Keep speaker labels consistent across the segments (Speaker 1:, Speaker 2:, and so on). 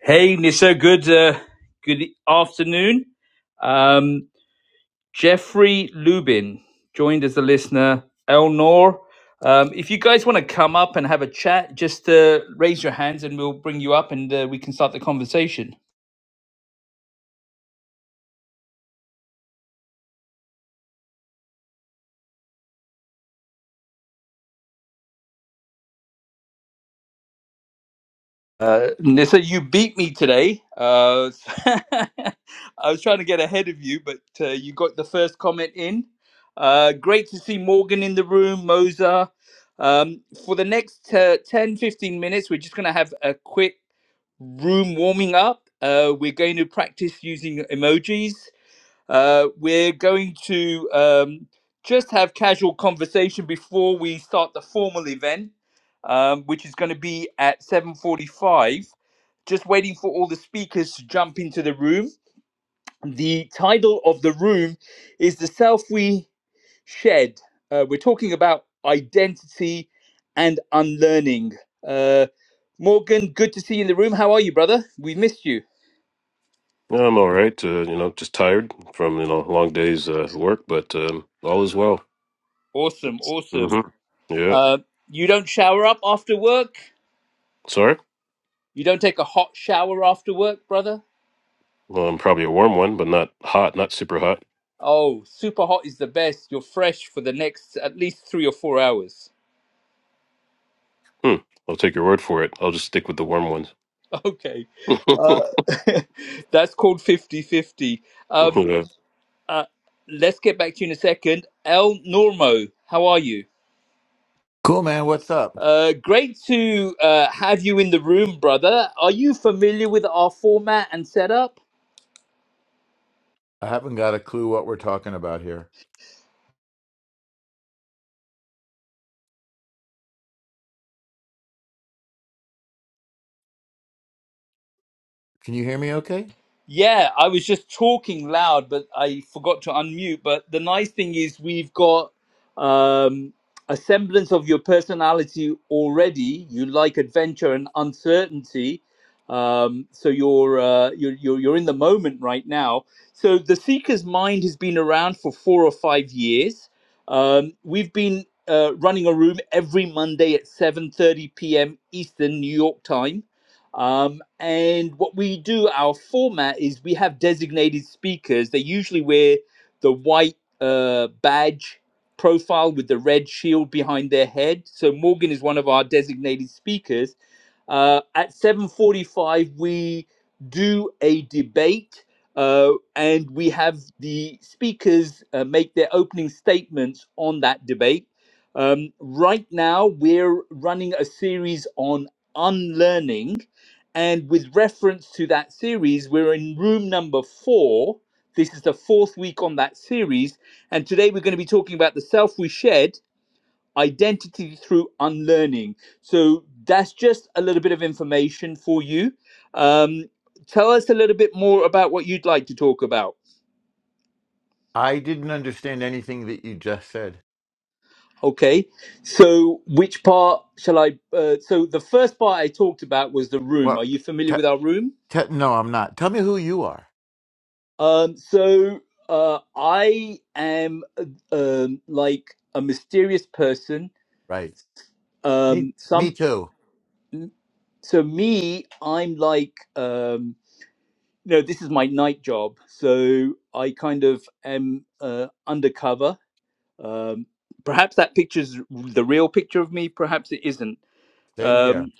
Speaker 1: Hey, Nissa. Good, uh, good afternoon. Um, Jeffrey Lubin joined as a listener. Elnor, um, if you guys want to come up and have a chat, just uh, raise your hands and we'll bring you up and uh, we can start the conversation. Uh, Nissa, you beat me today. Uh, I was trying to get ahead of you, but uh, you got the first comment in. Uh, great to see Morgan in the room, Moza. Um, for the next uh, 10, fifteen minutes, we're just going to have a quick room warming up. Uh, we're going to practice using emojis. Uh, we're going to um, just have casual conversation before we start the formal event, um, which is going to be at 7.45. Just waiting for all the speakers to jump into the room. The title of the room is The Self We Shed. Uh, we're talking about identity and unlearning. Uh, Morgan, good to see you in the room. How are you, brother? We missed you.
Speaker 2: Yeah, I'm all right. Uh, you know, just tired from you know long days uh, at work, but um, all is well.
Speaker 1: Awesome, awesome.
Speaker 2: hmm Yeah.
Speaker 1: Uh, you don't shower up after work?
Speaker 2: Sorry.
Speaker 1: You don't take a hot shower after work, brother?
Speaker 2: Well, I'm probably a warm one, but not hot, not super hot.
Speaker 1: Oh, super hot is the best. You're fresh for the next at least three or four hours.
Speaker 2: Hmm. I'll take your word for it. I'll just stick with the warm ones.
Speaker 1: Okay. Uh,
Speaker 2: yeah.
Speaker 1: that's called 5050 Um, uh, let's get back to you in a second. El Normo, how are you?
Speaker 3: Cool, man. What's up?
Speaker 1: Uh, great to uh, have you in the room, brother. Are you familiar with our format and setup?
Speaker 3: I haven't got a clue what we're talking about here. Can you hear me okay?
Speaker 1: Yeah, I was just talking loud, but I forgot to unmute. But the nice thing is, we've got um, a semblance of your personality already. You like adventure and uncertainty, um, so you're, uh, you're you're you're in the moment right now. So the Seeker's Mind has been around for four or five years. Um, we've been uh, running a room every Monday at seven thirty p.m. Eastern New York time um, and what we do, our format is we have designated speakers. They usually wear the white uh, badge profile with the red shield behind their head. So Morgan is one of our designated speakers uh, at 7.45, we do a debate uh, and we have the speakers uh, make their opening statements on that debate. Um, right now, we're running a series on unlearning. And with reference to that series, we're in room number four. This is the fourth week on that series. And today we're going to be talking about the self we shed identity through unlearning. So that's just a little bit of information for you. Um, tell us a little bit more about what you'd like to talk about.
Speaker 3: I didn't understand anything that you just said.
Speaker 1: Okay, so which part shall I? Uh, so the first part I talked about was the room.
Speaker 3: Well,
Speaker 1: Are you familiar
Speaker 3: te-
Speaker 1: with our room?
Speaker 3: te- no, I'm not. Tell me who you are.
Speaker 1: Um, so uh, I am uh, um, like a mysterious person.
Speaker 3: Right. Me,
Speaker 1: Um,
Speaker 3: me
Speaker 1: some
Speaker 3: too.
Speaker 1: so me, I'm like um, no, this is my night job. So I kind of am uh, undercover. Um, perhaps that picture's r- the real picture of me. Perhaps it isn't.
Speaker 3: Same here.
Speaker 1: Um,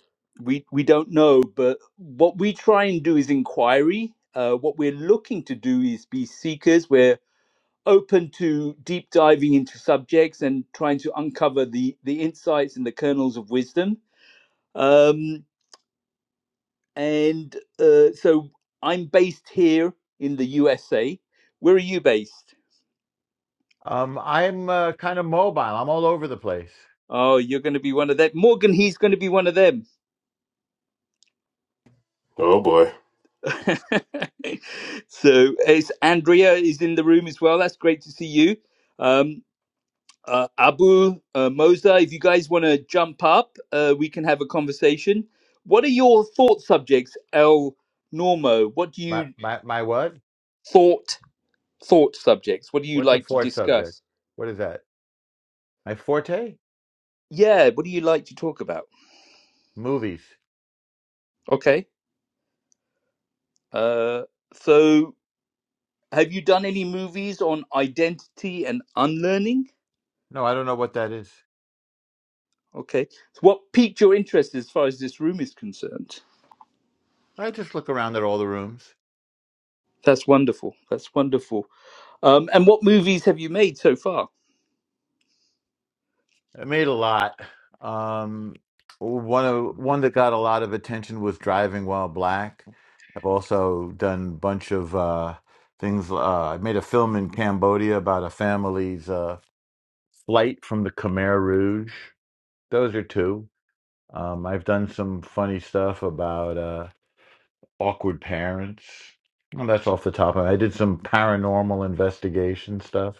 Speaker 1: we we don't know. But what we try and do is inquiry. Uh, what we're looking to do is be seekers. We're open to deep diving into subjects and trying to uncover the the insights and the kernels of wisdom. Um, and uh, so I'm based here in the USA. Where are you based?
Speaker 3: Um, I'm uh, kind of mobile. I'm all over the place.
Speaker 1: Oh, you're going to be one of them. Morgan, he's going to be one of them.
Speaker 2: Oh boy.
Speaker 1: so it's Andrea is in the room as well. That's great to see you. Um, uh, Abu, uh, Moza, if you guys want to jump up, uh, we can have a conversation. What are your thought subjects, El Normo? What do
Speaker 3: My,
Speaker 1: you
Speaker 3: my, my what?
Speaker 1: thought thought subjects? What do you
Speaker 3: What's the
Speaker 1: like to
Speaker 3: fourth subject?
Speaker 1: discuss?
Speaker 3: What is that? My forte?
Speaker 1: Yeah, what do you like to talk about?
Speaker 3: Movies.
Speaker 1: Okay. Uh, so, have you done any movies on identity and unlearning?
Speaker 3: No, I don't know what that is.
Speaker 1: Okay. So what piqued your interest as far as this room is concerned?
Speaker 3: I just look around at all the rooms.
Speaker 1: That's wonderful. That's wonderful. Um, and what movies have you made so far?
Speaker 3: I made a lot. Um, one of one that got a lot of attention was Driving While Black. I've also done a bunch of uh, things. Uh, I made a film in Cambodia about a family's uh, flight from the Khmer Rouge. Those are two. Um, I've done some funny stuff about uh, awkward parents. Well, that's off the top of it. I did some paranormal investigation stuff.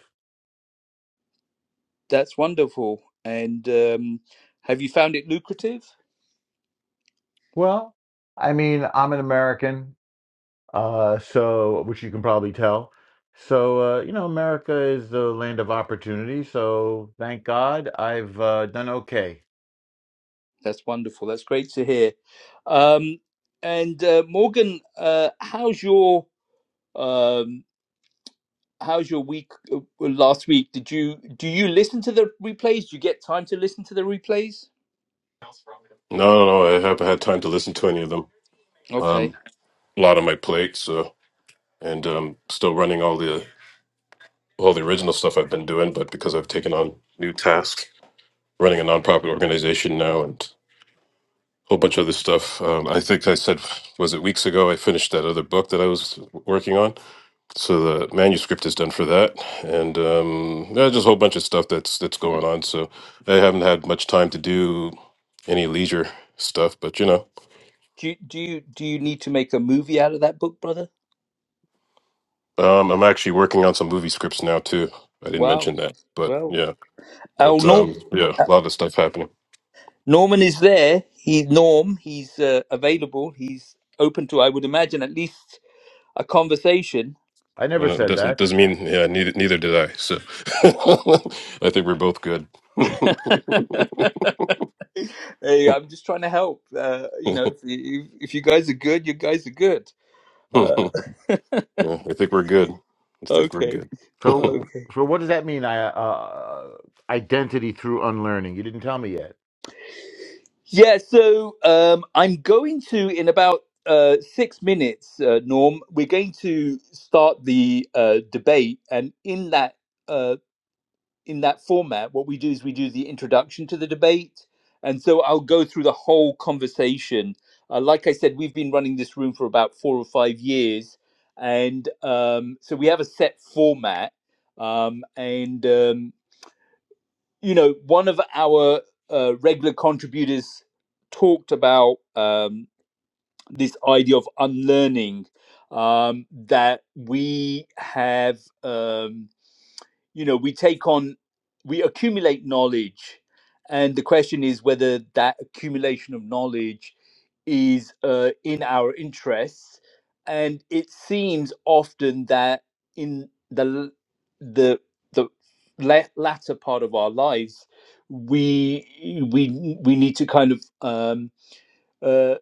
Speaker 1: That's wonderful. And um, have you found it lucrative?
Speaker 3: Well, I mean, I'm an American. Uh, so, which you can probably tell. So, uh, you know, America is the land of opportunity. So, thank God I've uh, done okay.
Speaker 1: That's wonderful. That's great to hear. Um, and uh, Morgan, uh, how's your um, how's your week uh, uh, last week did you do you listen to the replays do you get time to listen to the replays
Speaker 2: No, no, no. I haven't had time to listen to any of them.
Speaker 1: okay
Speaker 2: Um, a lot on my plate, so and um, still running all the all the original stuff I've been doing, but because I've taken on new tasks, running a nonprofit organization now, whole bunch of other stuff. Um, I think I said, was it weeks ago? I finished that other book that I was working on, so the manuscript is done for that, and um, yeah, just a whole bunch of stuff that's that's going on. So I haven't had much time to do any leisure stuff, but you know,
Speaker 1: do you do you do you need to make a movie out of that book brother
Speaker 2: um, I'm actually working on some movie scripts now too. I didn't
Speaker 1: wow
Speaker 2: mention that, but
Speaker 1: well
Speaker 2: yeah,
Speaker 1: oh
Speaker 2: but
Speaker 1: norm
Speaker 2: um, yeah, a lot of stuff happening.
Speaker 1: norman is there he's norm he's uh, available he's open to i would imagine at least a conversation
Speaker 3: I never
Speaker 2: Uh,
Speaker 3: said
Speaker 2: doesn't
Speaker 3: that.
Speaker 2: doesn't mean yeah. Neither neither did I. So I think we're both good.
Speaker 1: hey i'm just trying to help uh, you know if, if, if you guys are good you guys are good uh,
Speaker 2: Yeah, I think we're good. I think we're
Speaker 1: okay
Speaker 2: good.
Speaker 3: So,
Speaker 2: yeah,
Speaker 1: okay
Speaker 3: so what does that mean? I uh, identity through unlearning. You didn't tell me yet.
Speaker 1: Yeah, so um, I'm going to, in about uh, six minutes, uh, Norm, we're going to start the uh, debate. And in that, uh, in that format, what we do is we do the introduction to the debate. And so I'll go through the whole conversation. Uh, like I said, we've been running this room for about four or five years. And um, so we have a set format. Um, and um, you know, one of our uh, regular contributors talked about um, this idea of unlearning um, that we have. Um, you know we take on we accumulate knowledge and the question is whether that accumulation of knowledge is uh, in our interests and it seems often that in the the the la- latter part of our lives we we we need to kind of um uh,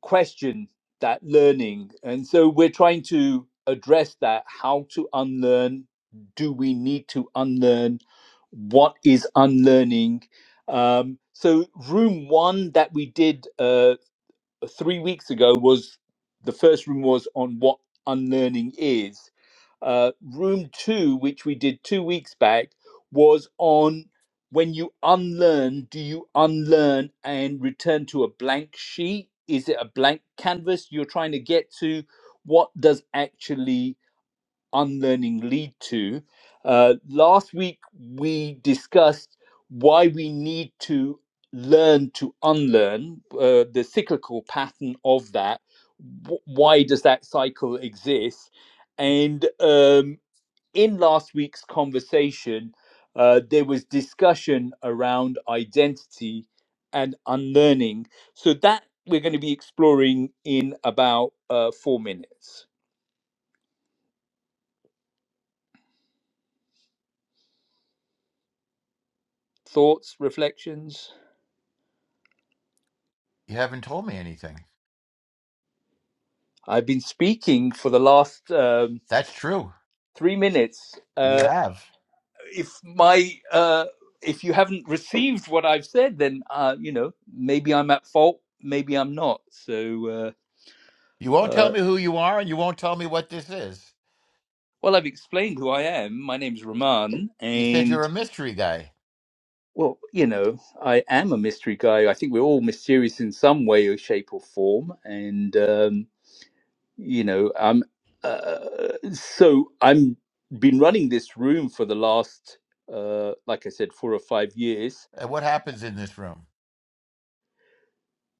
Speaker 1: question that learning. And so we're trying to address that how to unlearn. Do we need to unlearn? What is unlearning? Um, so, room one that we did uh, three weeks ago was the first room was on what unlearning is. Uh, room two, which we did two weeks back, was on when you unlearn, do you unlearn and return to a blank sheet? Is it a blank canvas you're trying to get to? What does actually unlearning lead to. Uh, last week, we discussed why we need to learn to unlearn, uh, the cyclical pattern of that. Wh- why does that cycle exist? And um, in last week's conversation, uh, there was discussion around identity and unlearning. So that we're going to be exploring in about uh, four minutes. Thoughts, reflections?
Speaker 3: You haven't told me anything.
Speaker 1: I've been speaking for the last um,
Speaker 3: That's true.
Speaker 1: three minutes.
Speaker 3: You
Speaker 1: Uh,
Speaker 3: have.
Speaker 1: if my uh, if you haven't received what I've said, then uh, you know maybe I'm at fault. Maybe I'm not. So
Speaker 3: You
Speaker 1: uh,
Speaker 3: won't tell
Speaker 1: uh,
Speaker 3: me who you are, and you won't tell me what this is.
Speaker 1: well, I've explained who I am. My name's Raman,
Speaker 3: You said you're
Speaker 1: and
Speaker 3: a mystery guy.
Speaker 1: well, you know, I am a mystery guy. I think we're all mysterious in some way or shape or form, and. Um, you know i'm uh, so i'm been running this room for the last uh like i said four or five years
Speaker 3: And what happens in this room?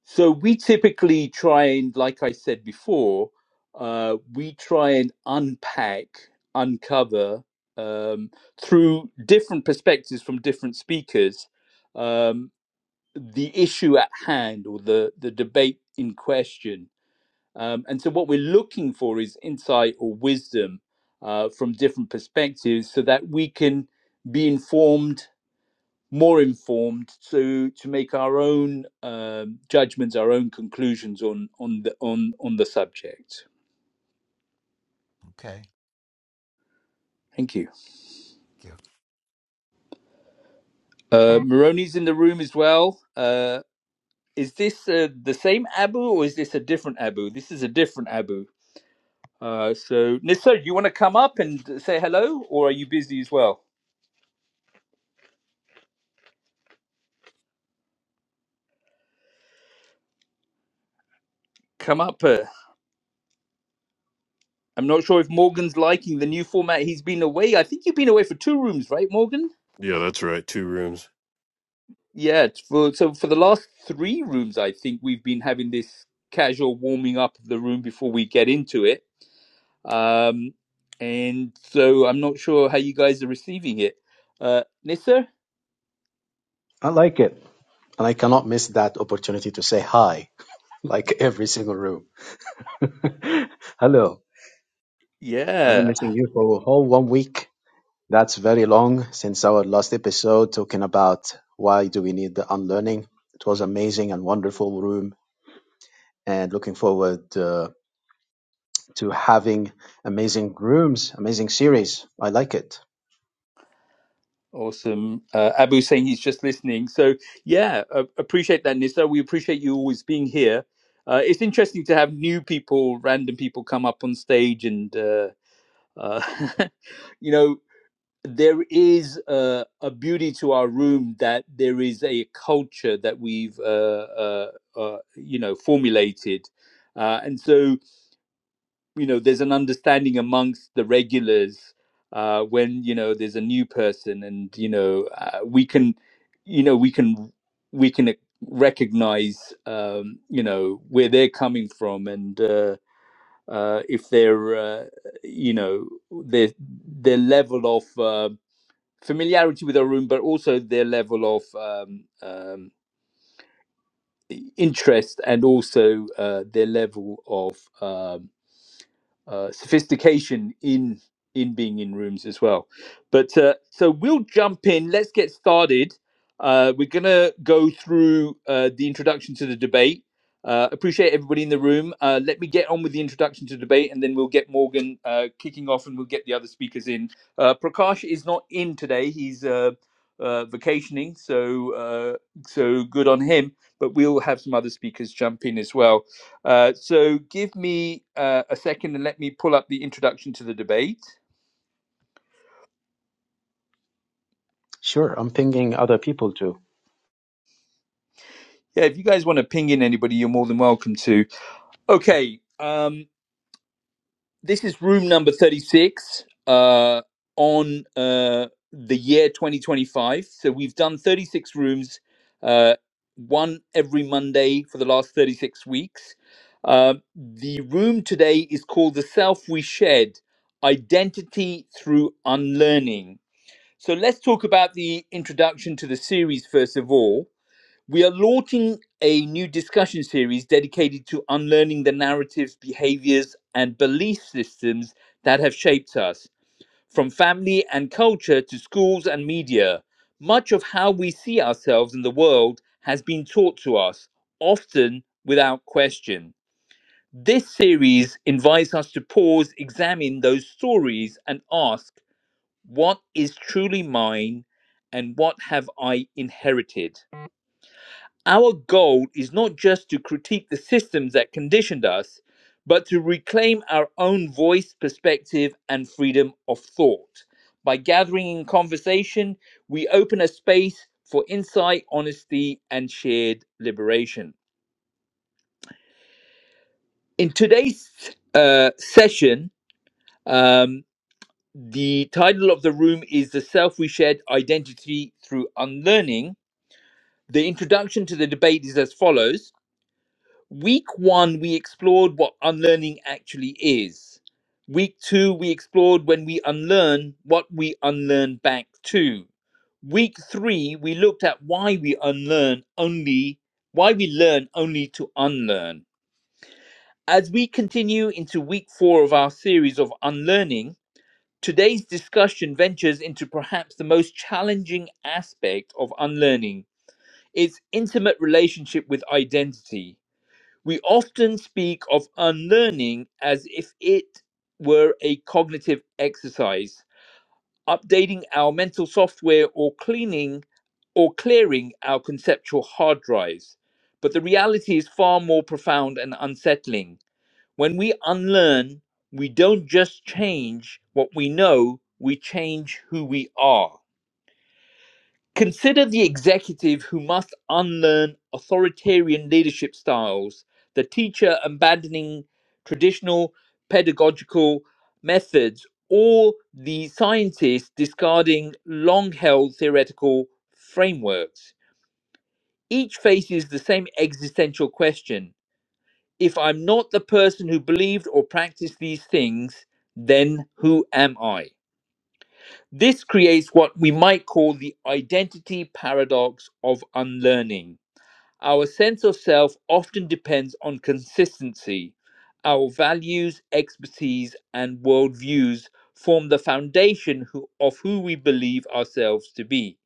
Speaker 1: so we typically try and like i said before uh we try and unpack uncover um through different perspectives from different speakers um the issue at hand or the the debate in question Um, and so, what we're looking for is insight or wisdom uh, from different perspectives so that we can be informed, more informed, to, to make our own um judgments, our own conclusions on, on, the, on, on the subject.
Speaker 3: Okay.
Speaker 1: Thank you. Uh, Moroni's in the room as well. Uh, is this uh, the same Abu or is this a different Abu? This is a different Abu. Uh, so, Nissa, do you want to come up and say hello or are you busy as well? Come up. uh, I'm not sure if Morgan's liking the new format. He's been away. I think you've been away for two rooms, right, Morgan?
Speaker 2: that's right. Two rooms.
Speaker 1: Yeah. For, so for the last three rooms, I think we've been having this casual warming up of the room before we get into it. Um, and so I'm not sure how you guys are receiving it. Uh, Nissa?
Speaker 4: I like it. And I cannot miss that opportunity to say hi, like every single room. Hello. I've been
Speaker 1: Yeah.
Speaker 4: missing you for a whole one week. That's very long since our last episode talking about why do we need the unlearning. It was amazing and wonderful room and looking forward uh, to having amazing rooms, amazing series. I like it.
Speaker 1: Awesome. Uh, Abu saying he's just listening. So yeah, uh, appreciate that, Nissa. We appreciate you always being here. Uh, it's interesting to have new people, random people, come up on stage and. Uh, Uh, you know, there is a, a beauty to our room that there is a culture that we've, uh, uh, uh, you know, formulated. Uh, and so, you know, there's an understanding amongst the regulars uh, when, you know, there's a new person and, you know, uh, we can, you know, we can, we can recognize, um, you know, where they're coming from and, uh, uh, if their uh, you know their their level of uh, familiarity with a room, but also their level of um, um, interest and also uh, their level of um, uh, sophistication in in being in rooms as well. But uh, so we'll jump in. Let's get started. Uh, we're gonna go through uh, the introduction to the debate. Uh, appreciate everybody in the room. Uh, let me get on with the introduction to debate, and then we'll get Morgan uh, kicking off, and we'll get the other speakers in. Uh, Prakash is not in today; he's uh, uh, vacationing, so uh, so good on him. But we'll have some other speakers jump in as well. Uh, so give me uh, a second and let me pull up the introduction to the debate.
Speaker 4: Sure. I'm pinging other people too.
Speaker 1: Yeah, if you guys want to ping in anybody, you're more than welcome to. Okay, um, this is room number 36 uh, on uh, the year 2025. So we've done 36 rooms, uh, one every Monday for the last 36 weeks. Uh, the room today is called The Self We Shed Identity Through Unlearning So let's talk about the introduction to the series first of all. We are launching a new discussion series dedicated to unlearning the narratives, behaviors, and belief systems that have shaped us, from family and culture to schools and media. Much of how we see ourselves in the world has been taught to us, often without question. This series invites us to pause, examine those stories, and ask what is truly mine and what have I inherited. Our goal is not just to critique the systems that conditioned us, but to reclaim our own voice, perspective, and freedom of thought. By gathering in conversation, we open a space for insight, honesty, and shared liberation. In today's uh, session, um, the title of the room is The Self We Shed Identity Through Unlearning The introduction to the debate is as follows Week one, we explored what unlearning actually is. Week two, we explored when we unlearn what we unlearn back to. Week three, we looked at why we unlearn only, why we learn only to unlearn. As we continue into week four of our series of unlearning, today's discussion ventures into perhaps the most challenging aspect of unlearning its intimate relationship with identity. We often speak of unlearning as if it were a cognitive exercise, updating our mental software or cleaning or clearing our conceptual hard drives. But the reality is far more profound and unsettling. When we unlearn, we don't just change what we know, we change who we are Consider the executive who must unlearn authoritarian leadership styles, the teacher abandoning traditional pedagogical methods, or the scientist discarding long held theoretical frameworks. Each faces the same existential question If I'm not the person who believed or practiced these things, then who am I? This creates what we might call the identity paradox of unlearning. Our sense of self often depends on consistency. Our values, expertise, and worldviews form the foundation who- of who we believe ourselves to be.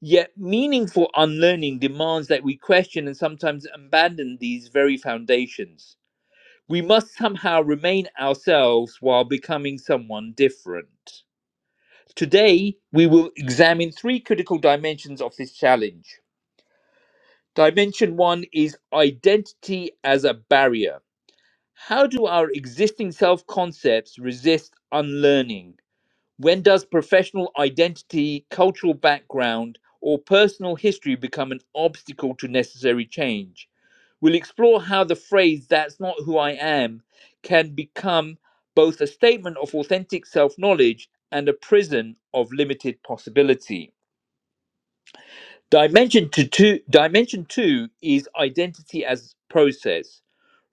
Speaker 1: Yet, meaningful unlearning demands that we question and sometimes abandon these very foundations. We must somehow remain ourselves while becoming someone different. Today, we will examine three critical dimensions of this challenge. Dimension one is identity as a barrier. How do our existing self concepts resist unlearning? When does professional identity, cultural background, or personal history become an obstacle to necessary change? We'll explore how the phrase, that's not who I am, can become both a statement of authentic self knowledge and a prison of limited possibility. Dimension to two, dimension two is identity as process.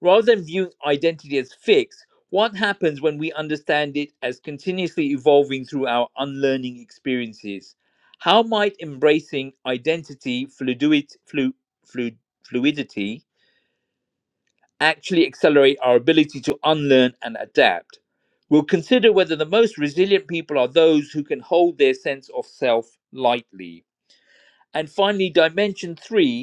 Speaker 1: Rather than viewing identity as fixed, what happens when we understand it as continuously evolving through our unlearning experiences? How might embracing identity fluidity, flu, flu, fluidity actually accelerate our ability to unlearn and adapt? We'll consider whether the most resilient people are those who can hold their sense of self lightly. And finally, dimension three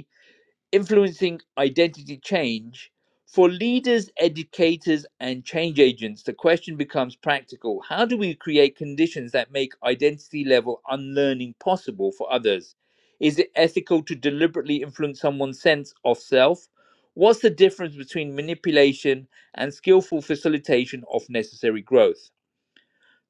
Speaker 1: influencing identity change for leaders, educators, and change agents, the question becomes practical. How do we create conditions that make identity level unlearning possible for others? Is it ethical to deliberately influence someone's sense of self? What's the difference between manipulation and skillful facilitation of necessary growth?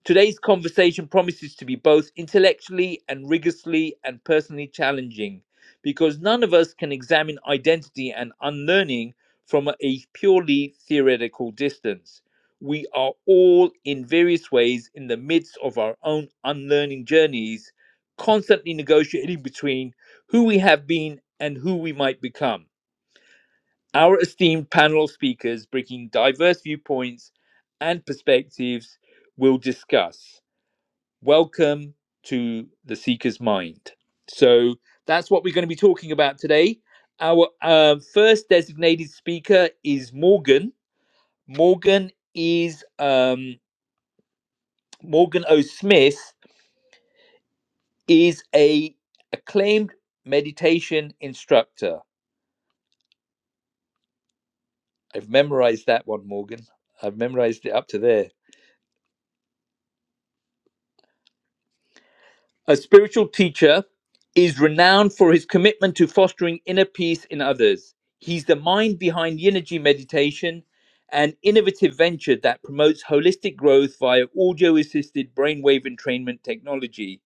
Speaker 1: Today's conversation promises to be both intellectually and rigorously and personally challenging because none of us can examine identity and unlearning from a purely theoretical distance. We are all in various ways in the midst of our own unlearning journeys, constantly negotiating between who we have been and who we might become. Our esteemed panel of speakers, bringing diverse viewpoints and perspectives, will discuss. Welcome to the Seeker's Mind. So that's what we're going to be talking about today. Our uh, first designated speaker is Morgan. Morgan is um, Morgan O. Smith is a acclaimed meditation instructor. I've memorized that one, Morgan. I've memorized it up to there. A spiritual teacher is renowned for his commitment to fostering inner peace in others. He's the mind behind Yinergy Meditation, an innovative venture that promotes holistic growth via audio assisted brainwave entrainment technology.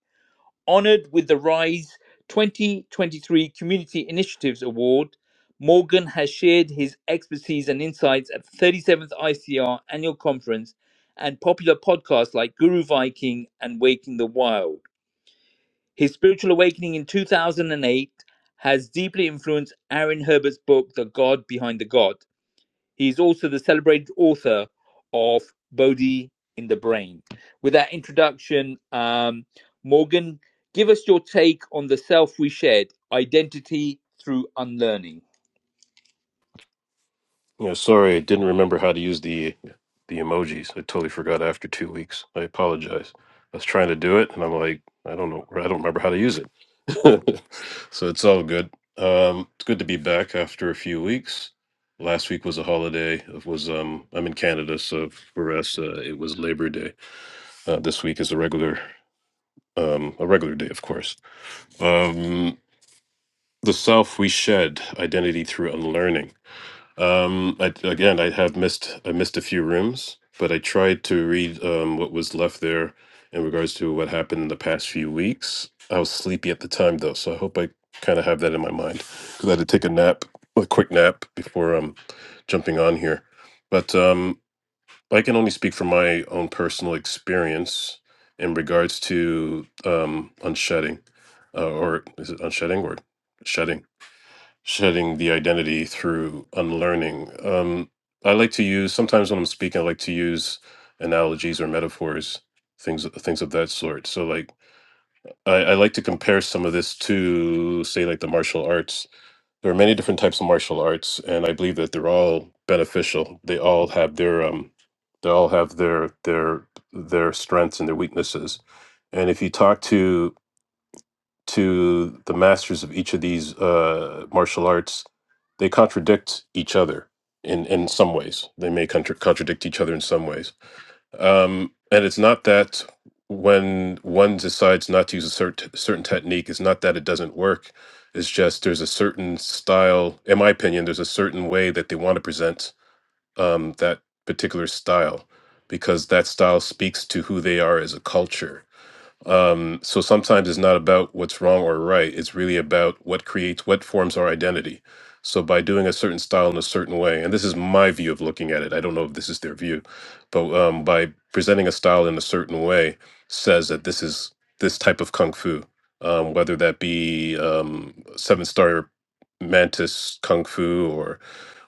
Speaker 1: Honored with the RISE 2023 Community Initiatives Award, Morgan has shared his expertise and insights at the 37th ICR Annual Conference and popular podcasts like Guru Viking and Waking the Wild. His spiritual awakening in 2008 has deeply influenced Aaron Herbert's book, The God Behind the God. He is also the celebrated author of Bodhi in the Brain. With that introduction, um, Morgan, give us your take on the self we shed, identity through unlearning.
Speaker 2: Yeah, sorry, I didn't remember how to use the the emojis. I totally forgot after two weeks. I apologize. I was trying to do it, and I'm like, I don't know. I don't remember how to use it. so it's all good. Um, it's good to be back after a few weeks. Last week was a holiday. It was um, I'm in Canada, so for us, uh, it was Labor Day. Uh, this week is a regular um, a regular day, of course. Um, the self we shed identity through unlearning um I, again i have missed i missed a few rooms but i tried to read um what was left there in regards to what happened in the past few weeks i was sleepy at the time though so i hope i kind of have that in my mind because i had to take a nap a quick nap before um jumping on here but um i can only speak from my own personal experience in regards to um unshedding uh, or is it unshedding or shedding shedding the identity through unlearning. Um, I like to use sometimes when I'm speaking, I like to use analogies or metaphors, things things of that sort. So, like I, I like to compare some of this to, say, like the martial arts. There are many different types of martial arts, and I believe that they're all beneficial. They all have their um, they all have their their their strengths and their weaknesses. And if you talk to to the masters of each of these uh, martial arts, they contradict each other in, in some ways. They may contra- contradict each other in some ways. Um, and it's not that when one decides not to use a cert- certain technique, it's not that it doesn't work. It's just there's a certain style, in my opinion, there's a certain way that they want to present um, that particular style because that style speaks to who they are as a culture um, so sometimes it's not about what's wrong or right. It's really about what creates, what forms our identity. So by doing a certain style in a certain way, and this is my view of looking at it. I don't know if this is their view, but um, by presenting a style in a certain way says that this is this type of kung fu, um, whether that be um, seven star mantis kung fu or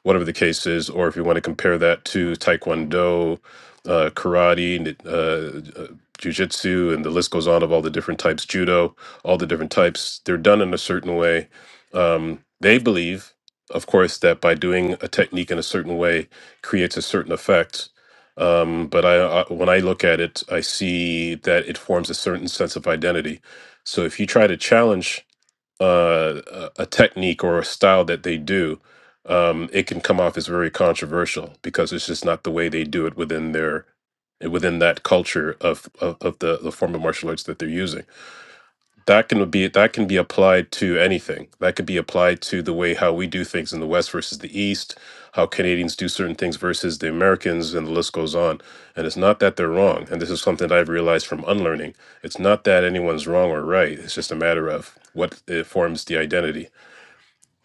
Speaker 2: whatever the case is, or if you want to compare that to Taekwondo, uh, karate, uh, uh, jujitsu, and the list goes on of all the different types, judo, all the different types, they're done in a certain way. Um, they believe, of course, that by doing a technique in a certain way creates a certain effect. Um, but I, I, when I look at it, I see that it forms a certain sense of identity. So if you try to challenge uh, a a technique or a style that they do, um, it can come off as very controversial because it's just not the way they do it within their within that culture of of, of the the form of martial arts that they're using that can be that can be applied to anything that could be applied to the way how we do things in the west versus the east how canadians do certain things versus the americans and the list goes on and it's not that they're wrong and this is something that i've realized from unlearning it's not that anyone's wrong or right it's just a matter of what it forms the identity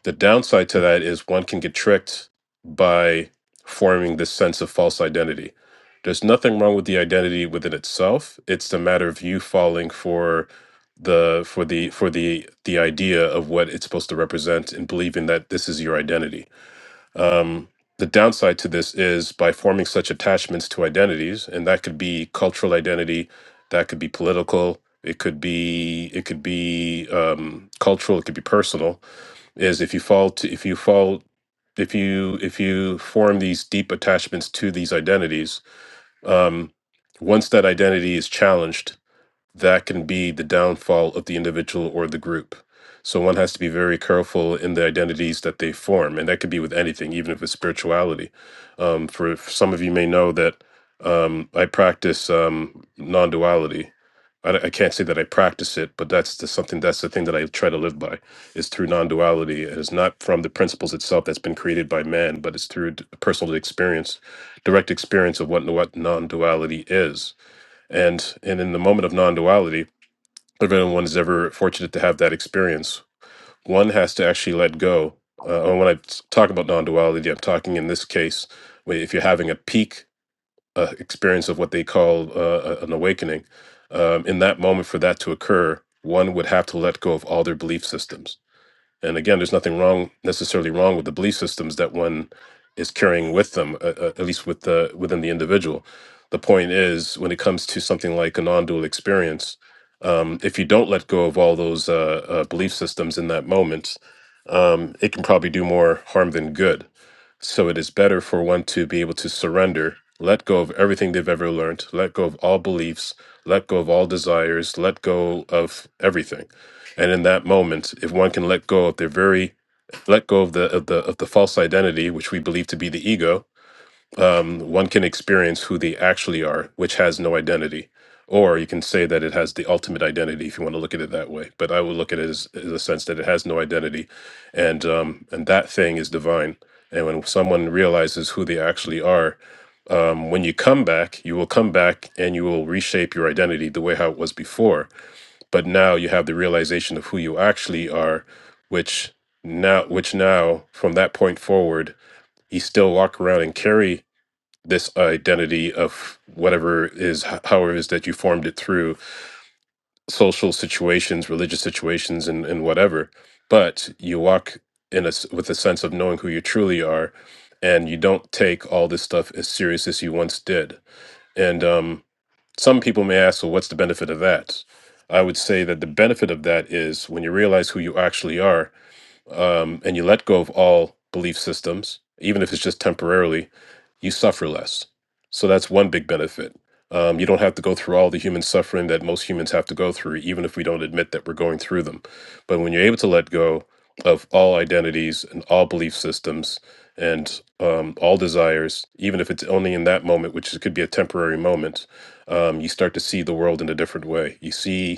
Speaker 2: the downside to that is one can get tricked by forming this sense of false identity. There's nothing wrong with the identity within itself. It's the matter of you falling for the for the for the the idea of what it's supposed to represent and believing that this is your identity. The downside to this is by forming such attachments to identities, and that could be cultural identity, that could be political, it could be it could be um, cultural, it could be personal is if you fall to if you fall if you if you form these deep attachments to these identities um once that identity is challenged that can be the downfall of the individual or the group. So one has to be very careful in the identities that they form, and that could be with anything, even if it's spirituality. Um, for, for some of you may know that um, I practice um, non-duality. I, d- I can't say that I practice it, but that's the something that's the thing that I try to live by is through non-duality. It is not from the principles itself that's been created by man, but it's through d- personal experience, direct experience of what, what non-duality is and and in the moment of non-duality, if anyone is ever fortunate to have that experience, one has to actually let go. Uh, and when I talk about non-duality, I'm talking in this case, where if you're having a peak uh, experience of what they call uh, a- an awakening, um, in that moment for that to occur, one would have to let go of all their belief systems and again there's nothing wrong necessarily wrong with the belief systems that one is carrying with them uh, uh, at least with the within the individual the point is when it comes to something like a non-dual experience um, if you don't let go of all those uh, uh, belief systems in that moment um, it can probably do more harm than good so it is better for one to be able to surrender, let go of everything they've ever learned, let go of all beliefs, let go of all desires, let go of everything. And in that moment, if one can let go of their very let go of the of the of the false identity which we believe to be the ego, um, one can experience who they actually are, which has no identity. Or you can say that it has the ultimate identity if you want to look at it that way. But I would look at it as, as a sense that it has no identity, and um, and that thing is divine. And when someone realizes who they actually are, um, when you come back, you will come back and you will reshape your identity the way how it was before. But now you have the realization of who you actually are, which now, which now from that point forward, you still walk around and carry this identity of whatever is h- however it is that you formed it through social situations religious situations and, and whatever but you walk in a s with a sense of knowing who you truly are and you don't take all this stuff as serious as you once did and um, some people may ask well what's the benefit of that i would say that the benefit of that is when you realize who you actually are um, and you let go of all belief systems even if it's just temporarily you suffer less. So that's one big benefit. Um, you don't have to go through all the human suffering that most humans have to go through, even if we don't admit that we're going through them. But when you're able to let go of all identities and all belief systems and um, all desires, even if it's only in that moment, which is- could be a temporary moment, um, you start to see the world in a different way. You see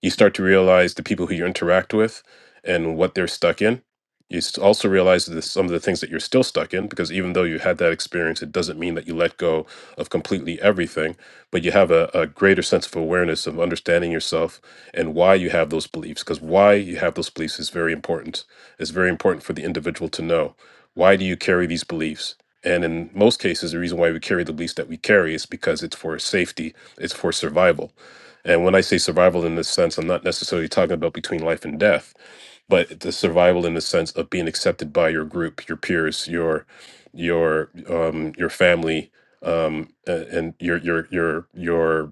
Speaker 2: you start to realize the people who you interact with and what they're stuck in. You s- also realize that some of the things that you're still stuck in, because even though you had that experience, it doesn't mean that you let go of completely everything, but you have a, a greater sense of awareness of understanding yourself and why you have those beliefs, because why you have those beliefs is very important. It's very important for the individual to know. Why do you carry these beliefs? And in most cases, the reason why we carry the beliefs that we carry is because it's for safety, it's for survival and when I say survival in this sense, I'm not necessarily talking about between life and death, but the survival in the sense of being accepted by your group, your peers, your your um, your family, um, a- and your your your your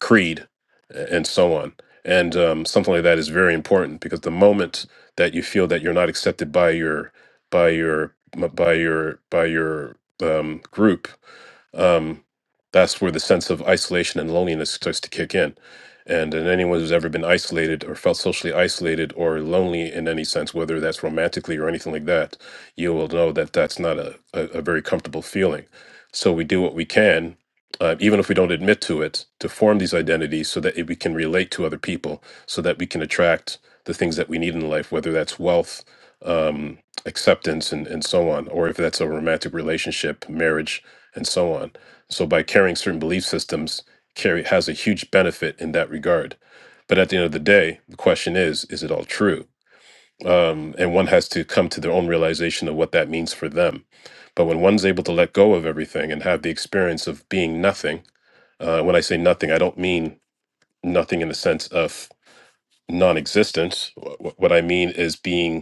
Speaker 2: creed, a- and so on. And um, something like that is very important because the moment that you feel that you're not accepted by your by your by your by your um, group, um, that's where the sense of isolation and loneliness starts to kick in. And, and anyone who's ever been isolated or felt socially isolated or lonely in any sense, whether that's romantically or anything like that, you will know that that's not a, a, a very comfortable feeling. So we do what we can, uh, even if we don't admit to it, to form these identities so that it, we can relate to other people, so that we can attract the things that we need in life, whether that's wealth, um, acceptance, and, and so on, or if that's a romantic relationship, marriage, and so on. So by carrying certain belief systems carry has a huge benefit in that regard. But at the end of the day, the question is, is it all true? Um, and one has to come to their own realization of what that means for them. But when one's able to let go of everything and have the experience of being nothing, uh, when I say nothing, I don't mean nothing in the sense of non existence. What I mean is being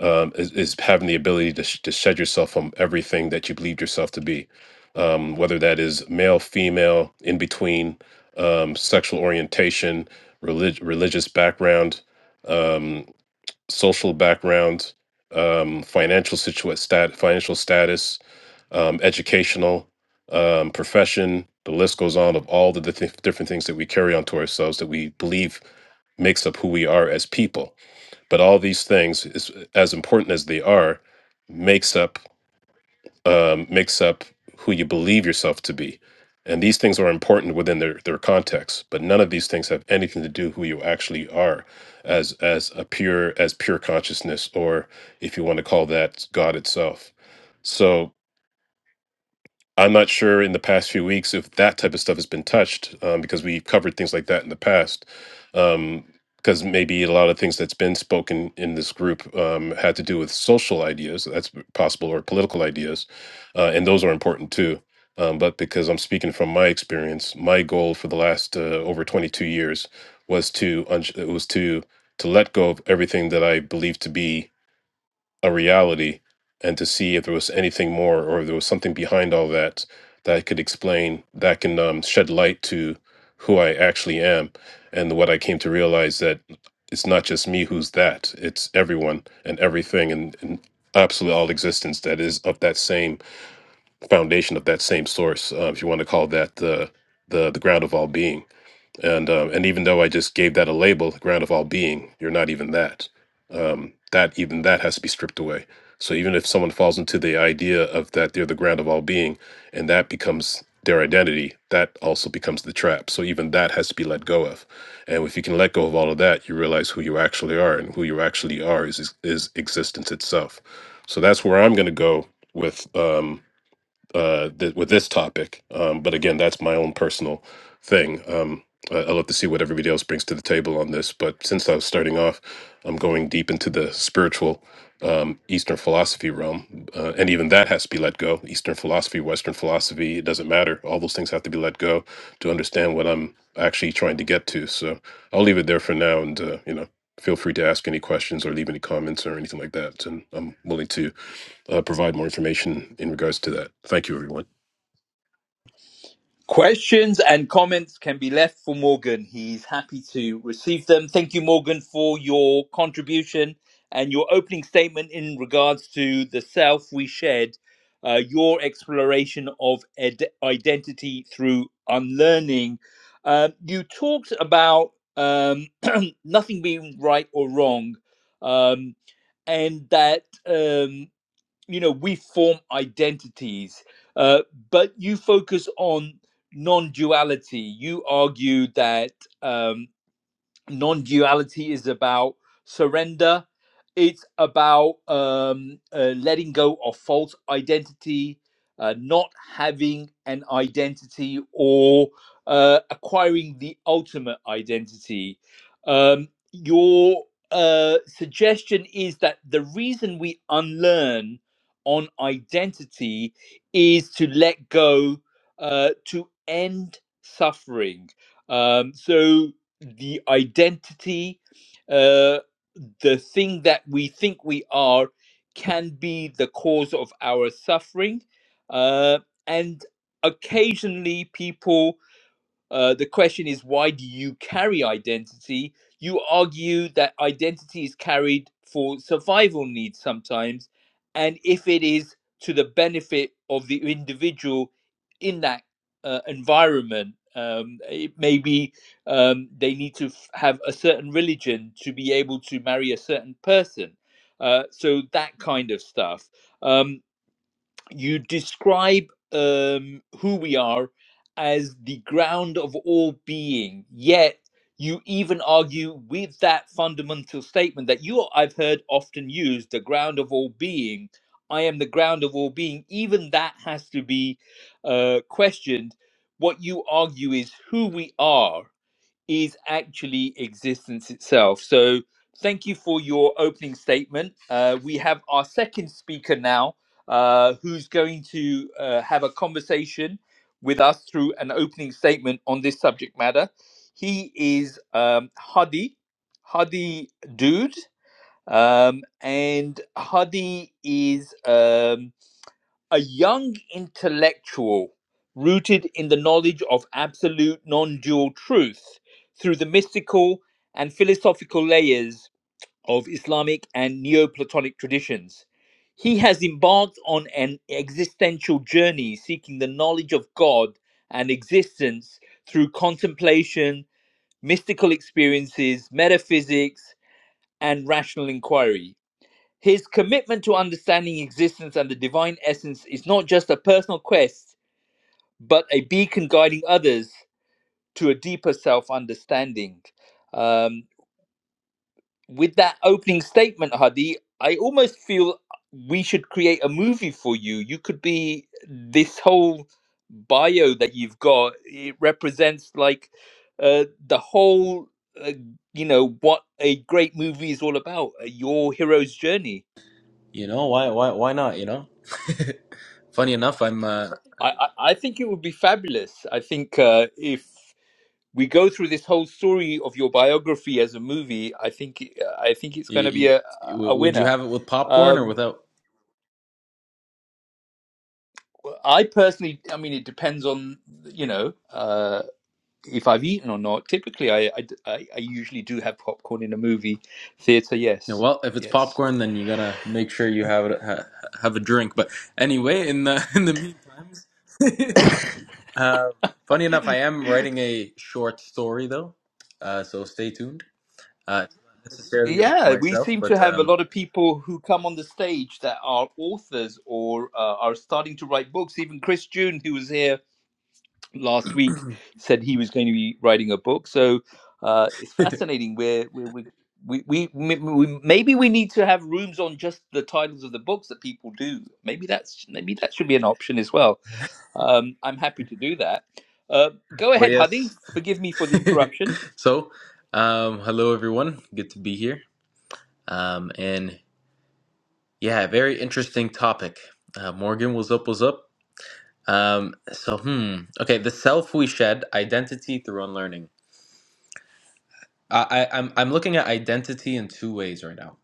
Speaker 2: um, is, is having the ability to, sh- to shed yourself from everything that you believed yourself to be, um, whether that is male, female, in between, um, sexual orientation, relig- religious background, um, social background, um, financial situa- stat- financial status, um, educational, um, profession. The list goes on of all the dif- different things that we carry onto ourselves that we believe makes up who we are as people but all these things is as important as they are makes up um, makes up who you believe yourself to be and these things are important within their, their context but none of these things have anything to do who you actually are as as a pure as pure consciousness or if you want to call that god itself so I'm not sure in the past few weeks if that type of stuff has been touched um, because we've covered things like that in the past. Because maybe a lot of things that's been spoken in this group um, had to do with social ideas, so that's possible, or political ideas. Uh, and those are important too. Um, but because I'm speaking from my experience, my goal for the last uh, over 22 years was to un- was to to let go of everything that I believed to be a reality and to see if there was anything more or if there was something behind all that that I could explain that can um, shed light to who I actually am and what I came to realize that it's not just me who's that it's everyone and everything and, and absolutely all existence that is of that same foundation of that same source uh, if you want to call that the the the ground of all being and um, and even though I just gave that a label, ground of all being, you're not even that. Um, that even that has to be stripped away. So even if someone falls into the idea of that they're the ground of all being, and that becomes their identity, that also becomes the trap. So even that has to be let go of. And if you can let go of all of that, you realize who you actually are, and who you actually are is is, is existence itself. So that's where I'm going to go with. Um, uh, th- with this topic. Um, but again, that's my own personal thing. Um, I- i love to see what everybody else brings to the table on this. But since I was starting off, I'm going deep into the spiritual um, Eastern philosophy realm. Uh, and even that has to be let go. Eastern philosophy, Western philosophy, it doesn't matter. All those things have to be let go to understand what I'm actually trying to get to. So I'll leave it there for now. And, uh, you know, feel free to ask any questions or leave any comments or anything like that. And I'm willing to uh, provide more information in regards to that. Thank you, everyone.
Speaker 1: Questions and comments can be left for Morgan. He's happy to receive them. Thank you, Morgan, for your contribution and your opening statement in regards to the self we shared, uh, your exploration of ed- identity through unlearning. Um, you talked about um, nothing being right or wrong, um, and that. Um, you know we form identities uh, but you focus on non-duality you argue that um, non duality is about surrender, it's about um, uh, letting go of false identity, uh, not having an identity or uh, acquiring the ultimate identity. Um, your uh, suggestion is that the reason we unlearn on identity is to let go uh, to end suffering. Um, so, the identity, uh, the thing that we think we are, can be the cause of our suffering. Uh, and occasionally, people uh, the question is, why do you carry identity? You argue that identity is carried for survival needs sometimes, and if it is to the benefit of the individual in that uh, environment, um, it maybe um, they need to f- have a certain religion to be able to marry a certain person. Uh, so that kind of stuff. Um, you describe um, who we are as the ground of all being yet you even argue with that fundamental statement that you i've heard often used the ground of all being i am the ground of all being even that has to be uh, questioned what you argue is who we are is actually existence itself. So, thank you for your opening statement. Uh, we have our second speaker now, uh, who's going to uh, have a conversation with us through an opening statement on this subject matter. He is um, Hadi, Hadi Dude, um, and Hadi is. um, a young intellectual rooted in the knowledge of absolute non dual truth through the mystical and philosophical layers of Islamic and Neoplatonic traditions. He has embarked on an existential journey seeking the knowledge of God and existence through contemplation, mystical experiences, metaphysics, and rational inquiry his commitment to understanding existence and the divine essence is not just a personal quest, but a beacon guiding others to a deeper self understanding. Um, with that opening statement, Hadi, I almost feel we should create a movie for you. You could be this whole bio that you've got, it represents like uh, the whole, uh, you know, what a great movie is all about, uh, your hero's journey.
Speaker 5: You know, why why why not, you know? Funny enough, I'm uh
Speaker 1: I, I I think it would be fabulous. I think uh, if we go through this whole story of your biography as a movie, I think uh, I think it's going to be
Speaker 5: you,
Speaker 1: a
Speaker 5: you,
Speaker 1: a
Speaker 5: w- would you
Speaker 1: winner.
Speaker 5: have it with popcorn or
Speaker 1: Um,
Speaker 5: without?
Speaker 1: I personally, I mean, it depends on you know uh, if I've eaten or not. Typically, I, I I I usually do have popcorn in a movie theater.
Speaker 5: You know,
Speaker 1: Yes,
Speaker 5: well, if it's
Speaker 1: yes.
Speaker 5: popcorn, then you gotta make sure you have it ha, have a drink. But anyway, in the in the meantime, uh, funny enough, I am writing a short story though, uh, so stay tuned. Uh, it's not necessarily about
Speaker 1: Yeah, we
Speaker 5: myself,
Speaker 1: seem to
Speaker 5: but
Speaker 1: have a
Speaker 5: um,
Speaker 1: lot of people who come on the stage that are authors or uh, are starting to write books. Even Chris June, who was here last week said he was going to be writing a book. So uh, it's
Speaker 5: but
Speaker 1: fascinating. Where we we we we we- maybe we need to have rooms on just the titles of the books that people do. Maybe that's maybe that should be an option as well. Um, I'm happy to do that. Uh, go ahead, Hadi.
Speaker 5: yes.
Speaker 1: Forgive me for the interruption.
Speaker 5: so, um, hello everyone, good to be here. Um, and Yeah, very interesting topic. Uh, Morgan, what's up? What's up? Um, so, hmm. Okay, the self we shed, identity through unlearning. I, I, I'm, I'm looking at identity in two ways right now.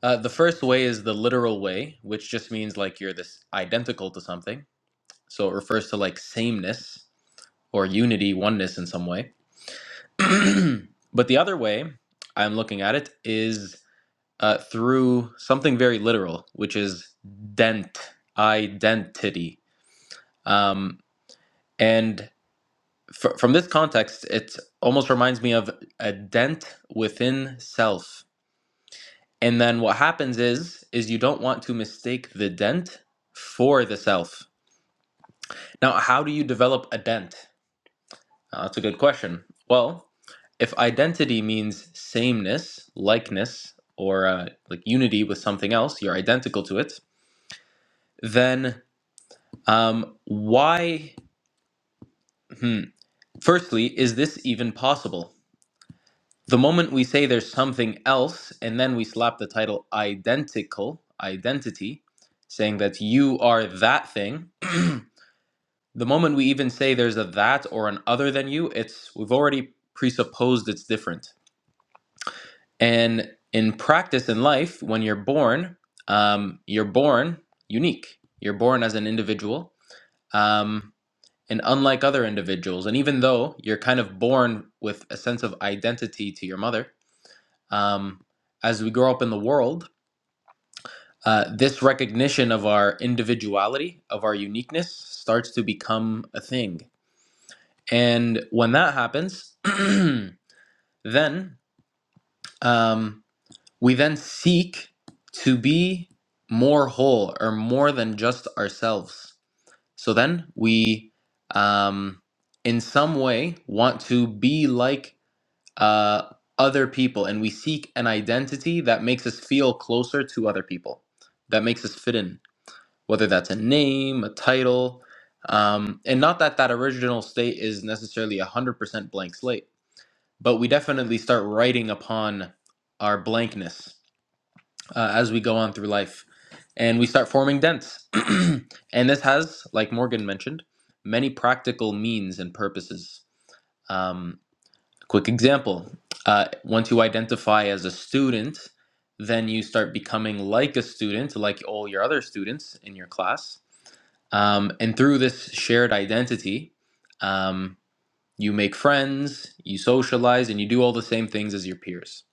Speaker 5: Uh, the first way is the literal way, which just means like you're this identical to something. So it refers to like sameness or unity, oneness in some way. but the other way I'm looking at it is uh, through something very literal, which is dent, identity. Um, and fr- from this context, it almost reminds me of a dent within self. And then what happens is is you don't want to mistake the dent for the self. Now, how do you develop a dent? Uh, that's a good question. Well, if identity means sameness, likeness, or uh, like unity with something else, you're identical to it. Then um, why? Hmm, firstly, is this even possible? The moment we say there's something else and then we slap the title identical, identity, saying that you are that thing, the moment we even say there's a that or an other than you, it's we've already presupposed it's different. And in practice in life, when you're born, um, you're born unique. You're born as an individual, um, and unlike other individuals. And even though you're kind of born with a sense of identity to your mother, um, as we grow up in the world, uh, this recognition of our individuality, of our uniqueness, starts to become a thing. And when that happens, then um, we then seek to be more whole or more than just ourselves. So then we, um, in some way, want to be like uh, other people and we seek an identity that makes us feel closer to other people, that makes us fit in, whether that's a name, a title. Um, and not that that original state is necessarily a 100% blank slate, but we definitely start writing upon our blankness uh, as we go on through life. And we start forming dents. and this has, like Morgan mentioned, many practical means and purposes. Um, Quick example uh, once you identify as a student, then you start becoming like a student, like all your other students in your class. Um, and through this shared identity, um, you make friends, you socialize, and you do all the same things as your peers.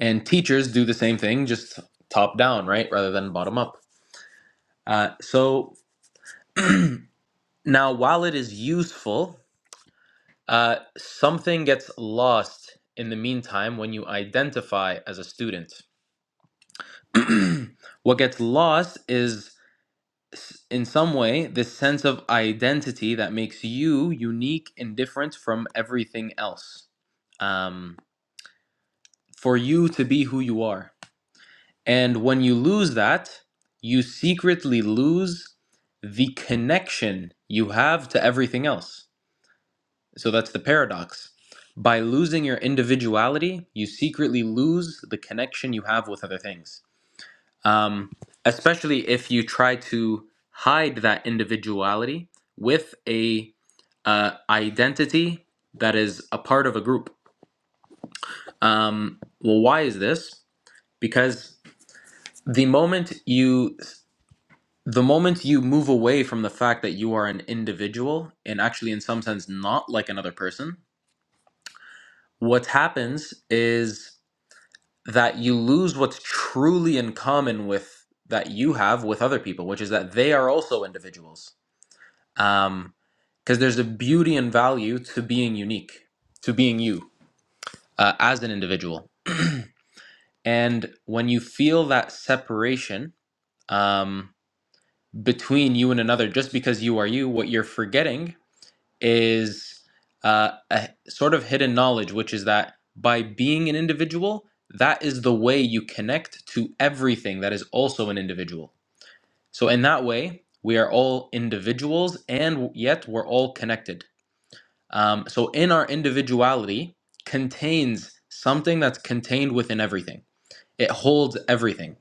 Speaker 5: And teachers do the same thing, just top down, right? Rather than bottom up. Uh, so now, while it is useful, uh, something gets lost in the meantime when you identify as a student. what gets lost is in some way this sense of identity that makes you unique and different from everything else um, for you to be who you are and when you lose that you secretly lose the connection you have to everything else so that's the paradox by losing your individuality you secretly lose the connection you have with other things um, especially if you try to hide that individuality with a uh, identity that is a part of a group. Um, well, why is this? Because the moment you the moment you move away from the fact that you are an individual and actually in some sense not like another person, what happens is that you lose what's truly in common with that you have with other people, which is that they are also individuals um because there's a beauty and value to being unique to being you uh, as an individual and when you feel that separation um between you and another just because you are you what you're forgetting is uh, a sort of hidden knowledge which is that by being an individual that is the way you connect to everything that is also an individual so in that way we are all individuals and yet we're all connected Um, so, in our individuality contains something that's contained within everything, it holds everything.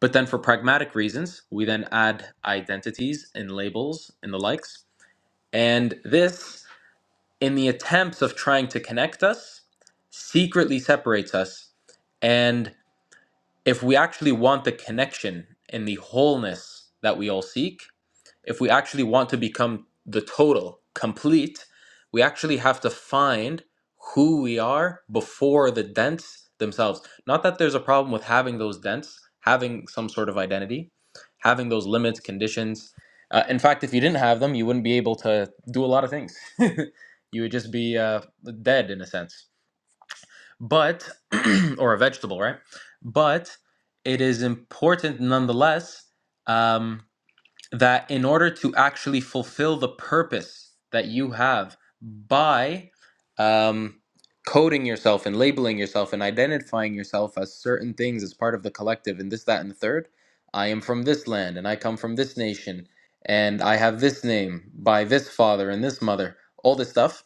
Speaker 5: But then, for pragmatic reasons, we then add identities and labels and the likes. And this, in the attempts of trying to connect us, secretly separates us. And if we actually want the connection and the wholeness that we all seek, if we actually want to become the total, complete, we actually have to find who we are before the dents themselves. Not that there's a problem with having those dents, having some sort of identity, having those limits, conditions. Uh, in fact, if you didn't have them, you wouldn't be able to do a lot of things. you would just be uh, dead in a sense, but, or a vegetable, right? But it is important nonetheless. Um, that in order to actually fulfill the purpose that you have by um, coding yourself and labeling yourself and identifying yourself as certain things as part of the collective and this, that, and the third, I am from this land and I come from this nation and I have this name by this father and this mother, all this stuff.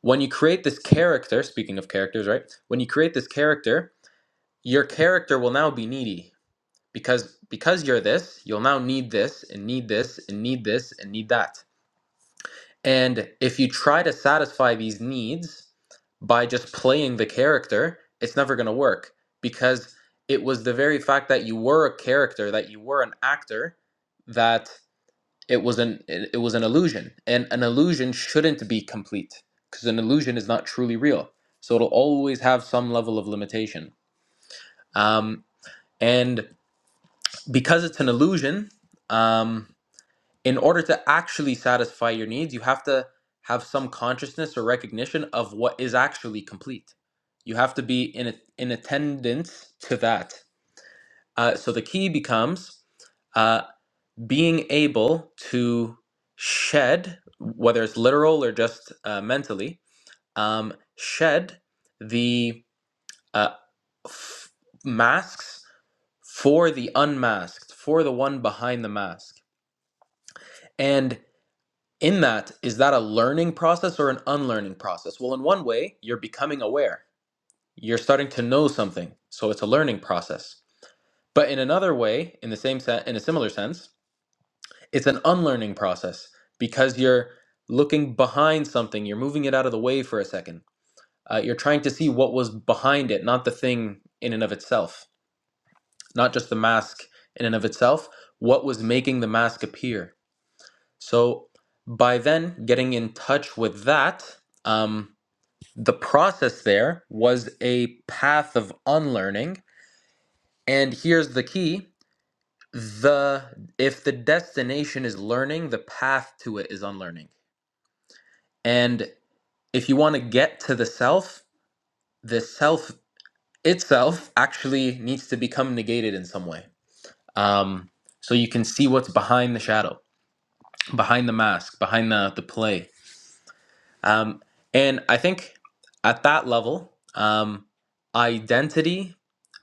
Speaker 5: When you create this character, speaking of characters, right? When you create this character, your character will now be needy because because you're this you'll now need this and need this and need this and need that and if you try to satisfy these needs by just playing the character it's never going to work because it was the very fact that you were a character that you were an actor that it was an it it was an illusion and an illusion shouldn't be complete because an illusion is not truly real so it'll always have some level of limitation um, and because it's an illusion um, in order to actually satisfy your needs, you have to have some consciousness or recognition of what is actually complete. You have to be in in attendance to that. Uh, so the key becomes uh, being able to shed, whether it's literal or just uh, mentally, um, shed the uh, f- masks for the unmasked, for the one behind the mask. and. in that is that a learning process or an unlearning process well in one way you're becoming aware you're starting to know something so it's a learning process but in another way in the same se- in a similar sense it's an unlearning process because you're looking behind something you're moving it out of the way for a second uh, you're trying to see what was behind it not the thing in and of itself not just the mask in and of itself what was making the mask appear so by then getting in touch with that um, The process there was a path of unlearning. And here's the key the if the destination is learning, the path to it is unlearning. And if you want to get to the self, the self itself actually needs to become negated in some way. Um, so you can see what's behind the shadow, behind the mask, behind the, the play. Um, and I think at that level, um, identity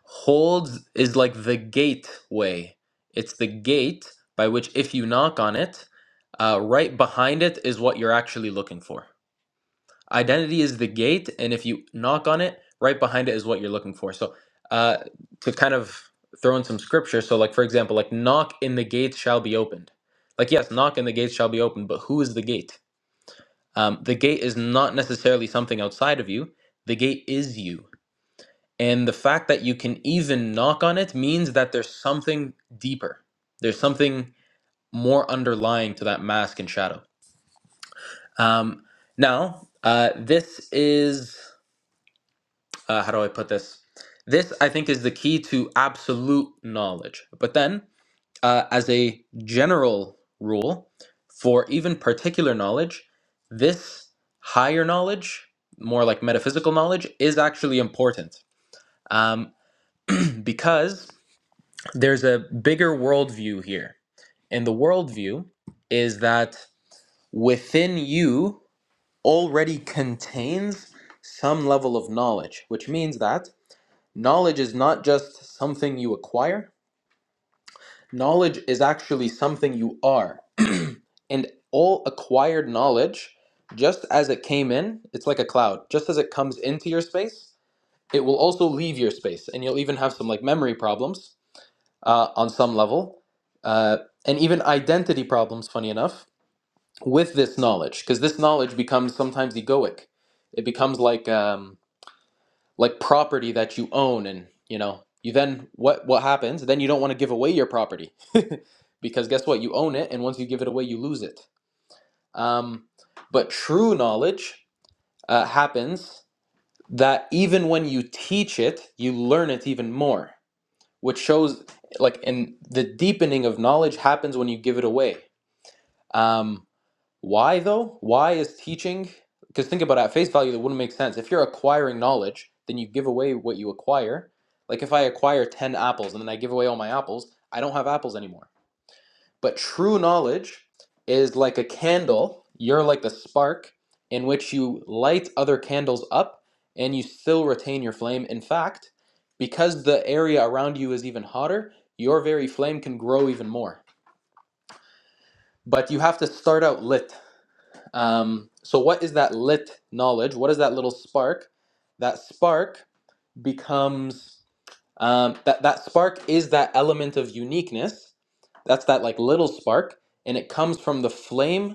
Speaker 5: holds is like the gateway. It's the gate by which, if you knock on it, uh, right behind it is what you're actually looking for. Identity is the gate, and if you knock on it, right behind it is what you're looking for. So, uh, to kind of throw in some scripture, so like for example, like knock in the gate shall be opened. Like yes, knock and the gate shall be opened, but who is the gate? Um, the gate is not necessarily something outside of you, the gate is you. And the fact that you can even knock on it means that there's something deeper, there's something more underlying to that mask and shadow. Um, now, uh, this is uh, how do I put this? This, I think, is the key to absolute knowledge. But then uh, as a general rule, for even particular knowledge, this higher knowledge, more like metaphysical knowledge, is actually important um, because there's a bigger worldview here. And the worldview is that within you already contains some level of knowledge, which means that knowledge is not just something you acquire, knowledge is actually something you are. and all acquired knowledge just as it came in it's like a cloud just as it comes into your space it will also leave your space and you'll even have some like memory problems uh, on some level uh, and even identity problems funny enough with this knowledge because this knowledge becomes sometimes egoic it becomes like um, like property that you own and you know you then what what happens then you don't want to give away your property because guess what you own it and once you give it away you lose it um, but true knowledge uh, happens that even when you teach it, you learn it even more, which shows like and the deepening of knowledge happens when you give it away. Um, why though? Why is teaching? Because think about it, at face value, that wouldn't make sense. If you're acquiring knowledge, then you give away what you acquire. Like if I acquire 10 apples and then I give away all my apples, I don't have apples anymore but true knowledge is like a candle. You're like the spark in which you light other candles up and you still retain your flame. In fact, because the area around you is even hotter, your very flame can grow even more. But you have to start out lit. Um, so, what is that lit knowledge? What is that little spark? That spark becomes um, that that spark is that element of uniqueness. That's that like little spark, and it comes from the flame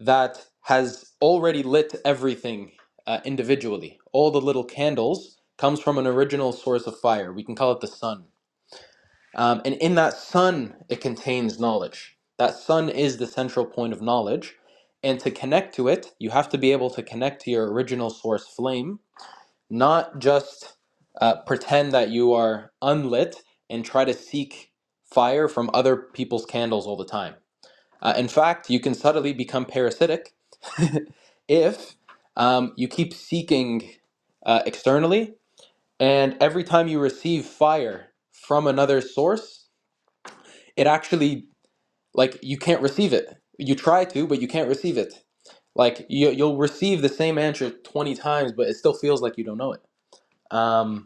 Speaker 5: that has already lit everything uh, individually. All the little candles comes from an original source of fire. We can call it the sun. Um, and in that sun, it contains knowledge. That sun is the central point of knowledge. And to connect to it, you have to be able to connect to your original source flame, not just uh, pretend that you are unlit and try to seek fire from other people's candles all the time. Uh, in fact, you can subtly become parasitic if um, you keep seeking uh, externally, and every time you receive fire from another source, it actually like you can't receive it. You try to, but you can't receive it. Like you, you'll receive the same answer twenty times, but it still feels like you don't know it. Um,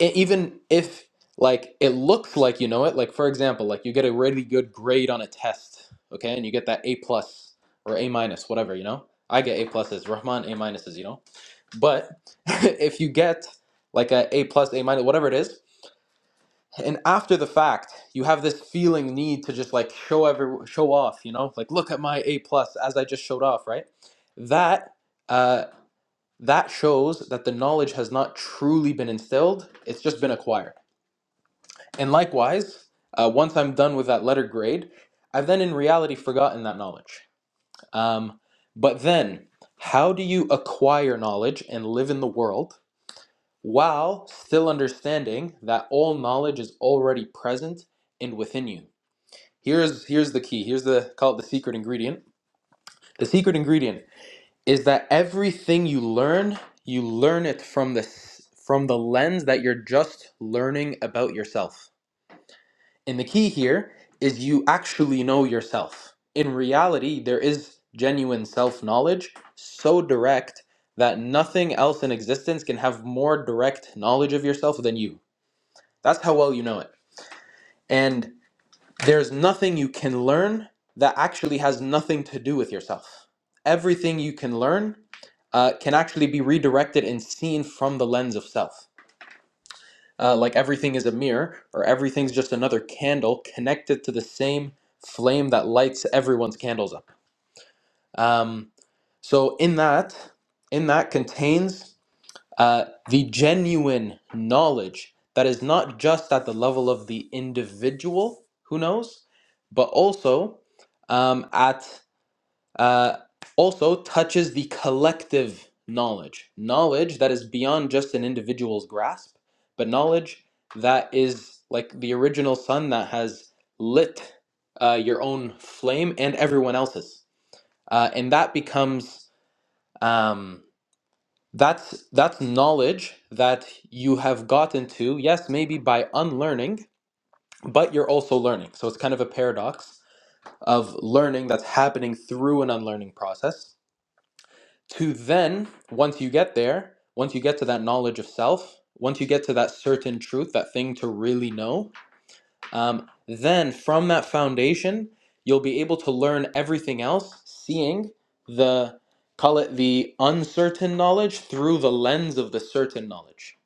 Speaker 5: e- even if like it looks like you know it like for example like you get a really good grade on a test okay and you get that a plus or a minus whatever you know i get a pluses rahman a minuses you know but if you get like a a plus a minus whatever it is and after the fact you have this feeling need to just like show every show off you know like look at my a plus as i just showed off right that uh that shows that the knowledge has not truly been instilled it's just been acquired and likewise, uh, once I'm done with that letter grade, I've then in reality forgotten that knowledge. Um, but then, how do you acquire knowledge and live in the world while still understanding that all knowledge is already present and within you? Here's here's the key. Here's the call it the secret ingredient. The secret ingredient is that everything you learn, you learn it from the s- from the lens that you're just learning about yourself. And the key here is you actually know yourself. In reality, there is genuine self knowledge, so direct that nothing else in existence can have more direct knowledge of yourself than you. That's how well you know it. And there's nothing you can learn that actually has nothing to do with yourself. Everything you can learn uh, can actually be redirected and seen from the lens of self uh, like everything is a mirror or everything's just another candle connected to the same flame that lights everyone's candles up. Um, so in that, in that contains uh, the genuine knowledge that is not just at the level of the individual who knows, but also um, at uh, also touches the collective knowledge, knowledge that is beyond just an individual's grasp, but knowledge that is like the original sun that has lit uh, your own flame and everyone else's, uh, and that becomes um, that's that's knowledge that you have gotten to. Yes, maybe by unlearning, but you're also learning. So it's kind of a paradox of learning that's happening through an unlearning process to then, once you get there, once you get to that knowledge of self, once you get to that certain truth, that thing to really know, um, then from that foundation, you'll be able to learn everything else, seeing the, call it the uncertain knowledge through the lens of the certain knowledge.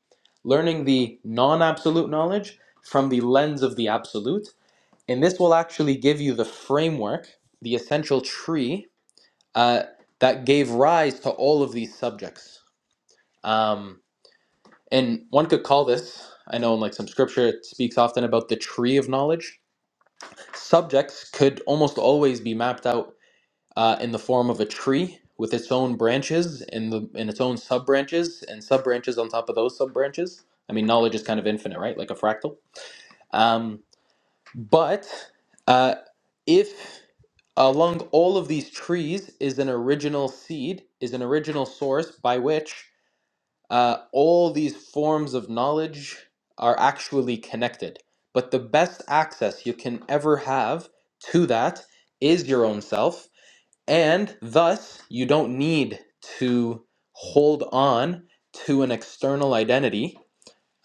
Speaker 5: Learning the non absolute knowledge from the lens of the absolute. And this will actually give you the framework, the essential tree uh, that gave rise to all of these subjects. Um, and one could call this, I know in like some scripture it speaks often about the tree of knowledge. Subjects could almost always be mapped out uh, in the form of a tree with its own branches and the and its own sub branches and sub branches on top of those sub branches. I mean, knowledge is kind of infinite, right? Like a fractal. Um, But uh, if along all of these trees is an original seed, is an original source by which uh, all these forms of knowledge are actually connected. But the best access you can ever have to that is your own self, and thus you don't need to hold on to an external identity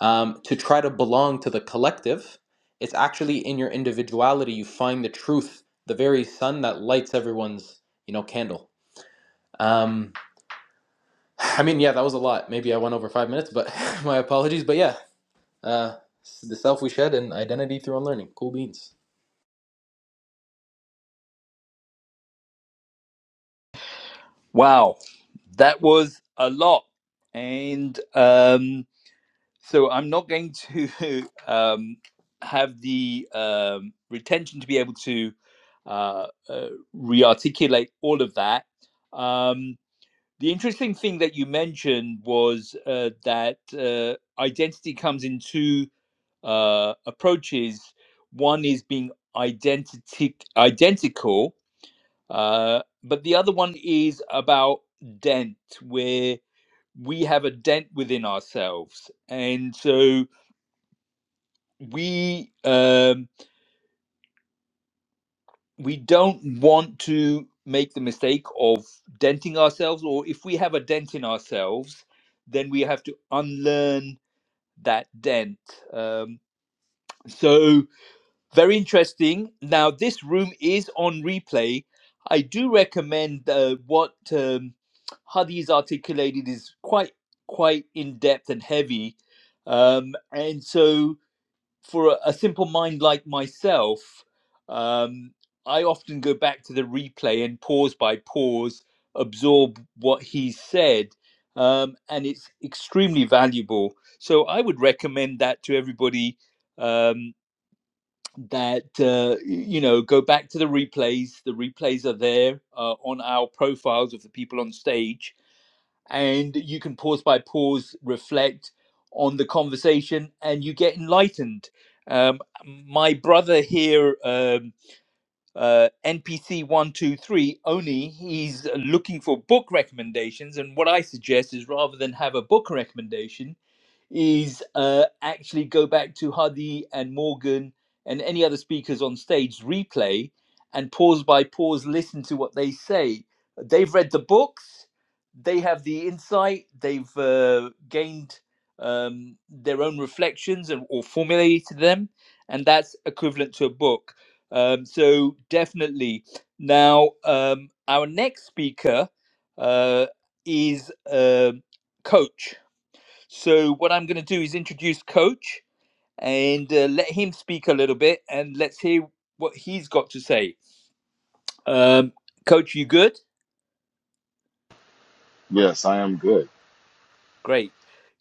Speaker 5: um, to try to belong to the collective. It's actually in your individuality you find the truth, the very sun that lights everyone's you know candle. Um, I mean, yeah, that was a lot. Maybe I went over five minutes, but my apologies. But yeah, uh, the self we shed and identity through unlearning. Cool beans.
Speaker 1: Wow, that was a lot, and. Um, so I'm not going to um, have the um, retention to be able to uh, uh, re-articulate all of that. Um, the interesting thing that you mentioned was uh, that uh, identity comes in two uh, approaches. One is being identity identical, uh, but the other one is about dent, where we have a dent within ourselves, and so we um, we don't want to make the mistake of denting ourselves or if we have a dent in ourselves then we have to unlearn that dent um, so very interesting now this room is on replay i do recommend uh, what um, hadi's articulated is quite quite in depth and heavy um, and so for a, a simple mind like myself, um, I often go back to the replay and pause by pause absorb what he said, um, and it's extremely valuable. So I would recommend that to everybody um, that uh, you know go back to the replays. The replays are there uh, on our profiles of the people on stage and you can pause by pause reflect on the conversation and you get enlightened um, my brother here um, uh, npc 123 oni he's looking for book recommendations and what i suggest is rather than have a book recommendation is uh, actually go back to Hadi and Morgan and any other speakers on stage, replay, and pause by pause, listen to what they say. They've read the books, they have the insight, they've uh, gained um, their own reflections and, or formulated them, and that's equivalent to a book. Um, so definitely. Now, um, our next speaker uh, is um Coach. So, what I'm going to do is introduce Coach and uh, let him speak a little bit and let's hear what he's got to say. Um, coach, you good?
Speaker 6: Yes, I am good.
Speaker 1: Great.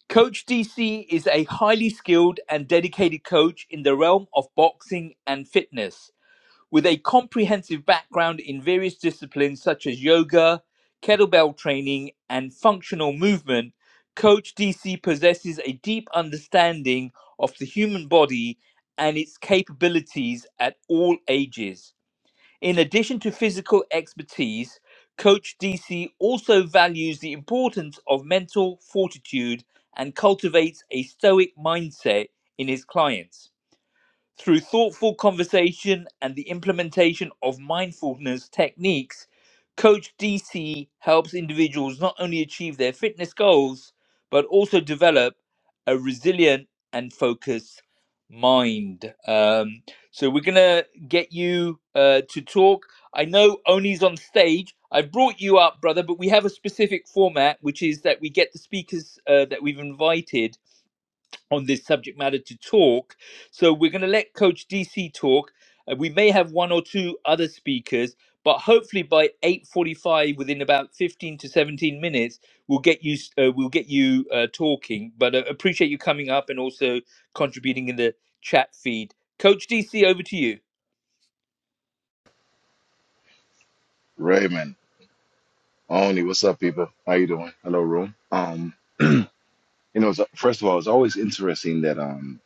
Speaker 1: Coach DC is a highly skilled and dedicated coach in the realm of boxing and fitness. With a comprehensive background in various disciplines such as yoga, kettlebell training, and functional movement, Coach DC possesses a deep understanding of the human body and its capabilities at all ages. In addition to physical expertise, Coach DC also values the importance of mental fortitude and cultivates a stoic mindset in his clients. Through thoughtful conversation and the implementation of mindfulness techniques, Coach DC helps individuals not only achieve their fitness goals, but also develop a resilient and focused mind. Um, so, we're going to get you uh, to talk. I know Oni's on stage. I brought you up, brother, but we have a specific format, which is that we get the speakers uh, that we've invited on this subject matter to talk. So we're going to let Coach DC talk. Uh, we may have one or two other speakers, but hopefully by 8:45, within about 15 to 17 minutes, we'll get you uh, we'll get you uh, talking. But uh, appreciate you coming up and also contributing in the chat feed. Coach DC, over to you.
Speaker 6: Raymond, Oni, what's up, people? How you doing? Hello, room. Um, you know, it's, first of all, it's always interesting that um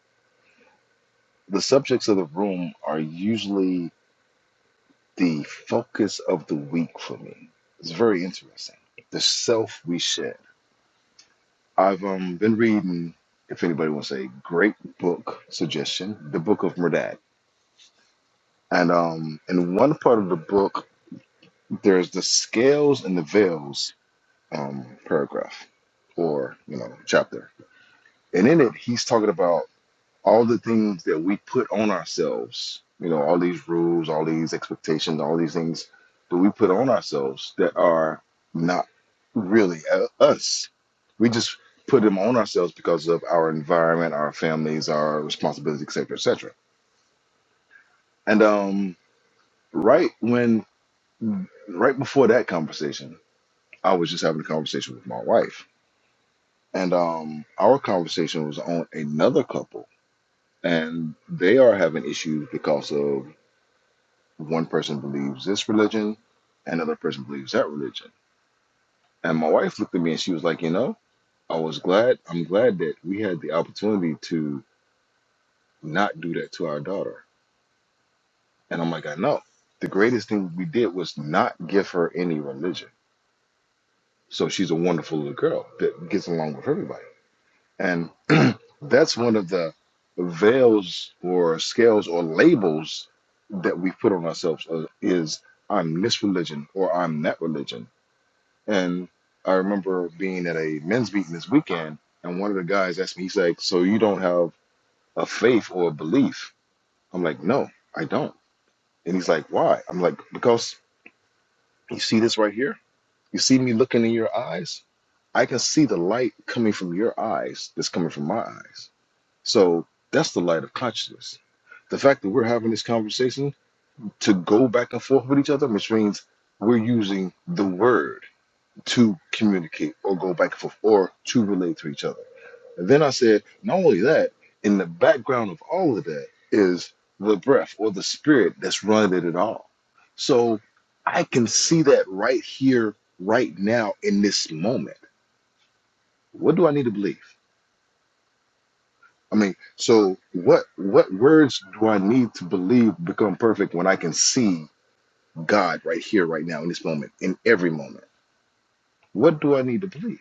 Speaker 6: the subjects of the room are usually the focus of the week for me. It's very interesting. The self we shed. I've um been reading, if anybody wants a great book suggestion, the book of Merdad. And um in one part of the book, there's the scales and the veils um, paragraph or you know chapter and in it he's talking about all the things that we put on ourselves you know all these rules all these expectations all these things that we put on ourselves that are not really uh, us we just put them on ourselves because of our environment our families our responsibilities etc etc and um right when right before that conversation i was just having a conversation with my wife and um, our conversation was on another couple, and they are having issues because of one person believes this religion, another person believes that religion. And my wife looked at me and she was like, you know, I was glad. I'm glad that we had the opportunity to not do that to our daughter. And I'm like, I know. The greatest thing we did was not give her any religion. So she's a wonderful little girl that gets along with everybody. And that's one of the veils or scales or labels that we put on ourselves uh, is I'm this religion or I'm that religion. And I remember being at a men's meeting this weekend, and one of the guys asked me, he's like, So you don't have a faith or a belief? I'm like, No, I don't. And he's like, Why? I'm like, Because you see this right here? You see me looking in your eyes? I can see the light coming from your eyes that's coming from my eyes So that's the light of consciousness. The fact that we're having this conversation to go back and forth with each other, which means we're using the word to communicate or go back and forth or to relate to each other. And then I said, not only that, in the background of all of that is the breath or the spirit that's running it all. So I can see that right here, right now, in this moment. What do I need to believe? I mean, so what what words do I need to believe to become perfect when I can see God right here, right now, in this moment, in every moment? What do I need to believe?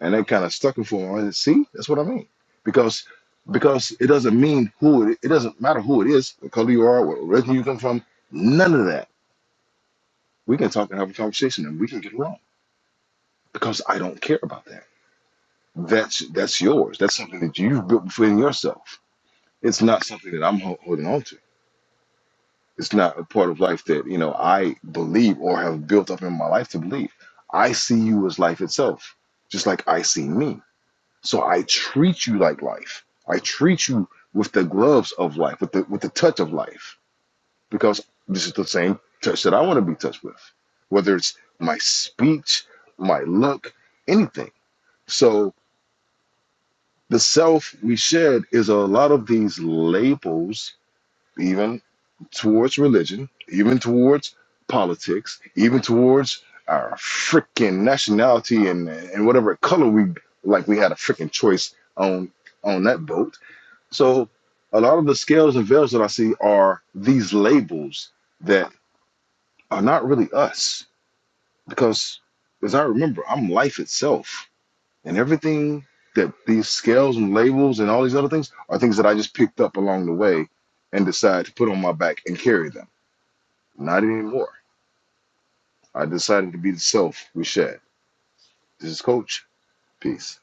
Speaker 6: And that kind of stuck it for a moment. See, that's what I mean. Because because it doesn't mean who it it doesn't matter who it is, what color you are, what religion you come from, none of that. We can talk and have a conversation and we can get wrong because I don't care about that. That's that's yours. That's something that you've built within yourself. It's not something that I'm ho- holding on to. It's not a part of life that, you know, I believe or have built up in my life to believe. I see you as life itself, just like I see me. So I treat you like life. I treat you with the gloves of life, with the with the touch of life, because this is the same touch that I want to be touched with, whether it's my speech, my look, anything. So the self we shed is a lot of these labels even. towards religion, even towards politics, even towards our freaking nationality and and whatever color we like. We had a freaking choice on on that boat. So a lot of the scales and veils that I see are these labels that are not really us because as I remember, I'm life itself and everything that these scales and labels and all these other things are things that I just picked up along the way and decided to put on my back and carry them. Not anymore I decided to be the self we Shad. This is Coach. Peace.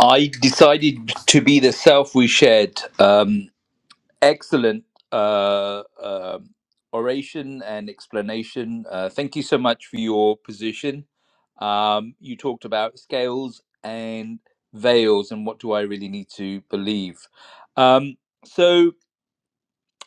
Speaker 1: I decided to be the self we shared. Um, excellent uh, um oration and explanation. Uh, thank you so much for your position. Um, you talked about scales and veils and what do I really need to believe. Um, so,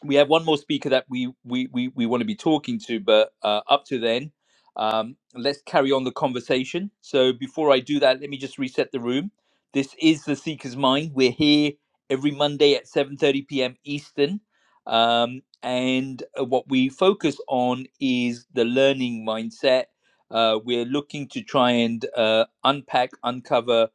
Speaker 1: we have one more speaker that we we we, we want to be talking to but uh, up to then um, let's carry on the conversation so before i do that let me just reset the room this is the seeker's mind we're here every monday at 7.30 p.m eastern um, and uh, what we focus on is the learning mindset uh, we're looking to try and uh, unpack uncover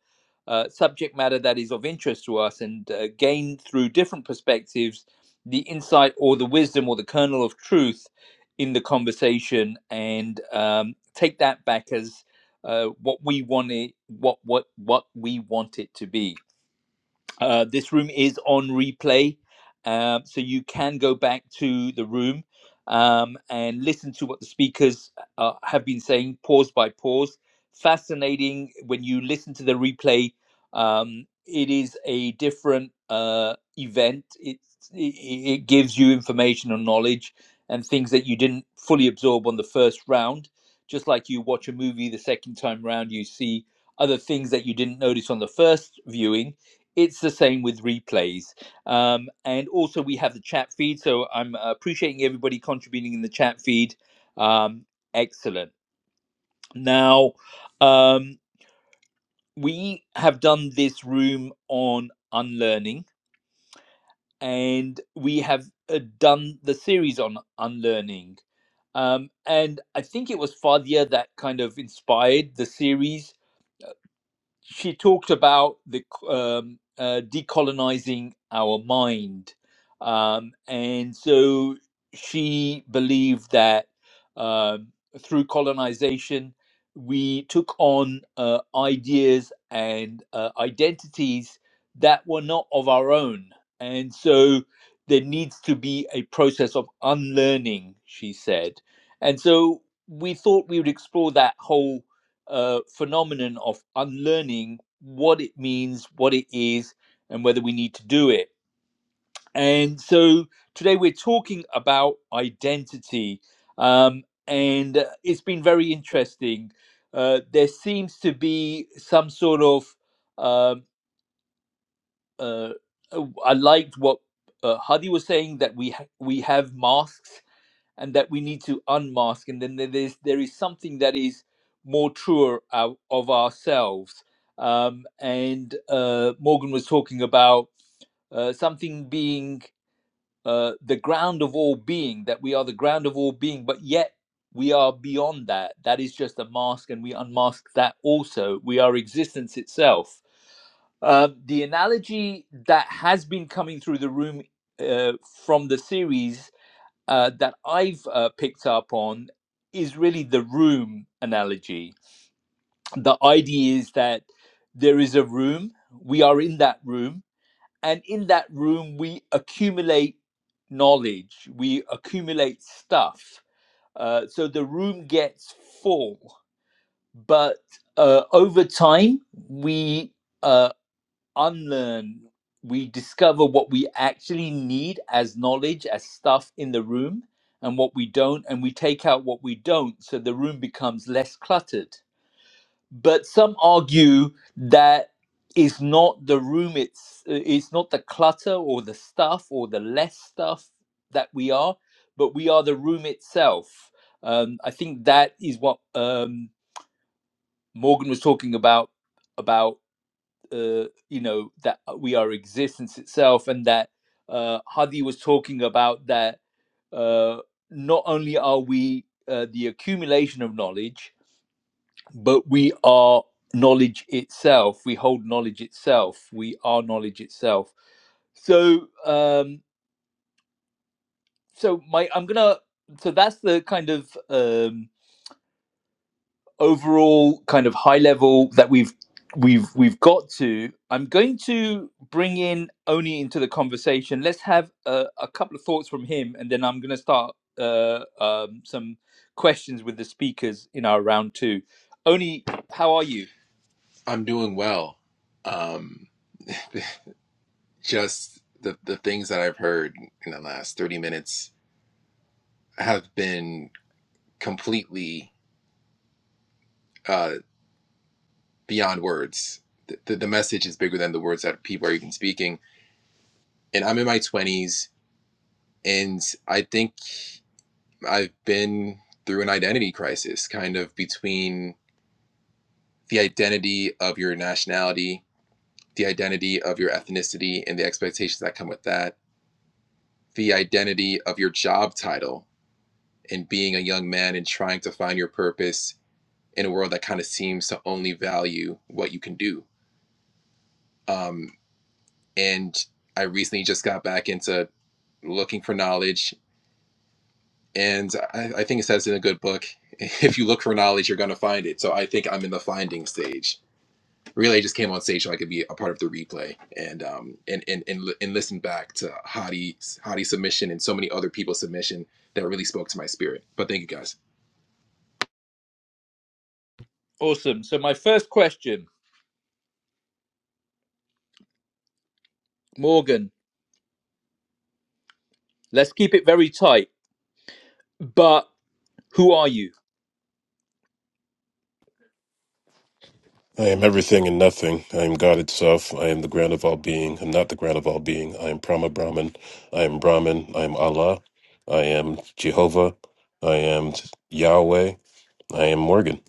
Speaker 1: uh, subject matter that is of interest to us and uh, gain through different perspectives the insight or the wisdom or the kernel of truth in the conversation and um, take that back as uh, what we want it, what what what we want it to be. Uh, this room is on replay, um, so you can go back to the room um, and listen to what the speakers uh, have been saying, pause by pause. Fascinating when you listen to the replay. Um, it is a different uh, event. It's, it it gives you information and knowledge and things that you didn't fully absorb on the first round. Just like you watch a movie the second time round, you see other things that you didn't notice on the first viewing it's the same with replays um, and also we have the chat feed so i'm uh, appreciating everybody contributing in the chat feed um, excellent now um, we have done this room on unlearning and we have uh, done the series on unlearning um, and i think it was fadia that kind of inspired the series she talked about the c- um, uh, decolonizing our mind, um, and so she believed that um through colonization we took on uh, ideas and uh, identities that were not of our own, and so there needs to be a process of unlearning, she said, and so we thought we would explore that whole uh, phenomenon of unlearning what it means, what it is, and whether we need to do it. And so today we're talking about identity, um, and uh, it's been very interesting. Uh, there seems to be some sort of um uh, uh, I liked what uh, Hadi was saying that we ha- we have masks and that we need to unmask and then there is there is something that is more truer ou- of ourselves um, and uh, morgan was talking about uh, something being uh, the ground of all being that we are the ground of all being but yet we are beyond that that is just a mask and we unmask that also we are existence itself Um the analogy that has been coming through the room uh, from the series uh, that I've uh, picked up on is really the room analogy. The idea is that there is a room, we are in that room, and in that room, we accumulate knowledge, we accumulate stuff. Uh, so the room gets full, but uh, over time, we uh, unlearn, we discover what we actually need as knowledge, as stuff in the room, and what we don't, and we take out what we don't, so the room becomes less cluttered. But some argue that it's not the room, it's it's not the clutter or the stuff or the less stuff that we are, but we are the room itself. Um, I think that is what um, Morgan was talking about about uh, you know that uh, we are existence itself and that uh, hadi was talking about that uh, not only are we uh, the accumulation of knowledge but we are knowledge itself we hold knowledge itself we are knowledge itself so um so my i'm gonna so that's the kind of um overall kind of high level that we've we've we've got to i'm going to bring in oni into the conversation let's have a, a couple of thoughts from him and then i'm going to start uh, um, some questions with the speakers in our round two oni how are you
Speaker 7: I'm doing well. Um, just the the things that I've heard in the last 30 minutes have been completely uh, beyond words. The, the, the message is bigger than the words that people are even speaking. And I'm in my 20s, and I think I've been through an identity crisis, kind of between the identity of your nationality, the identity of your ethnicity, and the expectations that come with that, the identity of your job title and being a young man and trying to find your purpose in a world that kind of seems to only value what you can do. Um, and I recently just got back into looking for knowledge. And I, I think it says in a good book if you look for knowledge, you're going to find it. So I think I'm in the finding stage. Really, I just came on stage so I could be a part of the replay and um, and, and, and, li- and listen back to Hadi's Hadi submission and so many other people's submission that really spoke to my spirit. But thank you guys.
Speaker 1: awesome so my first question morgan let's keep it very tight but who are you
Speaker 2: I am everything and nothing. I am God itself. I am the ground of all being. I'm not the ground of all being. I am Brahma Brahman. I am Brahman. I am Allah. I am Jehovah. I am Yahweh. I am Morgan.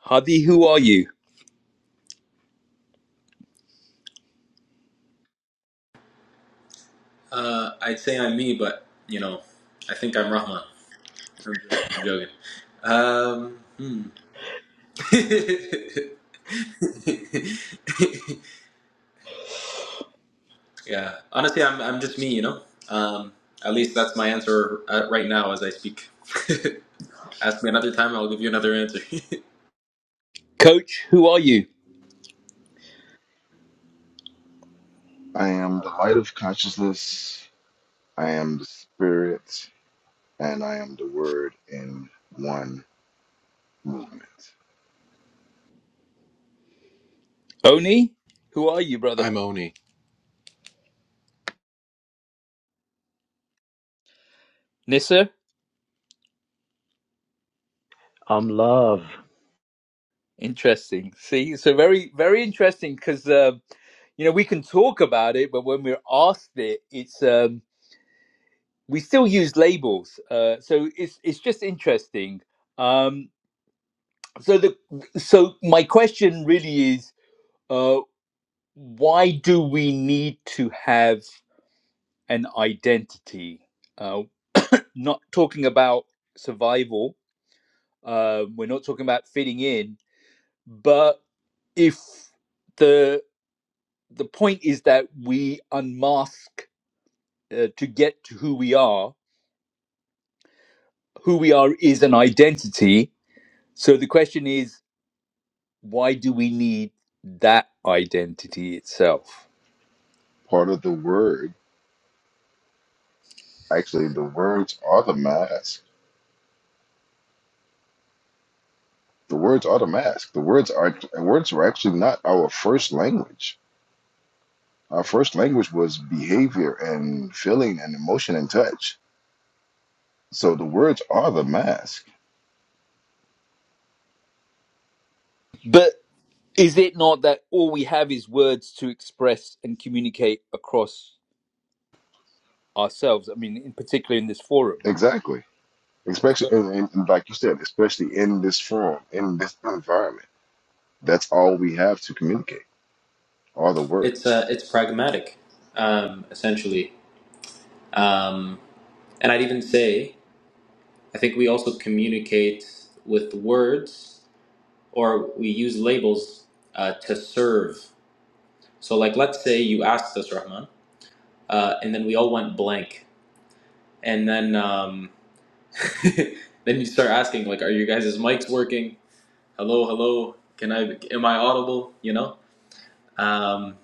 Speaker 1: hadi who are you
Speaker 5: Uh, I'd say I'm me, but you know, I think I'm Rahman. I'm joking. I'm joking. Um, hmm. Yeah. Honestly, I'm, I'm just me, you know? Um, at least that's my answer uh, right now as I speak. Ask me another time, I'll give you another answer.
Speaker 1: coach who are you
Speaker 6: I am the light of consciousness. I am the spirit, and I am the word in one movement.
Speaker 1: oni who are you brother
Speaker 7: I'm Oni.
Speaker 1: nissa
Speaker 4: I'm love.
Speaker 1: Interesting. See, so very, very interesting because uh, you know we can talk about it, but when we're asked it, it's um, we still use labels. Uh, so it's it's just interesting. Um, so the so my question really is, uh, why do we need to have an identity? Uh, not talking about survival. Uh, we're not talking about fitting in, but if the the point is that we unmask uh, to get to who we are. Who we are is an identity. So the question is, why do we need that identity itself?
Speaker 6: Part of the word, actually, the words are the mask. The words are the mask. The words are words were actually not our first language. Our first language was behavior and feeling and emotion and touch. So the words are the mask.
Speaker 1: But is it not that all we have is words to express and communicate across ourselves? I mean, in particular in this forum.
Speaker 6: Exactly especially and, and and like you said, especially in this form, in this environment. That's all we have to communicate, all the
Speaker 5: it's,
Speaker 6: words.
Speaker 5: uh, it's pragmatic, um, essentially. Um, and I'd even say, I think we also communicate with words or we use labels uh, to serve. So, like, let's say you asked us, Rahman, uh, and then we all went blank. And then, um, then you start asking, like, are you guys' mics working? hello, hello, can I, am I audible? You know, um,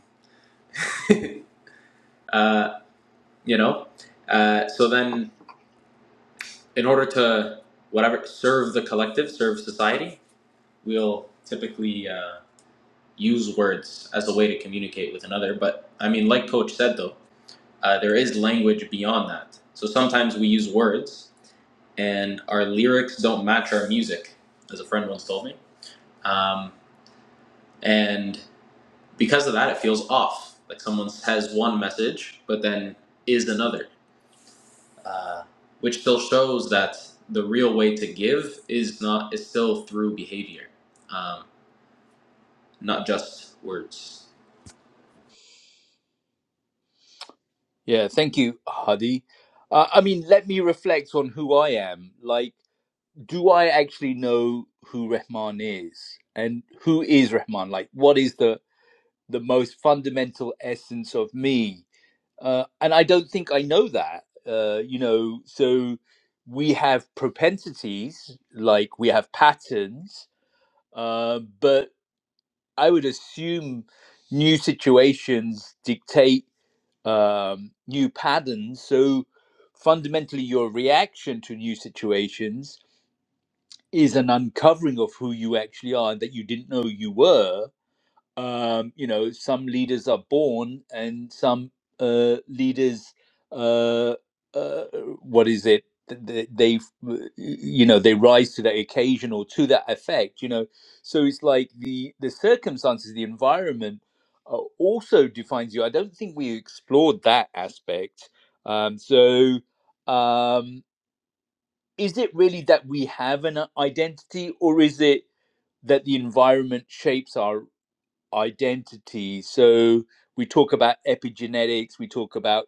Speaker 5: uh, you know, uh, so then in order to whatever serve the collective, serve society, we'll typically uh, use words as a way to communicate with another. But I mean, like Coach said though, uh, there is language beyond that. So sometimes we use words and our lyrics don't match our music, as a friend once told me. Um, and because of that, it feels off. Like someone has one message, but then is another, uh, which still shows that the real way to give is not is still through behavior, um, not just words.
Speaker 1: Yeah, thank you, Hadi. Uh, I mean, let me reflect on who I am. Like, do I actually know who Rahman is and who is Rahman? Like, what is the the most fundamental essence of me? Uh, and I don't think I know that. Uh, you know, so we have propensities, like we have patterns, uh, but I would assume new situations dictate um, new patterns. So fundamentally, your reaction to new situations is an uncovering of who you actually are and that you didn't know you were. Um, you know, some leaders are born, and some uh, leaders, uh, uh, what is it? th- They, you know, they rise to that occasion or to that effect. You know, so it's like the the circumstances, the environment, uh, also defines you. I don't think we explored that aspect. Um, so, Um, is it really that we have an identity or is it that the environment shapes our identity so we talk about epigenetics we talk about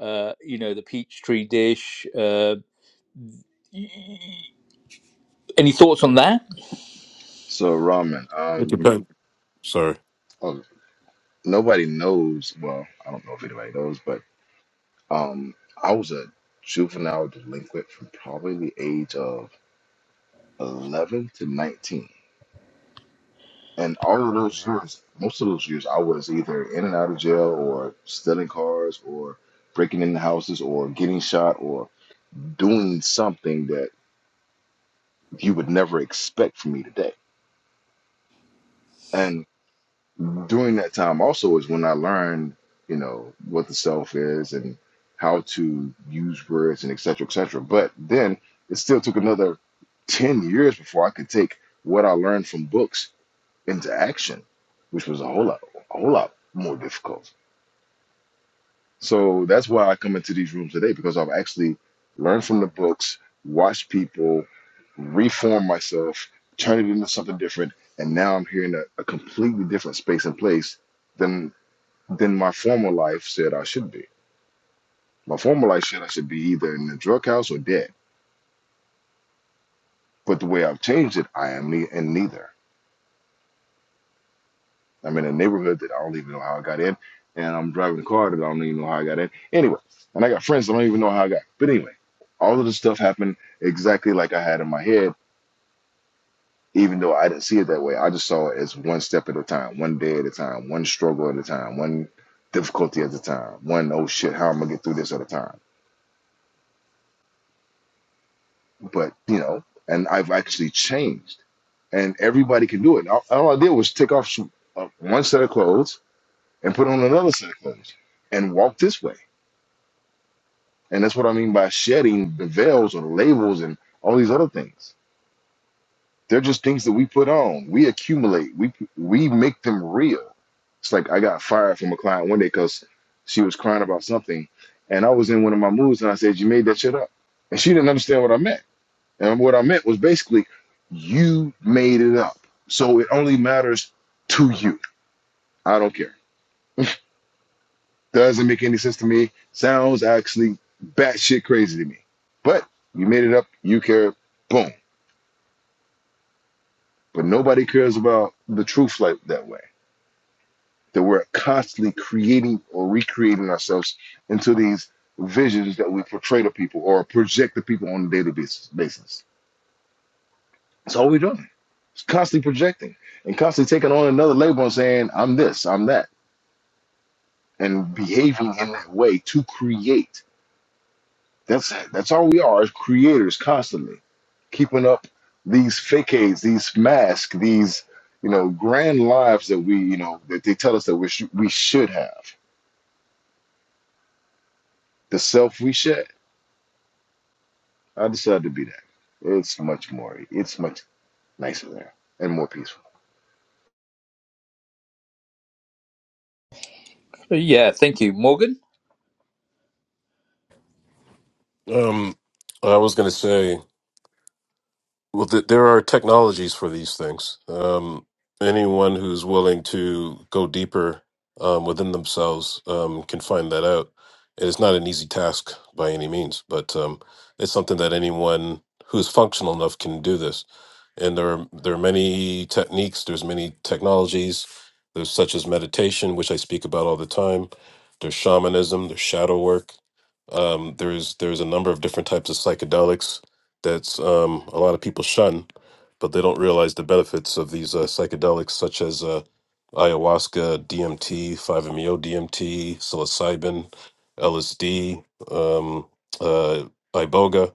Speaker 1: uh, you know the peach tree dish uh, any thoughts on that
Speaker 6: So Ramen,
Speaker 2: It
Speaker 6: um,
Speaker 2: depends. Sorry.
Speaker 6: oh, nobody knows. Well, I don't know if anybody knows, but um, I was a juvenile delinquent from probably the age of eleven to nineteen. And all of those years, most of those years, I was either in and out of jail, or stealing cars, or breaking into houses, or getting shot, or doing something that you would never expect from me today. And during that time also is when I learned, you know, what the self is and how to use words and et cetera, et cetera. But then it still took another 10 years before I could take what I learned from books into action, which was a whole lot, a whole lot more difficult. So that's why I come into these rooms today because I've actually learned from the books, watched people, reform myself, turn it into something different, and now I'm here in a, a completely different space and place than than my former life said I should be. My former life said I should be either in the drug house or dead. But the way I've changed it, I am ne- in neither. I'm in a neighborhood that I don't even know how I got in, and I'm driving a car that I don't even know how I got in. Anyway, and I got friends that I don't even know how I got. But anyway, all of this stuff happened exactly like I had in my head, even though I didn't see it that way. I just saw it as one step at a time, one day at a time, one struggle at a time, one difficulty at a time, one oh shit, how am I gonna get through this at a time? But you know, and I've actually changed, and everybody can do it. All, all I did was take off uh, one set of clothes and put on another set of clothes and walk this way And that's what I mean by shedding the veils or the labels and all these other things. They're just things that we put on. We accumulate. We we make them real. It's like I got fired from a client one day because she was crying about something, and I was in one of my moods, and I said, "You made that shit up," and she didn't understand what I meant. And what I meant was basically, you made it up. So it only matters to you. I don't care. Doesn't make any sense to me. Sounds actually batshit crazy to me. But you made it up. You care. Boom. But nobody cares about the truth like that way. That we're constantly creating or recreating ourselves into these visions that we portray to people or project to people on a daily basis. basis. That's all we're doing. It's constantly projecting and constantly taking on another label and saying, I'm this, I'm that, and behaving in that way to create. That's that's all we are as creators constantly, keeping up these facades, these masks, these you know grand lives that we you know that they tell us that we sh- we should have. The self we shed. I decided to be that. It's much more. It's much nicer there and more peaceful.
Speaker 1: yeah thank you morgan
Speaker 2: Um, I was going to say. Well, th- there are technologies for these things. Um, anyone who's willing to go deeper um, within themselves um, can find that out. And It's not an easy task by any means, but um, it's something that anyone who's functional enough can do this and there are there are many techniques there's many technologies there's such as meditation which i speak about all the time there's shamanism there's shadow work um, there's there's a number of different types of psychedelics that's um, a lot of people shun but they don't realize the benefits of these uh, psychedelics such as uh, ayahuasca dmt 5meo dmt psilocybin lsd um, uh, iboga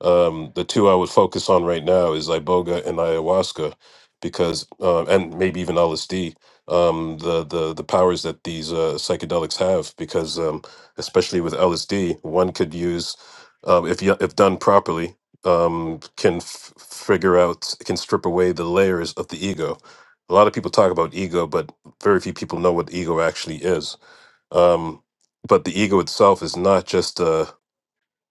Speaker 2: um, the two I would focus on right now is iboga and ayahuasca, because uh, and maybe even LSD. Um, the the the powers that these uh, psychedelics have, because um, especially with LSD, one could use um, if you, if done properly, um, can f- figure out can strip away the layers of the ego. A lot of people talk about ego, but very few people know what ego actually is. Um, but the ego itself is not just a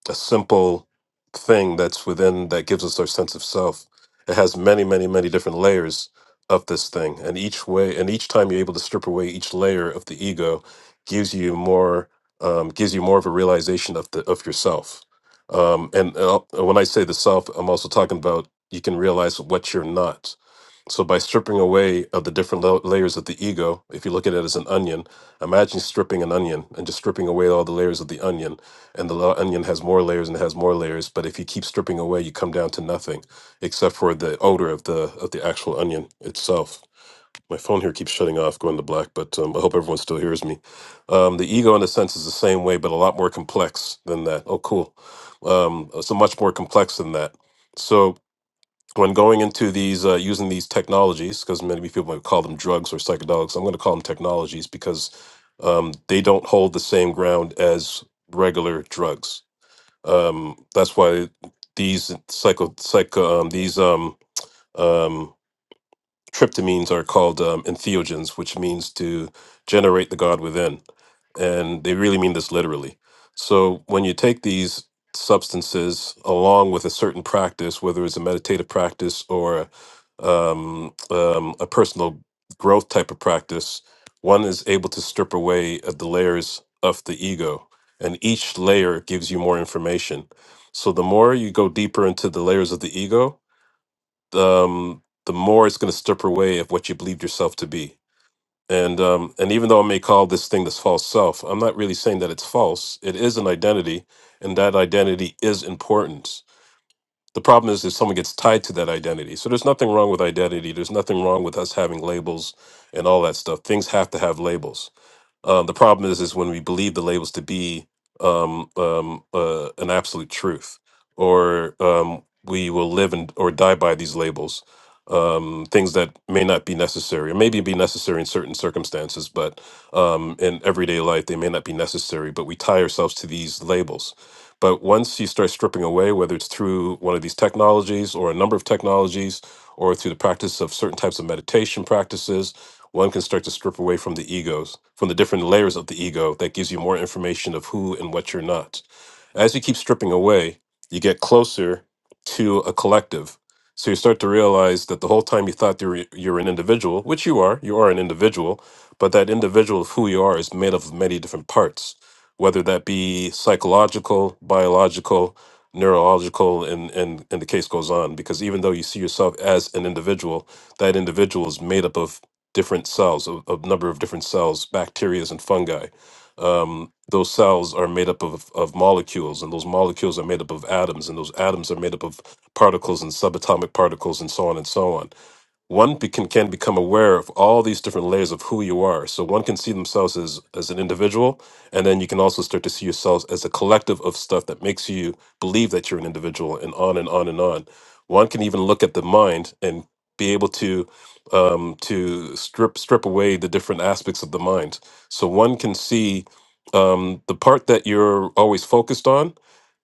Speaker 2: a simple thing that's within that gives us our sense of self. It has many, many, many different layers of this thing, and each way, and each time you're able to strip away each layer of the ego, gives you more, um, gives you more of a realization of the of yourself. Um, and uh, when I say the self, I'm also talking about you can realize what you're not so, by stripping away of the different la- layers of the ego, if you look at it as an onion, imagine stripping an onion and just stripping away all the layers of the onion. And the la- onion has more layers and it has more layers. But if you keep stripping away, you come down to nothing, except for the odor of the of the actual onion itself. My phone here keeps shutting off, going to black. But um, I hope everyone still hears me. Um, the ego, in a sense, is the same way, but a lot more complex than that. Oh, cool. Um, so much more complex than that. So when going into these uh, using these technologies because many people might call them drugs or psychedelics i'm going to call them technologies because um, they don't hold the same ground as regular drugs um, that's why these psycho psycho um, these um, um, tryptamines are called um, entheogens, which means to generate the God within. And they really mean this literally. So when you take these substances along with a certain practice, whether it's a meditative practice or um, um, a personal growth type of practice, one is able to strip away uh, the layers of the ego. And each layer gives you more information. So the more you go deeper into the layers of the ego, um, the more it's going to strip away of what you believed yourself to be. And um, and even though I may call this thing this false self, I'm not really saying that it's false. It is an identity, and that identity is important. The problem is if someone gets tied to that identity. So there's nothing wrong with identity. There's nothing wrong with us having labels and all that stuff. Things have to have labels um, the problem is, is when we believe the labels to be um, um, uh, an absolute truth, or um, we will live and or die by these labels. Um, things that may not be necessary, or maybe be necessary in certain circumstances, but um, in everyday life they may not be necessary. But we tie ourselves to these labels. But once you start stripping away, whether it's through one of these technologies or a number of technologies, or through the practice of certain types of meditation practices, one can start to strip away from the egos, from the different layers of the ego that gives you more information of who and what you're not. As you keep stripping away, you get closer to a collective. So you start to realize that the whole time you thought you were, you are an individual, which you are, you are an individual, but that individual of who you are is made of many different parts, whether that be psychological, biological, neurological, and, and, and the case goes on. Because even though you see yourself as an individual, that individual is made up of different cells, a, a number of different cells, bacteria and fungi um, those cells are made up of, of molecules, and those molecules are made up of atoms, and those atoms are made up of particles and subatomic particles, and so on and so on one be- can, can become aware of all these different layers of who you are. So one can see themselves as, as an individual, and then you can also start to see yourselves as a collective of stuff that makes you believe that you're an individual, and on and on and on. One can even look at the mind and be able to um, to strip strip away the different aspects of the mind. So one can see um, the part that you're always focused on,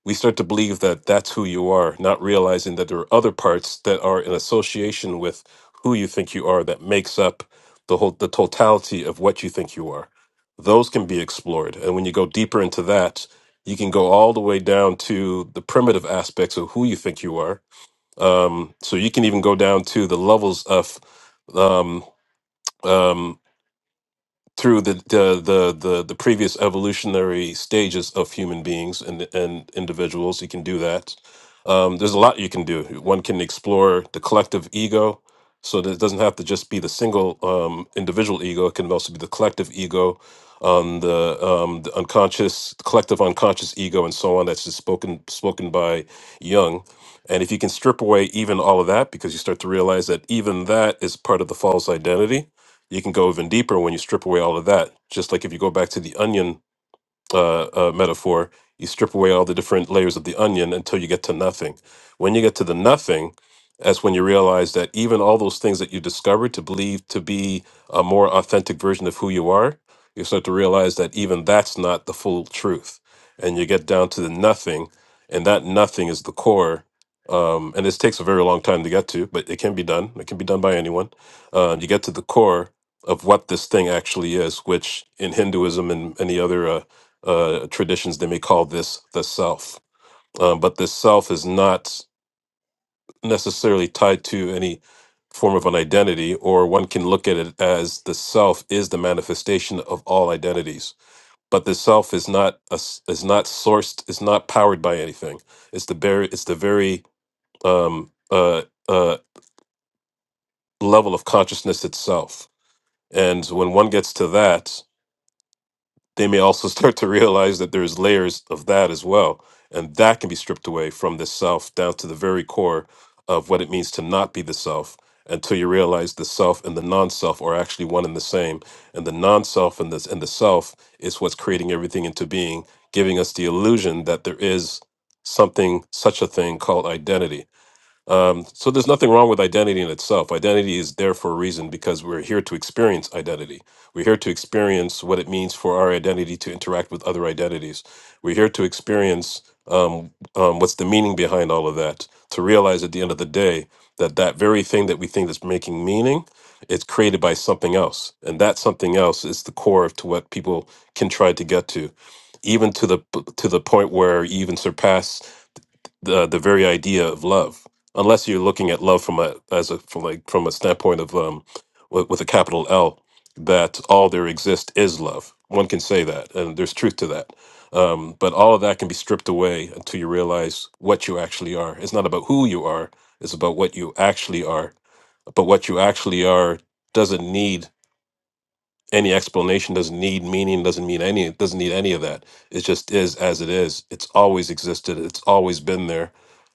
Speaker 2: we start to believe that that's who you are, not realizing that there are other parts that are in association with who you think you are that makes up the whole the totality of what you think you are those can be explored and when you go deeper into that you can go all the way down to the primitive aspects of who you think you are um, so you can even go down to the levels of um, um, through the the the the, the previous evolutionary stages of human beings and and individuals. You can do that. Um, there's a lot you can do. One can explore the collective ego, so that it doesn't have to just be the single um, individual ego. It can also be the collective ego, um, the um, the unconscious, collective unconscious ego, and so on. That's just spoken spoken by Jung. And if you can strip away even all of that, because you start to realize that even that is part of the false identity, you can go even deeper when you strip away all of that. Just like if you go back to the onion uh, uh, metaphor, you strip away all the different layers of the onion until you get to nothing. When you get to the nothing, that's when you realize that even all those things that you discovered to believe to be a more authentic version of who you are, you start to realize that even that's not the full truth. And you get down to the nothing, and that nothing is the core. Um, and this takes a very long time to get to, but it can be done. It can be done by anyone. Uh, you get to the core of what this thing actually is, which in Hinduism and any other uh, uh, traditions, they may call this the self. Um, but the self is not necessarily tied to any form of an identity, or one can look at it as the self is the manifestation of all identities. But the self is not a s is not sourced, is not powered by anything. It's the very it's the very um, uh, uh, level of consciousness itself. And when one gets to that, they may also start to realize that there's layers of that as well. And that can be stripped away from the self down to the very core of what it means to not be the self until you realize the self and the non-self are actually one and the same. And the non-self and the and the self is what's creating everything into being, giving us the illusion that there is something, such a thing called identity um, so there's nothing wrong with identity in itself. Identity is there for a reason because we're here to experience identity. We're here to experience what it means for our identity to interact with other identities. We're here to experience um, um, what's the meaning behind all of that. To realize at the end of the day that that very thing that we think is making meaning, it's created by something else, and that something else is the core of to what people can try to get to, even to the p- to the point where you even surpass the the very idea of love, unless you're looking at love from a as a from like from a standpoint of um with, with a capital L, that all there exists is love. One can say that, and there's truth to that. Um, but all of that can be stripped away until you realize what you actually are. It's not about who you are; it's about what you actually are. But what you actually are doesn't need any explanation doesn't need meaning doesn't mean any it doesn't need any of that it just is as it is it's always existed it's always been there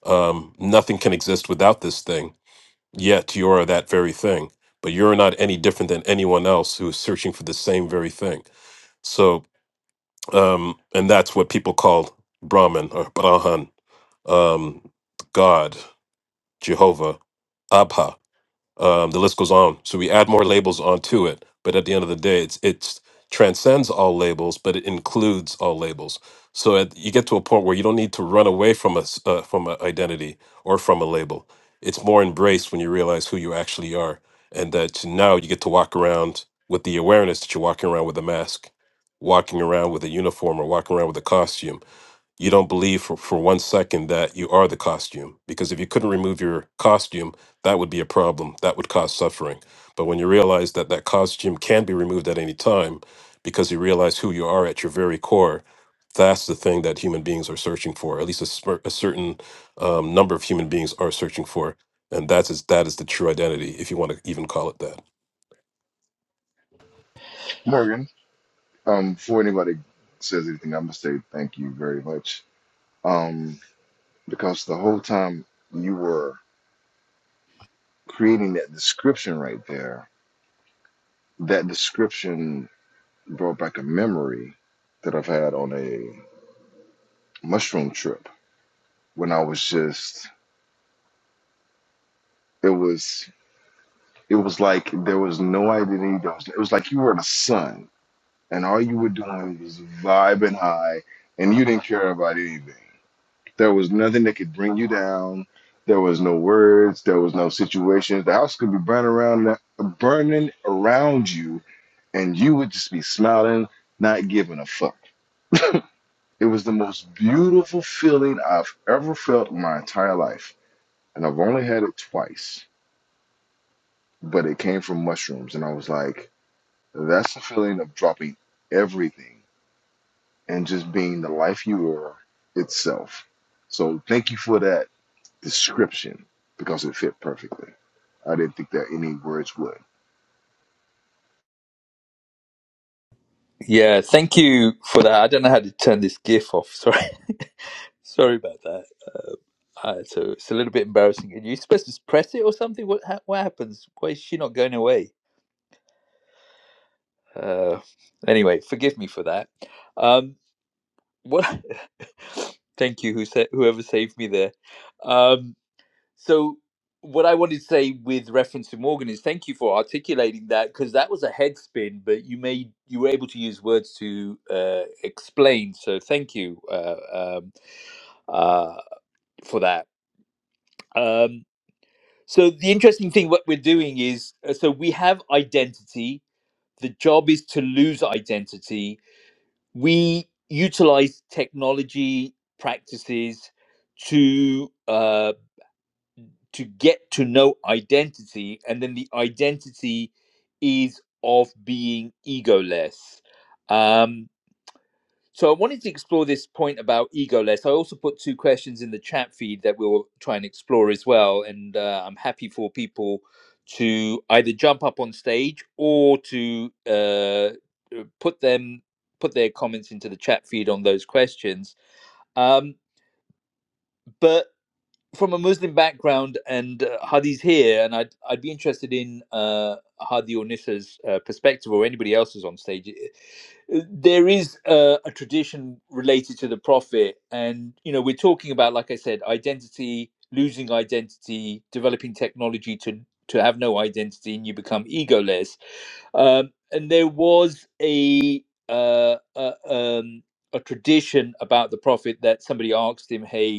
Speaker 2: um, nothing can exist without this thing yet you're that very thing but you're not any different than anyone else who is searching for the same very thing so um, and that's what people call brahman or brahman um, god jehovah abha um, the list goes on. So we add more labels onto it, but at the end of the day, it's it's transcends all labels, but it includes all labels. So at, you get to a point where you don't need to run away from a s- uh, from an identity or from a label. It's more embraced when you realize who you actually are, and that now you get to walk around with the awareness that you're walking around with a mask, walking around with a uniform, or walking around with a costume you don't believe for, for one second that you are the costume. Because if you couldn't remove your costume, that would be a problem. That would cause suffering. But when you realize that that costume can be removed at any time because you realize who you are at your very core, that's the thing that human beings are searching for. At least a, smer- a certain um, number of human beings are searching for. And that is that is the true identity, if you want to even call it that.
Speaker 6: Morgan, um, before anybody says anything, I'm gonna say thank you very much. Um, because the whole time you were creating that description right there, that description brought back a memory that I've had on a mushroom trip when I was just it was it was like there was no identity. There was, it was like you were in a sun, and all you were doing was vibing high, and you didn't care about anything. There was nothing that could bring you down. There was no words. There was no situations. The house could be burning around, burning around you, and you would just be smiling, not giving a fuck It was the most beautiful feeling I've ever felt in my entire life. And I've only had it twice, but it came from mushrooms. And I was like, that's the feeling of dropping everything and just being the life you were itself. So thank you for that description because it fit perfectly. I didn't think that any words would.
Speaker 1: yeah thank you for that i don't know how to turn this gif off sorry sorry about that uh, uh, so it's a little bit embarrassing are you supposed to press it or something what, ha- what happens why is she not going away Uh, anyway, forgive me for that. Um, what? Thank you, who sa- whoever saved me there. Um, so, what I wanted to say with reference to Morgan is thank you for articulating that because that was a head spin, but you made you were able to use words to uh, explain. So, thank you uh, um, uh, for that. Um, so, the interesting thing what we're doing is uh, so we have identity. The job is to lose identity we utilize technology practices to uh, to get to know identity, and then the identity is of being egoless. Um, so I wanted to explore this point about egoless. I also put two questions in the chat feed that we'll try and explore as well. And uh, I'm happy for people to either jump up on stage or to uh, uh, put them put their comments into the chat feed on those questions. Um, but from a Muslim background and uh, Hadi's here, and I'd I'd be interested in uh, Hadi or Nissa's uh, perspective or anybody else's on stage. Uh, There is uh, a tradition related to the Prophet, and you know we're talking about, like I said, identity, losing identity, developing technology to to have no identity, and you become egoless. Um, and there was a uh, a, um, a tradition about the Prophet that somebody asked him, "Hey."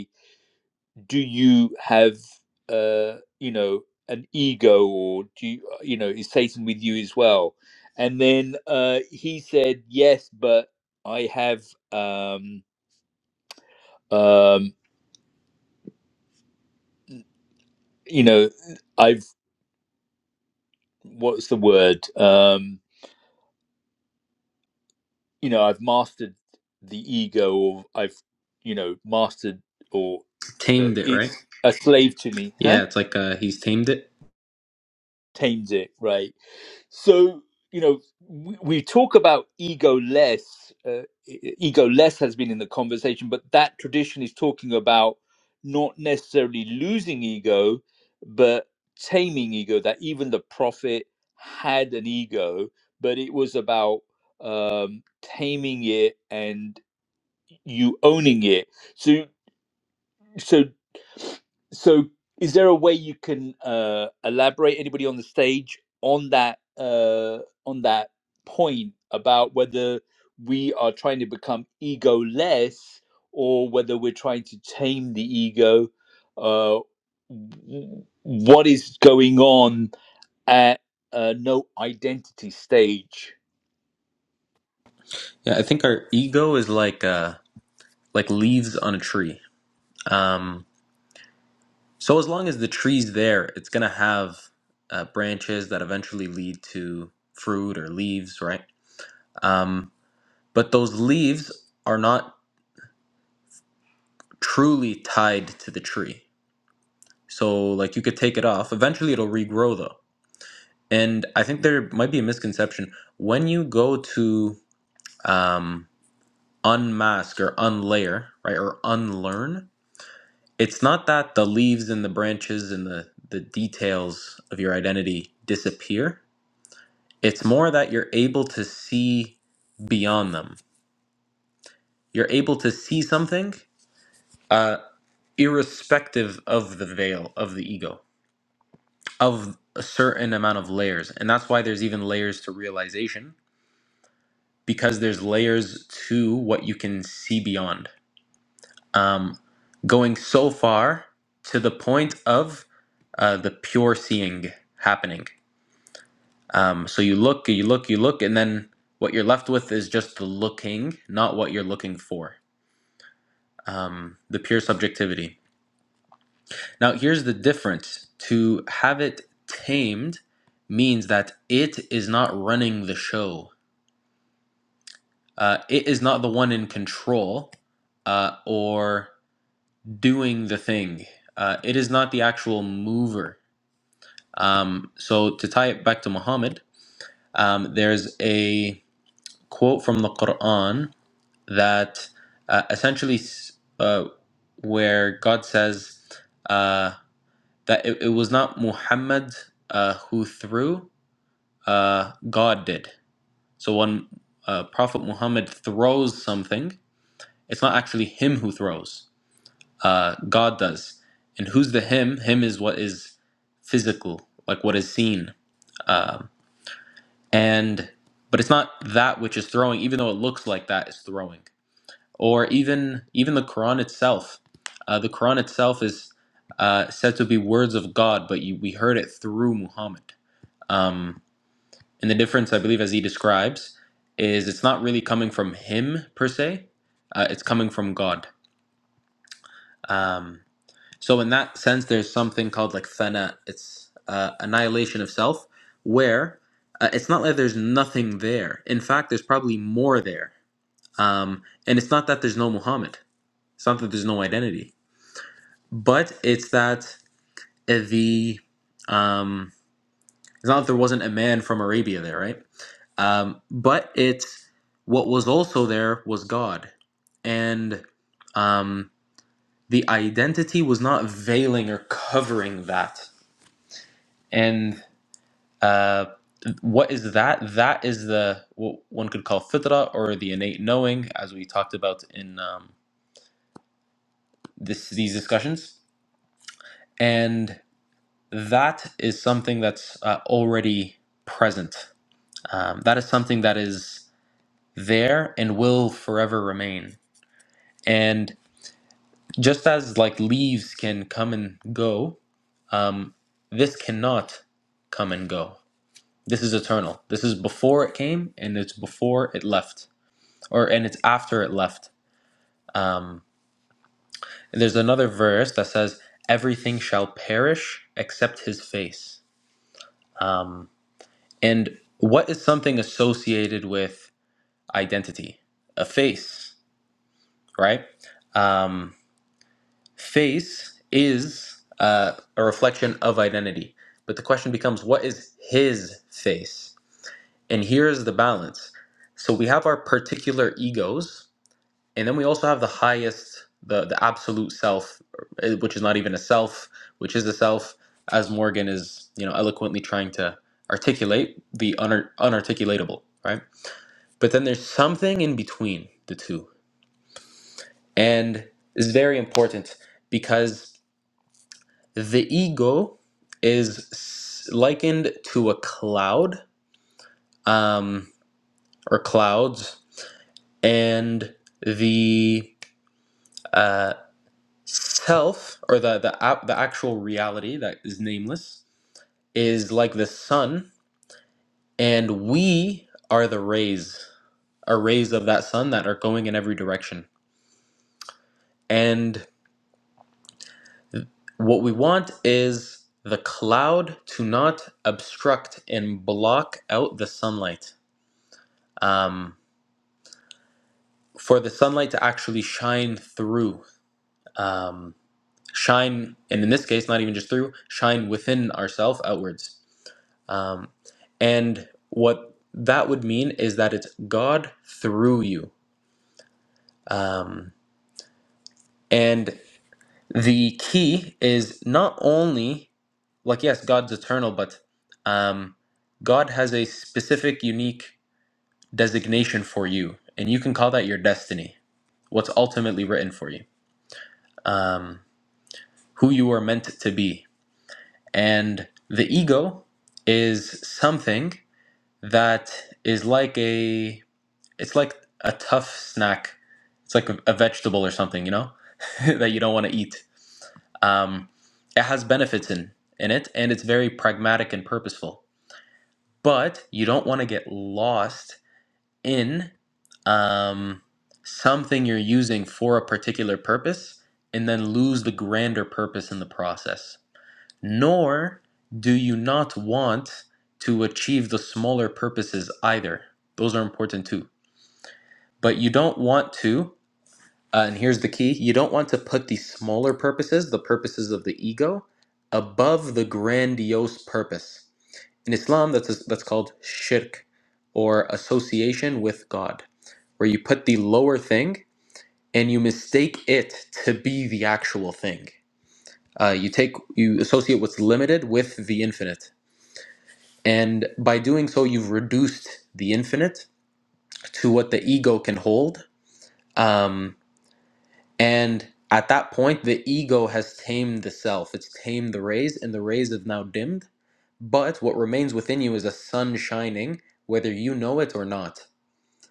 Speaker 1: do you have uh you know an ego or do you uh, you know is satan with you as well and then uh he said yes but i have um um you know i've what's the word um you know i've mastered the ego or i've you know mastered or uh,
Speaker 5: Tamed it, right?
Speaker 1: it's a slave to me huh
Speaker 5: Yeah, it's like uh, he's tamed it.
Speaker 1: tames it right So you know, we, we talk about ego less. Uh, e, e, ego less has been in the conversation, but that tradition is talking about not necessarily losing ego, but taming ego. That even the prophet had an ego, but it was about um taming it and you owning it. So so so is there a way you can uh elaborate anybody on the stage on that uh on that point about whether we are trying to become ego less or whether we're trying to tame the ego uh w- what is going on at uh, no identity stage
Speaker 5: Yeah, I think our ego is like uh, like leaves on a tree. Um, so as long as the tree's there, it's gonna have uh, branches that eventually lead to fruit or leaves, right? Um, but those leaves are not truly tied to the tree. So like you could take it off. Eventually it'll regrow though. And I think there might be a misconception when you go to um, unmask or unlayer, right, or unlearn. It's not that the leaves and the branches and the the details of your identity disappear. It's more that you're able to see beyond them. You're able to see something uh, irrespective of the veil of the ego, of a certain amount of layers. And that's why there's even layers to realization, because there's layers to what you can see beyond. Um, going so far to the point of uh, the pure seeing happening. Um, so you look, you look, you look, and then what you're left with is just the looking, not what you're looking for. Um, the pure subjectivity. Now, here's the difference to have it tamed means that it is not running the show, uh, it is not the one in control uh, or doing the thing, uh, it is not the actual mover. Um, so, to tie it back to Muhammad, um, there's a quote from the Quran that uh, essentially s- uh, where God says uh, that it, it was not Muhammad uh, who threw. uh, God did. So when uh, Prophet Muhammad throws something, it's not actually him who throws, uh, God does. And who's the him? Him is what is physical, like what is seen. Um, and but it's not that which is throwing, even though it looks like that is throwing. Or even even the Quran itself. Uh, the Quran itself is uh, said to be words of God, but you, we heard it through Muhammad. Um, And the difference, I believe, as he describes, is it's not really coming from him per se, uh, it's coming from God. Um, so, in that sense, there's something called like fana, it's uh, annihilation of self, where uh, it's not like there's nothing there. In fact, there's probably more there. Um, and it's not that there's no Muhammad, it's not that there's no identity, but it's that uh, the. Um, it's not that there wasn't a man from Arabia there, right? Um, but it's what was also there was God, and um, the identity was not veiling or covering that. And uh, what is that? That is the what one could call fitra or the innate knowing, as we talked about in um, this these discussions. And that is something that's uh, already present. Um, that is something that is there and will forever remain. And just as like leaves can come and go, um, this cannot come and go. This is eternal. This is before it came, and it's before it left, or and it's after it left. Um, there's another verse that says, "Everything shall perish except His face." Um, and what is something associated with identity? A face, right? Um, Face is uh, a reflection of identity. But the question becomes what is his face? And here is the balance. So we have our particular egos, and then we also have the highest, the, the absolute self, uh, which is not even a self, which is a self, as Morgan is you know eloquently trying to articulate the unar unarticulatable, right? But then there's something in between the two, and it's very important because The ego is s- likened to a cloud um, or clouds, and the uh, self or the the, ap- the actual reality that is nameless is like the sun, and we are the rays, are rays of that sun that are going in every direction. And what we want is the cloud to not obstruct and block out the sunlight. Um, for the sunlight to actually shine through um, shine and in this case not even just through shine within ourselves outwards um, and what that would mean is that it's god through you um, and the key is not only like yes god's eternal but um, god has a specific unique designation for you and you can call that your destiny what's ultimately written for you um, who you are meant to be And the ego is something that is like a it's like a tough snack. It's like a, a vegetable or something, you know, that you don't want to eat. Um, it has benefits in in it, and it's very pragmatic and purposeful. But you don't want to get lost in um, something you're using for a particular purpose, and then lose the grander purpose in the process nor do you not want to achieve the smaller purposes either. Those are important too. But you don't want to, uh, and here's the key you don't want to put the smaller purposes, the purposes of the ego, above the grandiose purpose. In Islam, that's, that's called shirk or association with God, where you put the lower thing and you mistake it to be the actual thing. Uh, you take you associate what's limited with the infinite And by doing so, you've reduced the infinite to what the ego can hold. Um, and at that point, the ego has tamed the self, it's tamed the rays, and the rays have now dimmed. But what remains within you is a sun shining, whether you know it or not.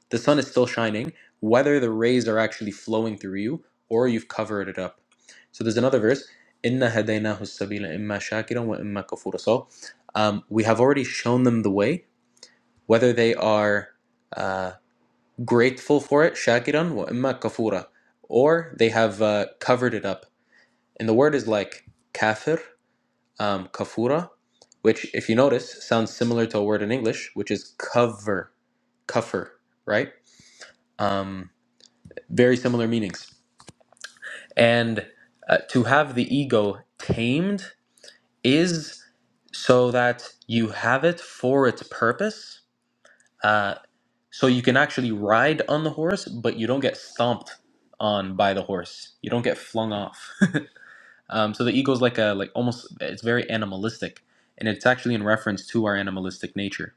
Speaker 5: The sun is still shining, whether the rays are actually flowing through you or you've covered it up. So there's another verse. Inna hadaynahu sabila imma shakiran wa imma kafura. So um, we have already shown them the way whether they are uh, grateful for it, shakiran wa imma kafura, or they have uh, covered it up. And the word is like kafir, um, kafura, which, if you notice, sounds similar to a word in English, which is cover, kafir, right? Um, very similar meanings. And uh, to have the ego tamed is so that you have it for its purpose. Uh, So you can actually ride on the horse, but you don't get stomped on by the horse. You don't get flung off. um, so the ego is like a like almost it's very animalistic, and it's actually in reference to our animalistic nature,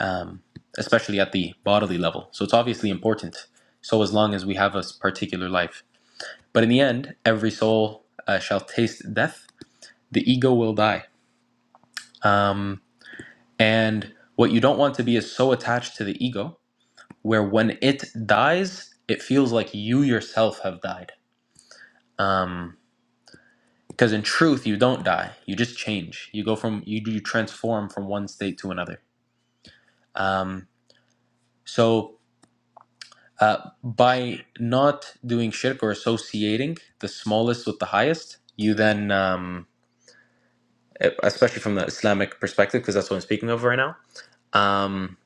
Speaker 5: um, especially at the bodily level. So it's obviously important. So as long as we have a s- particular life, but in the end, every soul uh, shall taste death. The ego will die, um, and what you don't want to be is so attached to the ego where when it dies, it feels like you yourself have died. Um, because in truth, you don't die. You just change. You go from you you transform from one state to another. Um, so uh, by not doing shirk or associating the smallest with the highest, you then, um, e, especially from the Islamic perspective, because that's what I'm speaking of right now, um,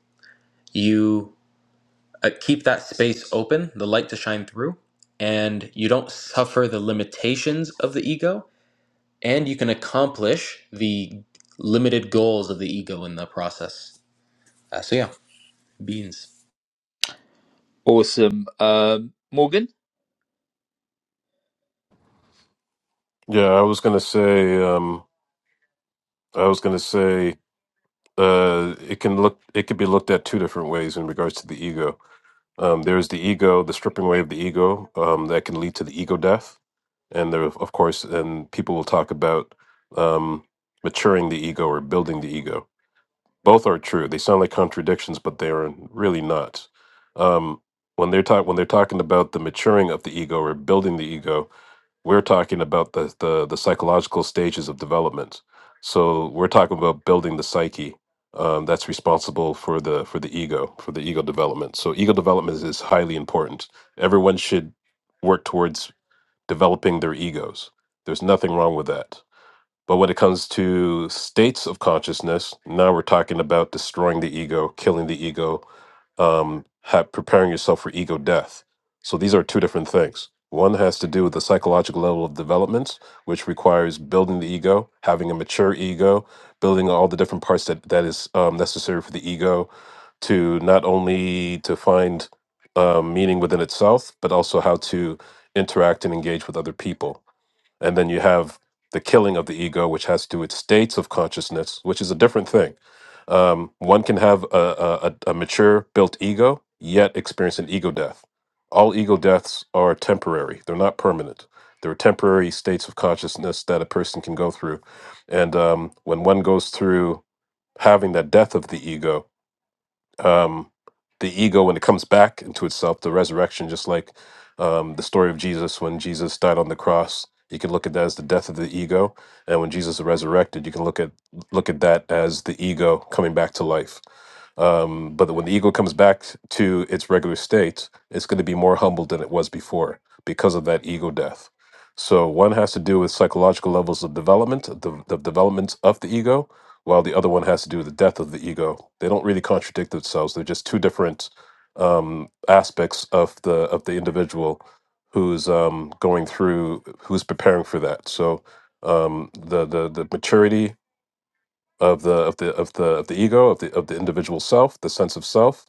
Speaker 5: you uh, keep that space open, the light to shine through, and you don't suffer the limitations of the ego and you can accomplish the limited goals of the ego in the process. Uh, so yeah, beans.
Speaker 1: awesome um morgan
Speaker 2: Yeah, I was gonna say, um, I was gonna say uh, it can look it could be looked at two different ways in regards to the ego. Um, there's the ego, the stripping away of the ego um, that can lead to the ego death, and there of course, and people will talk about um, maturing the ego or building the ego. Both are true. They sound like contradictions, but they are really not. Um, when they're talk when they're talking about the maturing of the ego or building the ego, we're talking about the, the the psychological stages of development so we're talking about building the psyche um, that's responsible for the for the ego for the ego development so ego development is is highly important everyone should work towards developing their egos there's nothing wrong with that but when it comes to states of consciousness, now we're talking about destroying the ego, killing the ego, um, ha- preparing yourself for ego death. So these are two different things. One has to do with the psychological level of developments, which requires building the ego, having a mature ego, building all the different parts that that is um, necessary for the ego to not only to find um, meaning within itself, but also how to interact and engage with other people. And then you have the killing of the ego, which has to do with states of consciousness, which is a different thing. Um, one can have a, a, a a mature built ego, yet experience an ego death. All ego deaths are temporary, they're not permanent. There are temporary states of consciousness that a person can go through. And um, when one goes through having that death of the ego, um, the ego when it comes back into itself, the resurrection, just like um, the story of Jesus when Jesus died on the cross. You can look at that as the death of the ego, and when Jesus is resurrected, you can look at look at that as the ego coming back to life. Um, but when the ego comes back to its regular state, it's going to be more humble than it was before because of that ego death. So one has to do with psychological levels of development, the, the development of the ego, while the other one has to do with the death of the ego. They don't really contradict themselves. They're just two different um, aspects of the of the individual who's um, going through, who's preparing for that. So um, the the the maturity of the of the of the of the ego of the of the individual self, the sense of self,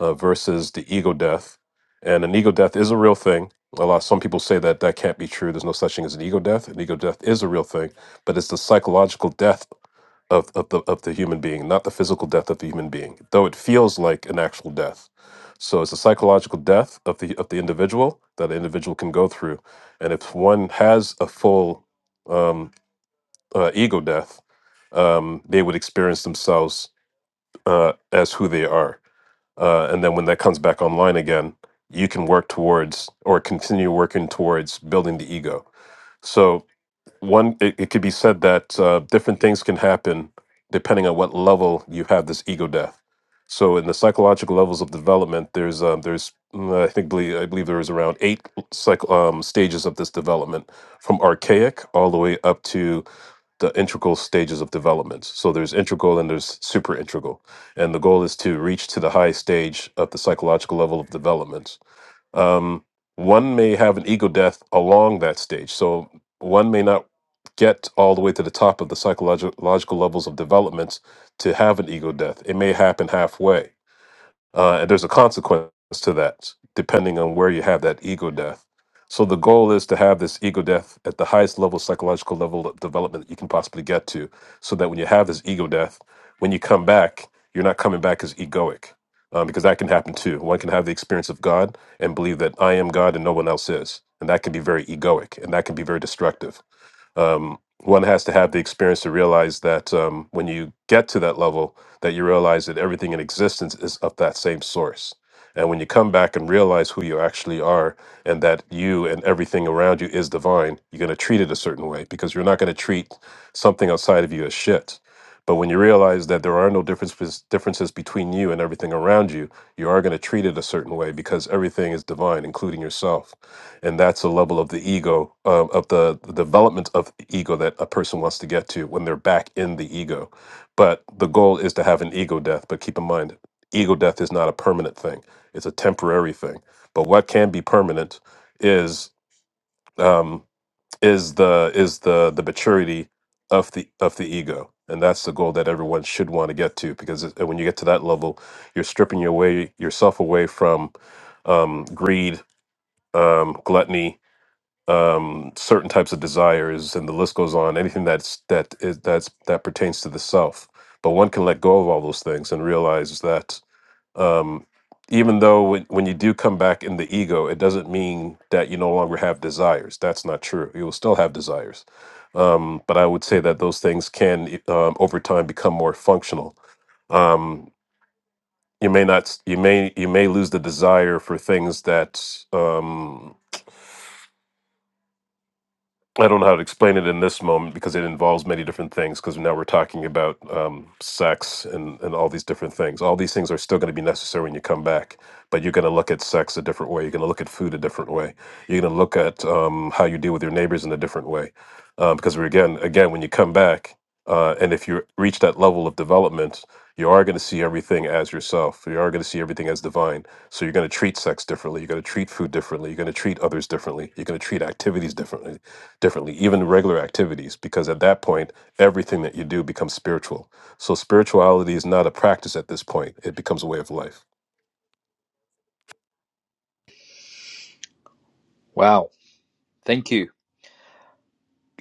Speaker 2: uh, versus the ego death. And an ego death is a real thing. A lot some people say that that can't be true. There's no such thing as an ego death. An ego death is a real thing, but it's the psychological death of, of the of the human being, not the physical death of the human being, though it feels like an actual death. So it's a psychological death of the of the individual that the individual can go through, and if one has a full um, uh, ego death, um, they would experience themselves uh, as who they are. Uh, and then when that comes back online again, you can work towards or continue working towards building the ego. So, one, it, it could be said that uh, different things can happen depending on what level you have this ego death. So, in the psychological levels of development, there's um, there's mm, I think believe, I believe there is around eight psych, um, stages of this development, from archaic all the way up to the integral stages of development. So there's integral and there's super integral. And the goal is to reach to the highest stage of the psychological level of development. Um, one may have an ego death along that stage. So one may not get all the way to the top of the psychological levels of development to have an ego death. It may happen halfway. Uh, and there's a consequence to that, depending on where you have that ego death. So the goal is to have this ego death at the highest level, psychological level of development that you can possibly get to, so that when you have this ego death, when you come back, you're not coming back as egoic, um, because that can happen too. One can have the experience of God and believe that I am God and no one else is, and that can be very egoic, and that can be very destructive um, one has to have the experience to realize that um, when you get to that level that you realize that everything in existence is of that same source and when you come back and realize who you actually are and that you and everything around you is divine you're going to treat it a certain way because you're not going to treat something outside of you as shit but when you realize that there are no difference, differences between you and everything around you you are going to treat it a certain way because everything is divine, including yourself, and that's a level of the ego, um, of the, the development of ego that a person wants to get to when they're back in the ego. But the goal is to have an ego death. But keep in mind, ego death is not a permanent thing; it's a temporary thing. But what can be permanent is Um, is the is the the maturity of the of the ego and that's the goal that everyone should want to get to because it- when you get to that level you're stripping your way yourself away from um, greed um, gluttony um, certain types of desires and the list goes on anything that's that is that's that pertains to the self but one can let go of all those things and realize that um, even though when, when you do come back in the ego, it doesn't mean that you no longer have desires. That's not true. You will still have desires. Um, but I would say that those things can, um, over time, become more functional. Um, you may not, s- you may, you may lose the desire for things that Um, I don't know how to explain it in this moment because it involves many different things. Because now we're talking about um, sex and, and all these different things. All these things are still going to be necessary when you come back, but you're going to look at sex a different way. You're going to look at food a different way. You're going to look at um, how you deal with your neighbors in a different way. Um, because we're again, again, when you come back, uh, and if you reach that level of development, you are going to see everything as yourself. You are going to see everything as divine. So you're going to treat sex differently. You're going to treat food differently. You're going to treat others differently. You're going to treat activities differently, differently, even regular activities, because at that point, everything that you do becomes spiritual. So spirituality is not a practice at this point. It becomes a way of life.
Speaker 1: wow thank you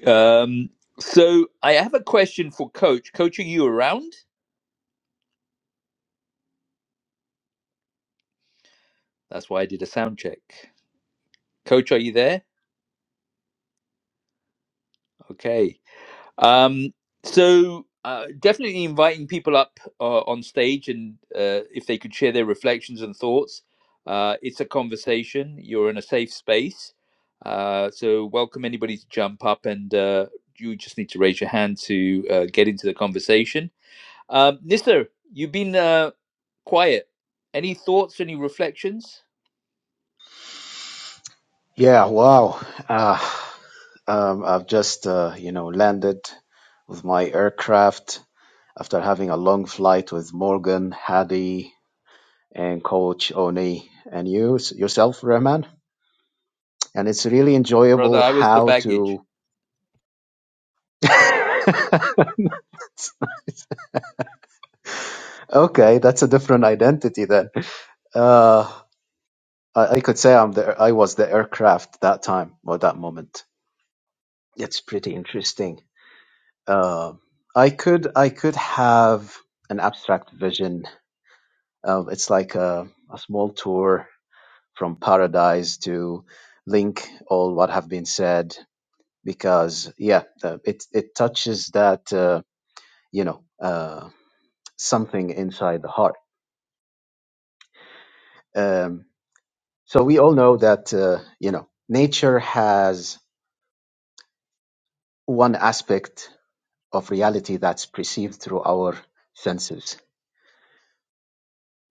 Speaker 1: Um, so I have a question for Coach. Coach, are you around? That's why I did a sound check. Coach, are you there? Okay. Um, so uh, definitely inviting people up uh, on stage and uh, if they could share their reflections and thoughts. Uh, it's a conversation. You're in a safe space. Uh, so welcome anybody to jump up and uh, you just need to raise your hand to uh, get into the conversation. Um, Nisser, you've been uh, quiet. Any thoughts, any reflections?
Speaker 4: Yeah. Wow. Uh, Um, I've just, uh, you know, landed with my aircraft after having a long flight with Morgan, Hadi, and Coach Oni, and you yourself, Rahman. And it's really
Speaker 1: Brother,
Speaker 4: enjoyable
Speaker 1: I was the
Speaker 4: how
Speaker 1: baggage.
Speaker 4: to. okay, that's a different identity then. Uh, I, I could say I'm the I was the aircraft that time or that moment. It's pretty interesting. Uh, I could I could have an abstract vision Um, it's like a, a small tour from paradise to link all what have been said because yeah, the, it it touches that uh, you know uh, something inside the heart. Um, so we all know that uh, you know nature has one aspect of reality that's perceived through our senses,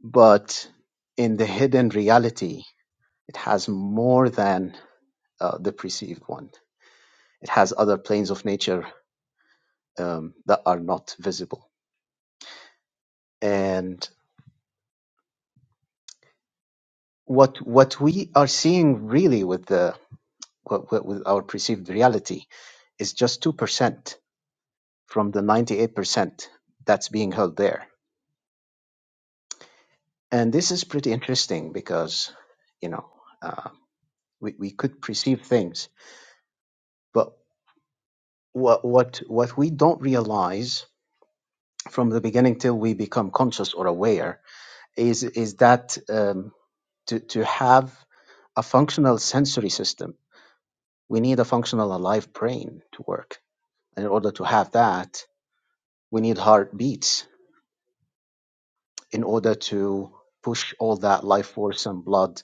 Speaker 4: but in the hidden reality, it has more than uh, the perceived one. It has other planes of nature um, that are not visible. And what what we are seeing really with the what, what, with our perceived reality is just two percent from the ninety eight percent that's being held there. And this is pretty interesting because you know uh, we we could perceive things, but what what what we don't realize from the beginning till we become conscious or aware is is that um, to to have a functional sensory system We need a functional alive brain to work. And in order to have that, we need heartbeats in order to push all that life force and blood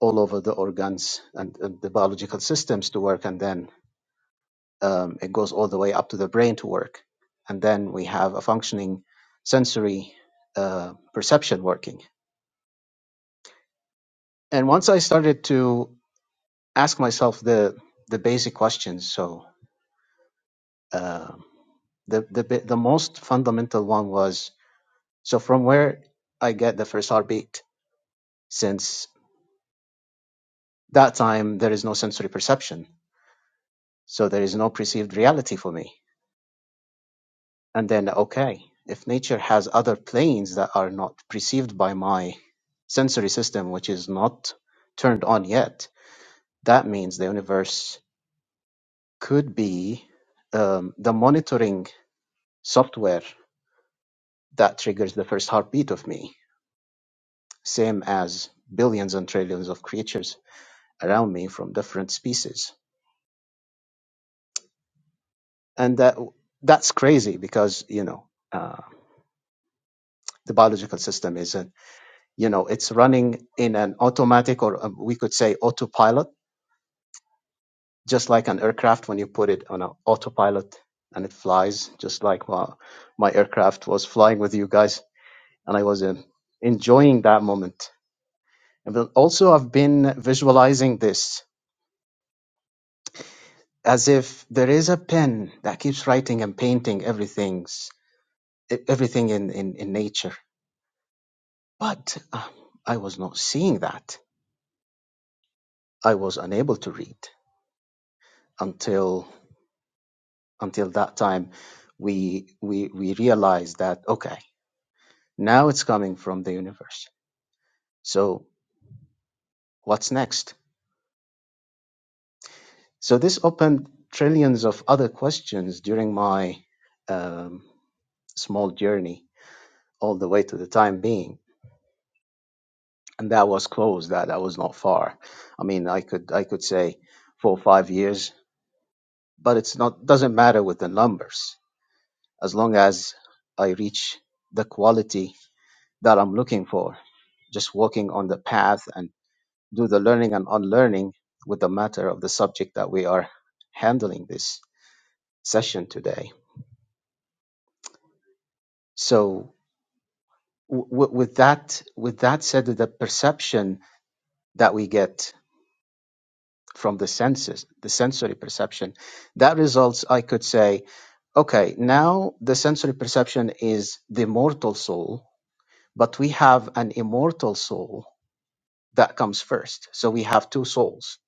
Speaker 4: all over the organs and, and the biological systems to work. And then um, it goes all the way up to the brain to work. And then we have a functioning sensory uh, perception working. And once I started to ask myself the, the basic questions, so um, the, the, bi- the most fundamental one was So from where I get the first heartbeat, since that time there is no sensory perception, so there is no perceived reality for me. And then, okay, if nature has other planes that are not perceived by my sensory system, which is not turned on yet, that means the universe could be um, the monitoring software that triggers the first heartbeat of me, same as billions and trillions of creatures around me from different species and that that's crazy because you know uh, the biological system isn't you know it's running in an automatic or um, we could say autopilot just like an aircraft when you put it on an autopilot and it flies just like my, my aircraft was flying with you guys and i was um, enjoying that moment and then also i've been visualizing this as if there is a pen that keeps writing and painting everything's e-, everything in, in, in nature But uh, I was not seeing that. I was unable to read until until that time we we we realized that okay, now it's coming from the universe. So what's next? So this opened trillions of other questions during my um, small journey all the way to the time being. And that was close, that I was not far. I mean I could I could say four or five years, but it's not doesn't matter with the numbers as long as I reach the quality that I'm looking for, just walking on the path and do the learning and unlearning with the matter of the subject that we are handling this session today. So w- w- with that with that said, the perception that we get from the senses, the sensory perception, that results, I could say, okay, now the sensory perception is the mortal soul, but we have an immortal soul that comes first. So we have two souls.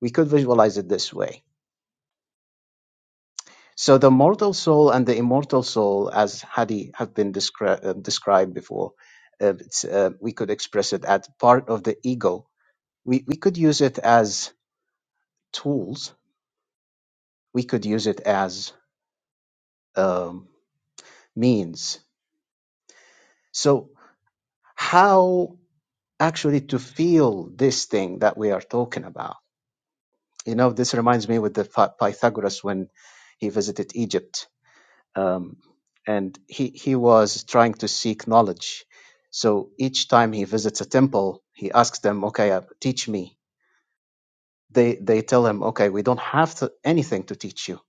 Speaker 4: We could visualize it this way. So the mortal soul and the immortal soul, as Hadi have been descri- uh, described before, uh, it's, uh, we could express it as part of the ego. We we could use it as tools. We could use it as um, means. So how actually to feel this thing that we are talking about? You know, this reminds me with the Py- Pythagoras when he visited Egypt um, and he he was trying to seek knowledge. So each time he visits a temple, he asks them, "Okay, uh, teach me." They they tell him, "Okay, we don't have to, anything to teach you."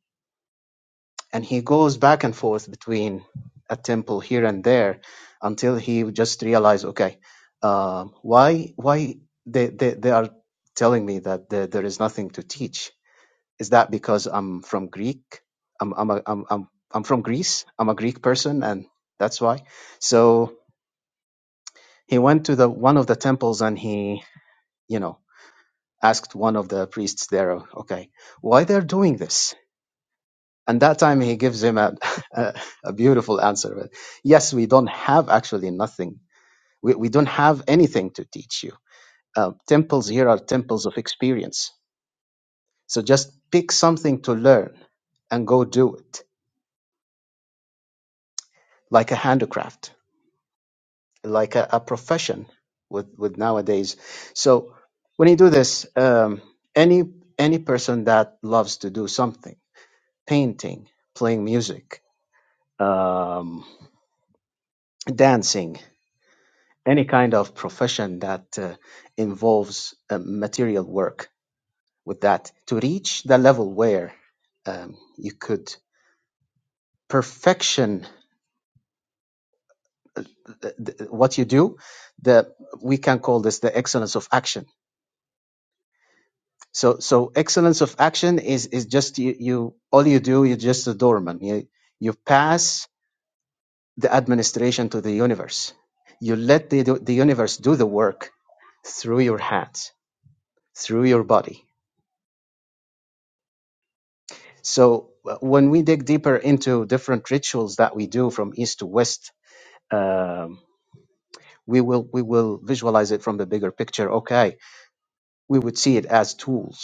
Speaker 4: And he goes back and forth between a temple here and there until he just realized, "Okay, um, why why they, they they are telling me that there, there is nothing to teach?" Is that because I'm from Greek? I'm I'm a, I'm I'm I'm from Greece. I'm a Greek person, and that's why. So he went to the one of the temples, and he you know asked one of the priests there, okay, why they're doing this? And that time he gives him a a, a beautiful answer. Yes, we don't have actually nothing. We we don't have anything to teach you. Uh, temples here are temples of experience. So just pick something to learn and go do it, like a handicraft like a, a profession with with nowadays. So when you do this, um, any any person that loves to do something, painting, playing music, um, dancing, any kind of profession that uh, involves uh, material work, with that to reach the level where um, you could perfection th- th- what you do, the we can call this the excellence of action So so excellence of action is is just you, you all you do you're just a doorman. You you pass the administration to the universe. You let the the universe do the work through your hands, through your body. So uh, when we dig deeper into different rituals that we do from east to west, um, we will we will visualize it from the bigger picture. Okay, we would see it as tools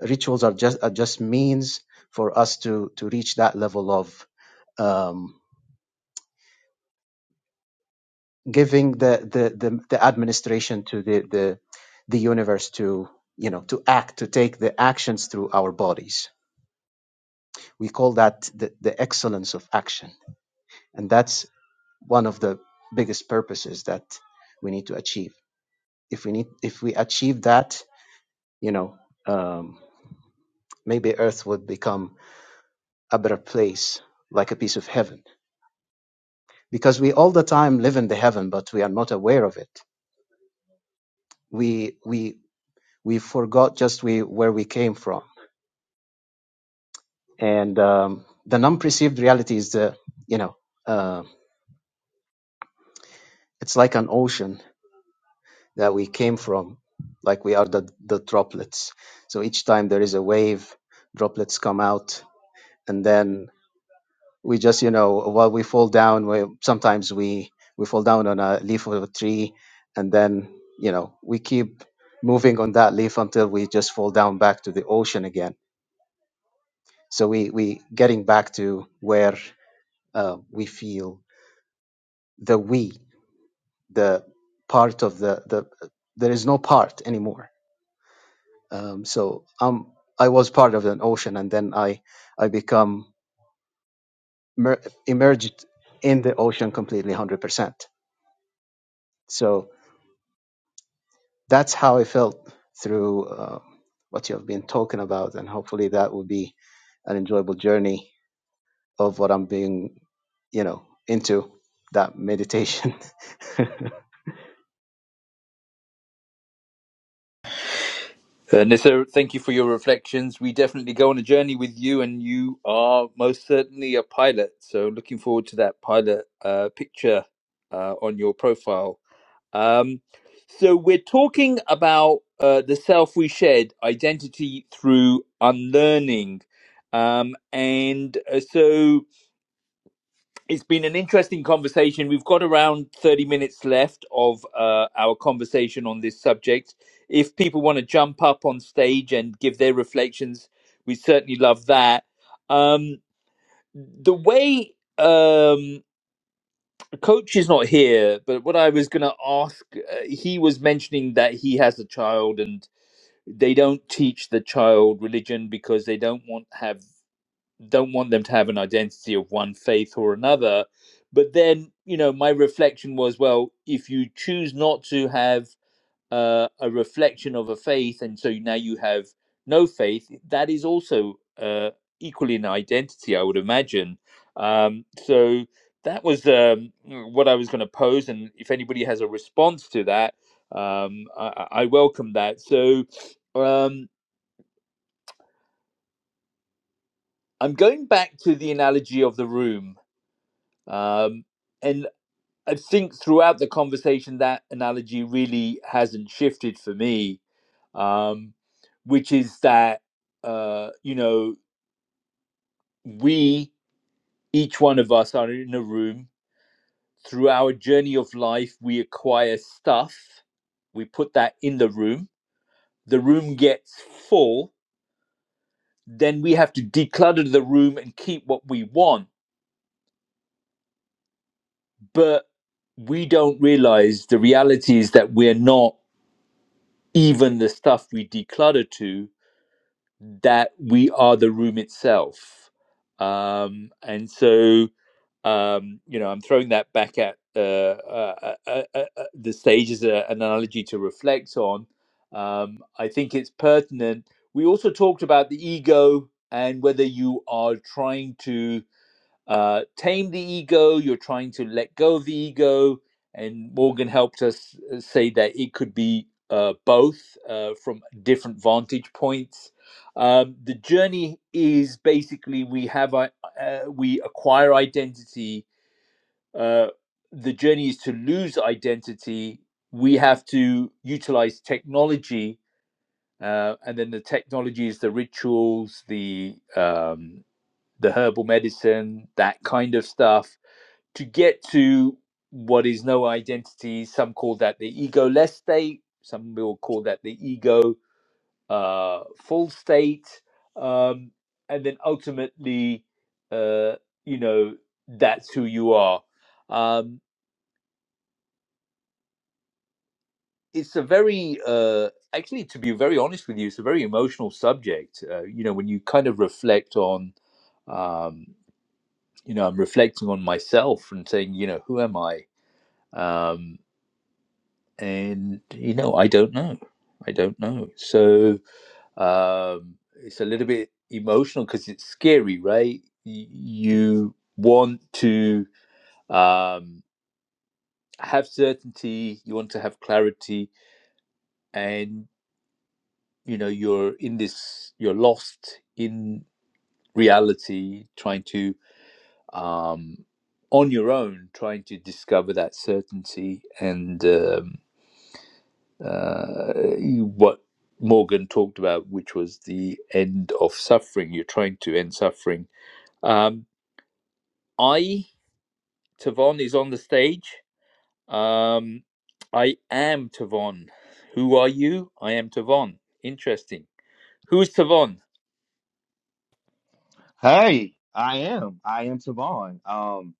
Speaker 4: Rituals are just are just means for us to to reach that level of um, giving the, the the the administration to the the the universe to you know to act to take the actions through our bodies. We call that the, the excellence of action, and that's one of the biggest purposes that we need to achieve. If we need if we achieve that, you know, um, maybe Earth would become a better place, like a piece of heaven because we all the time live in the heaven, but we are not aware of it. We we we forgot just we where we came from, and um, the non-perceived reality is the you know uh, it's like an ocean that we came from, like we are the the droplets. So each time there is a wave, droplets come out, and then we just you know while we fall down we, sometimes we we fall down on a leaf of a tree and then you know we keep moving on that leaf until we just fall down back to the ocean again so we we getting back to where uh, we feel the we the part of the the there is no part anymore um, so um i was part of an ocean and then i i become mer- emerged in the ocean completely 100% so that's how I felt through uh, what you have been talking about, and hopefully that will be an enjoyable journey of what I'm being, you know, into that meditation.
Speaker 1: Uh, Nisser, thank you for your reflections. We definitely go on a journey with you, and you are most certainly a pilot. So, looking forward to that pilot uh, picture uh, on your profile. Um, so, we're talking about uh, the self we shed, identity through unlearning. Um, and uh, so, it's been an interesting conversation. We've got around 30 minutes left of uh, our conversation on this subject. If people want to jump up on stage and give their reflections, we certainly love that. Um, the way um, coach is not here, but what I was going to ask, uh, he was mentioning that he has a child and they don't teach the child religion because they don't want have don't want them to have an identity of one faith or another. But then, you know, my reflection was, well, if you choose not to have uh, a reflection of a faith, and so now you have no faith, that is also uh, equally an identity, I would imagine. Um, so that was um, what I was going to pose, and if anybody has a response to that, um, I, I welcome that. So um, I'm going back to the analogy of the room Um, and I think throughout the conversation, that analogy really hasn't shifted for me, um, which is that, uh, you know, we, each one of us, are in a room. Through our journey of life, we acquire stuff, we put that in the room, the room gets full, then we have to declutter the room and keep what we want. But we don't realize the reality is that we're not even the stuff we declutter to, that we are the room itself. Um, and so, um, you know, I'm throwing that back at uh, uh, uh, uh, uh, uh, the stage as a, an analogy to reflect on. Um, I think it's pertinent. We also talked about the ego and whether you are trying to uh, tame the ego, you're trying to let go of the ego. And Morgan helped us uh, say that it could be uh, both uh, from different vantage points. Um, the journey is basically we have uh, uh, we acquire identity. Uh, the journey is to lose identity. We have to utilize technology, uh, and then the technology is the rituals, the um, the herbal medicine, that kind of stuff to get to what is no identity. Some call that the egoless state. Some will call that the ego uh, full state, um, and then ultimately, uh, you know, that's who you are. Um, it's a very, uh, actually, to be very honest with you, it's a very emotional subject. Uh, you know, when you kind of reflect on, um, you know, I'm reflecting on myself and saying, you know, who am I? Um, and you know i don't know i don't know so um it's a little bit emotional because it's scary right Y- you want to um have certainty you want to have clarity and you know you're in this you're lost in reality trying to um on your own trying to discover that certainty and um, uh, what Morgan talked about, which was the end of suffering. You're trying to end suffering. Um, I, Tavon, is on the stage. Um, I am Tavon. Who are you? I am Tavon. Interesting. Who is Tavon?
Speaker 8: Hey, I am. I am Tavon. Um,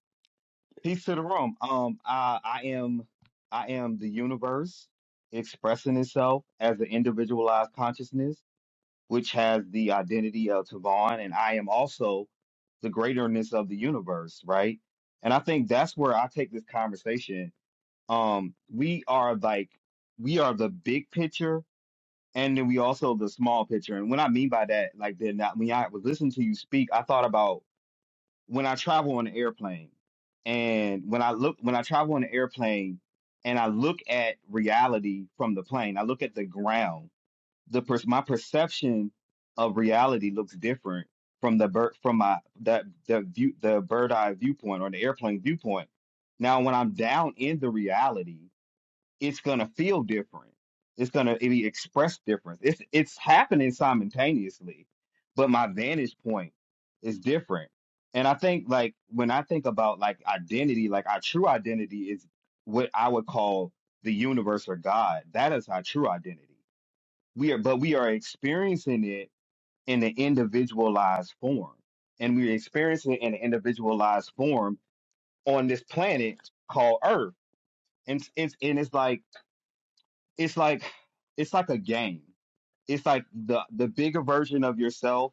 Speaker 8: peace to the room. Um, I, I am, I am the universe expressing itself as an individualized consciousness, which has the identity of Tavon, and I am also the greaterness of the universe, right? And I think that's where I take this conversation. Um, we are like, we are the big picture, and then we also the small picture. And what I mean by that, like, then that when I was listening to you speak, I thought about when I travel on an airplane and when I look when I travel on an airplane and I look at reality from the plane, I look at the ground. The per- my perception of reality looks different from the bird from my that the view the bird eye viewpoint or the airplane viewpoint. Now when I'm down in the reality it's gonna feel different. It's gonna be expressed different. It's it's happening simultaneously, but my vantage point is different. And I think like when I think about like identity, like our true identity is what I would call the universe or God. That is our true identity. We are but we are experiencing it in an individualized form. And we're experiencing it in an individualized form on this planet called Earth. And it's and it's like it's like it's like a game. It's like the the bigger version of yourself,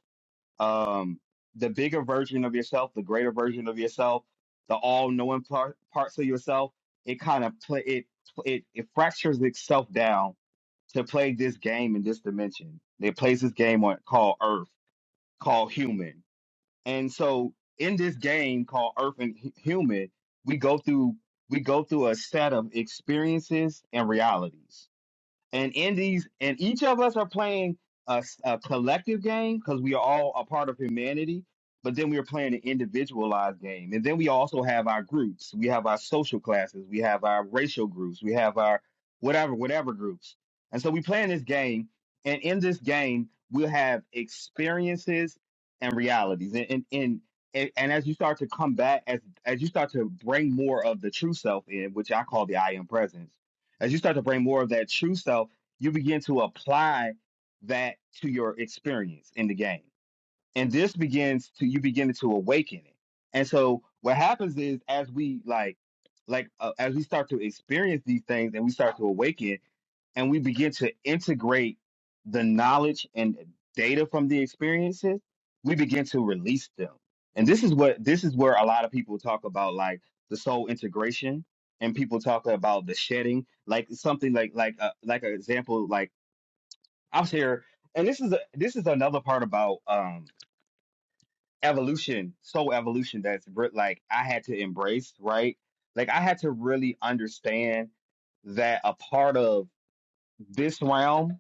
Speaker 8: um, the bigger version of yourself, the greater version of yourself, the all knowing part, parts of yourself. It kind of play it, it it fractures itself down to play this game in this dimension. It plays this game on called Earth, called Human, and so in this game called Earth and Hu- Human, we go through we go through a set of experiences and realities and in these and each of us are playing a, s- a collective game because we are all a part of humanity but then we are playing an individualized game and then we also have our groups we have our social classes we have our racial groups we have our whatever whatever groups and so we play in this game and in this game we'll have experiences and realities and and, and and and as you start to come back, as as you start to bring more of the true self in, which I call the I am presence, as you start to bring more of that true self, you begin to apply that to your experience in the game. And this begins to you begin to awaken it. And so what happens is as we like like uh, as we start to experience these things and we start to awaken, and we begin to integrate the knowledge and data from the experiences, we begin to release them. And this is what this is where a lot of people talk about like the soul integration and people talk about the shedding, like something like like uh, like an example like I was here and this is a, this is another part about um evolution, soul evolution that's re- like I had to embrace, right? Like I had to really understand that a part of this realm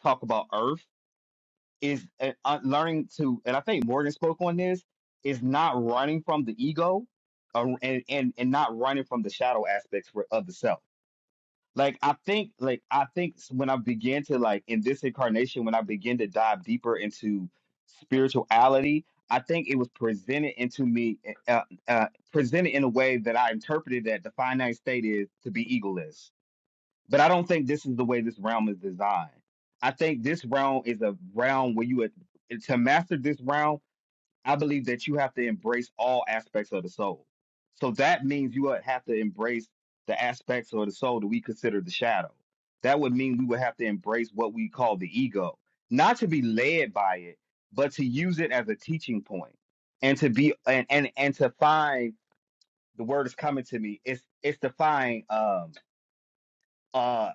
Speaker 8: talk about Earth is uh, uh, learning to, and I think Morgan spoke on this, is not running from the ego, uh, and and and not running from the shadow aspects for, of the self. Like I think, like I think when I begin to like in this incarnation, when I begin to dive deeper into spirituality, I think it was presented into me, eh, uh, uh, presented in a way that I interpreted that the finite state is to be egoless but I don't think this is the way this realm is designed. I think this realm is a realm where you would- to master this realm. I believe that you have to embrace all aspects of the soul. So that means you would have to embrace the aspects of the soul that we consider the shadow. That would mean we would have to embrace what we call the ego, not to be led by it, but to use it as a teaching point and to be and and, and to find the word is coming to me. It's it's to find um uh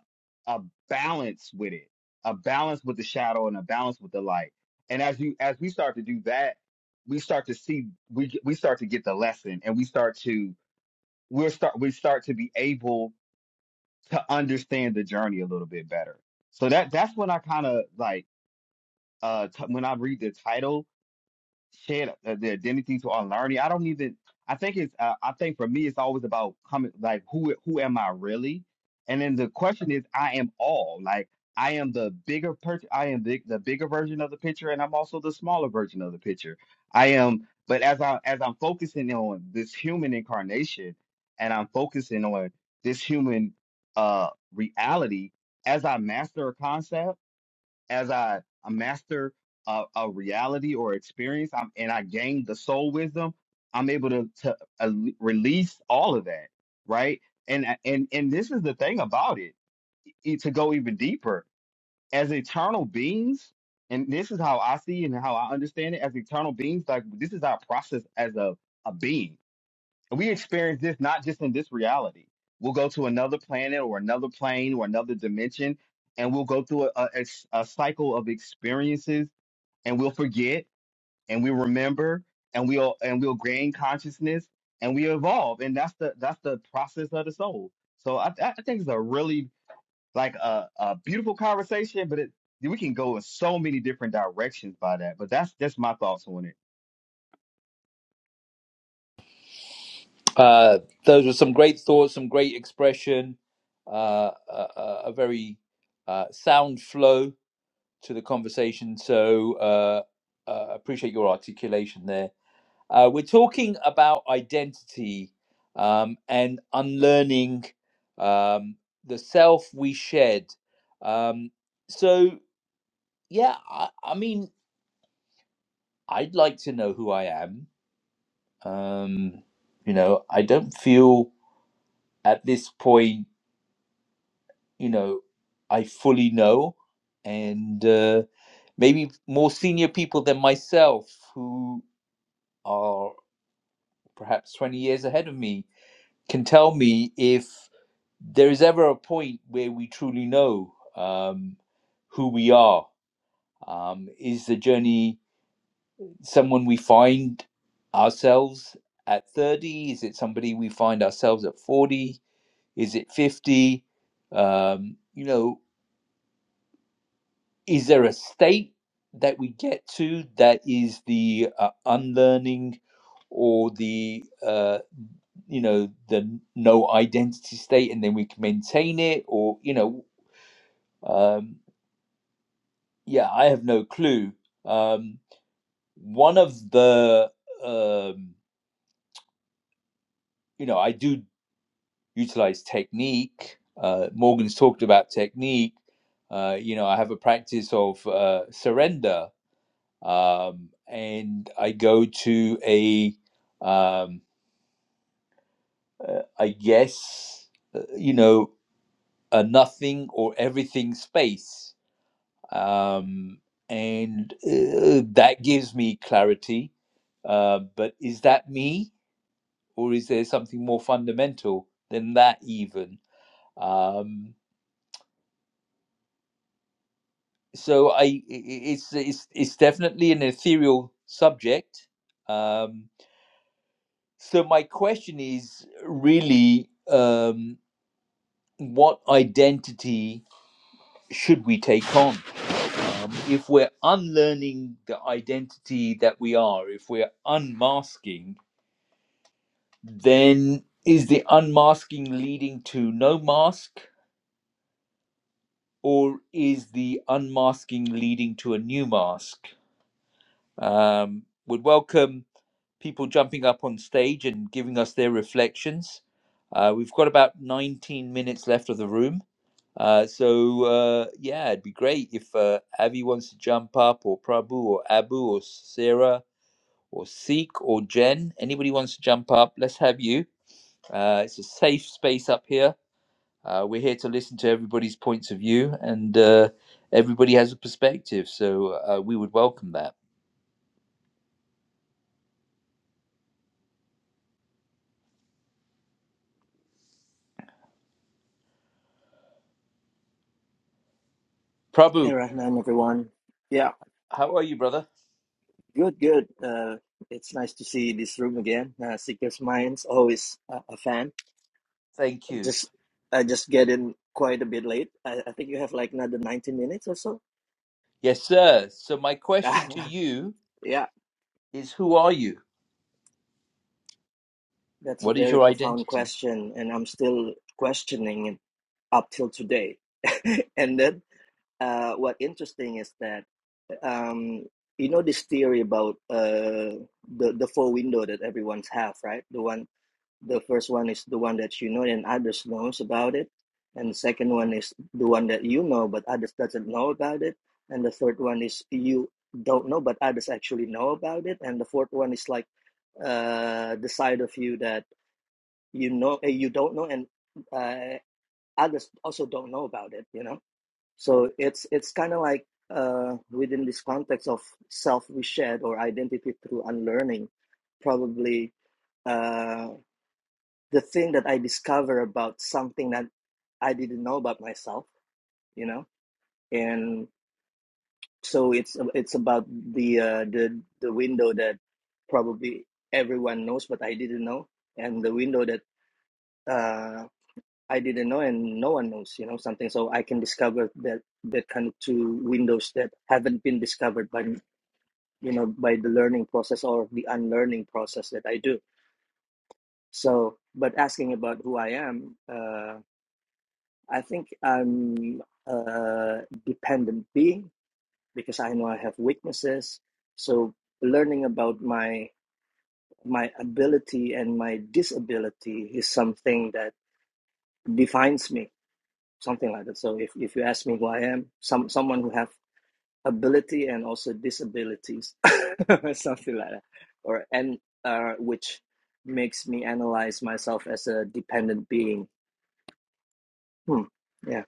Speaker 8: a balance with it a balance with the shadow and a balance with the light and as you as we start to do that we start to see we we start to get the lesson and we start to we'll start we start to be able to understand the journey a little bit better so that that's when i kind of like uh t- when i read the title Share uh, the identity to unlearning. I don't even. I think it's. Uh, I think for me, it's always about coming. Like who? Who am I really? And then the question is, I am all. Like I am the bigger person. I am the, the bigger version of the picture, and I'm also the smaller version of the picture. I am. But as I as I'm focusing on this human incarnation, and I'm focusing on this human uh reality, as I master a concept as I, I master a, a reality or experience I'm, and I gain the soul wisdom, I'm able to, to uh, release all of that, right? And, uh, and, and this is the thing about it, e- to go even deeper, as eternal beings, and this is how I see and how I understand it, as eternal beings, like this is our process as a, a being we experience this not just in this reality. We'll go to another planet or another plane or another dimension, and we'll go through a, a, a s- a cycle of experiences, and we'll forget, and we remember, and we'll and we'll gain consciousness, and we evolve, and that's the that's the process of the soul. So I, I I think it's a really like a, a beautiful conversation, but it we can go in so many different directions by that. But that's that's my thoughts on it.
Speaker 1: Uh, those were some great thoughts, some great expression, uh, a, a a very uh, sound flow to the conversation. So uh, uh, appreciate your articulation there Uh, we're talking about identity um, and unlearning um, the self we shed. Um, so, yeah, I, I mean, I'd like to know who I am. Um, you know, I don't feel at this point, you know, I fully know. And uh, maybe more senior people than myself who are perhaps 20 years ahead of me can tell me if there is ever a point where we truly know um, who we are. Um, is the journey someone we find ourselves at 30? Is it somebody we find ourselves at 40? Is it 50? Um, you know, is there a state that we get to that is the uh, unlearning or the, uh, you know, the no identity state and then we can maintain it? Or, you know, um, yeah, I have no clue. Um, one of the, um, you know, I do utilize technique. Uh, Morgan's talked about technique. Uh, you know, I have a practice of uh, surrender, um, and I go to a, um, uh, I guess, uh, you know, a nothing or everything space. Um, and uh, that gives me clarity. Uh, but is that me? or is there something more fundamental than that even? Um, so I, it's it's it's definitely an ethereal subject. Um, so my question is really, um, what identity should we take on? Um, if we're unlearning the identity that we are, if we're unmasking, then is the unmasking leading to no mask? or is the unmasking leading to a new mask? Um, would welcome people jumping up on stage and giving us their reflections. Uh, we've got about 19 minutes left of the room. Uh, so, uh, yeah, it'd be great if uh, Avi wants to jump up, or Prabhu, or Abu, or Sarah, or Seek, or Jen. Anybody wants to jump up, let's have you. Uh, it's a safe space up here uh, we're here to listen to everybody's points of view, and uh, everybody has a perspective, so uh, we would welcome that. Prabhu,
Speaker 9: Hey, Rahman, everyone. Yeah,
Speaker 1: how are you, brother?
Speaker 9: good, good. Uh, it's nice to see this room again. Uh, Seeker's Minds, always a, a fan.
Speaker 1: Thank you.
Speaker 9: Just, I just get in quite a bit late. I, I think you have like another 90 minutes or so.
Speaker 1: Yes, sir. So, my question to you
Speaker 9: yeah,
Speaker 1: is Who are you?
Speaker 9: that's a
Speaker 1: What is
Speaker 9: very
Speaker 1: your
Speaker 9: profound
Speaker 1: identity?
Speaker 9: question, and I'm still questioning it up till today. and then, uh, what interesting is that, um, you know, this theory about uh, the the four window that everyone's have, right? The one The first one is the one that you know and others knows about it. And the second one is the one that you know but others doesn't know about it. And the third one is you don't know but others actually know about it. And the fourth one is like uh, the side of you that you know eh, you don't know and uh, others also don't know about it. You know, so it's it's kind of like uh, within this context of self reshed or identity through unlearning, probably uh the thing that I discover about something that I didn't know about myself, you know, and so it's it's about the uh, the the window that probably everyone knows, but I didn't know, and the window that uh, I didn't know and no one knows, you know, something. So I can discover that that kind of two windows that haven't been discovered by you know by the learning process or the unlearning process that I do. So, but asking about who I am. Uh, I think I'm a dependent being because I know I have weaknesses. So learning about my my ability and my disability is something that defines me, something like that. So if, if you ask me who I am, some someone who have ability and also disabilities, something like that, or and uh, which makes me analyze myself as a dependent being. Hmm. Yeah,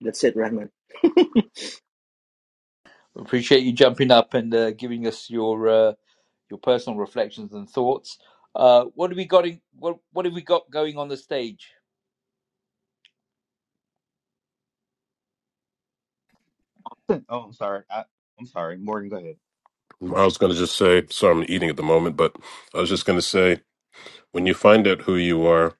Speaker 9: that's it, Rahman.
Speaker 1: Appreciate you jumping up and uh, giving us your uh, your personal reflections and thoughts. Uh, what have we got? In, what What have we got going on the stage?
Speaker 8: oh, I'm sorry. I, I'm sorry, Morgan. Go ahead.
Speaker 2: I was going to just say, sorry, I'm eating at the moment, but I was just going to say, when you find out who you are,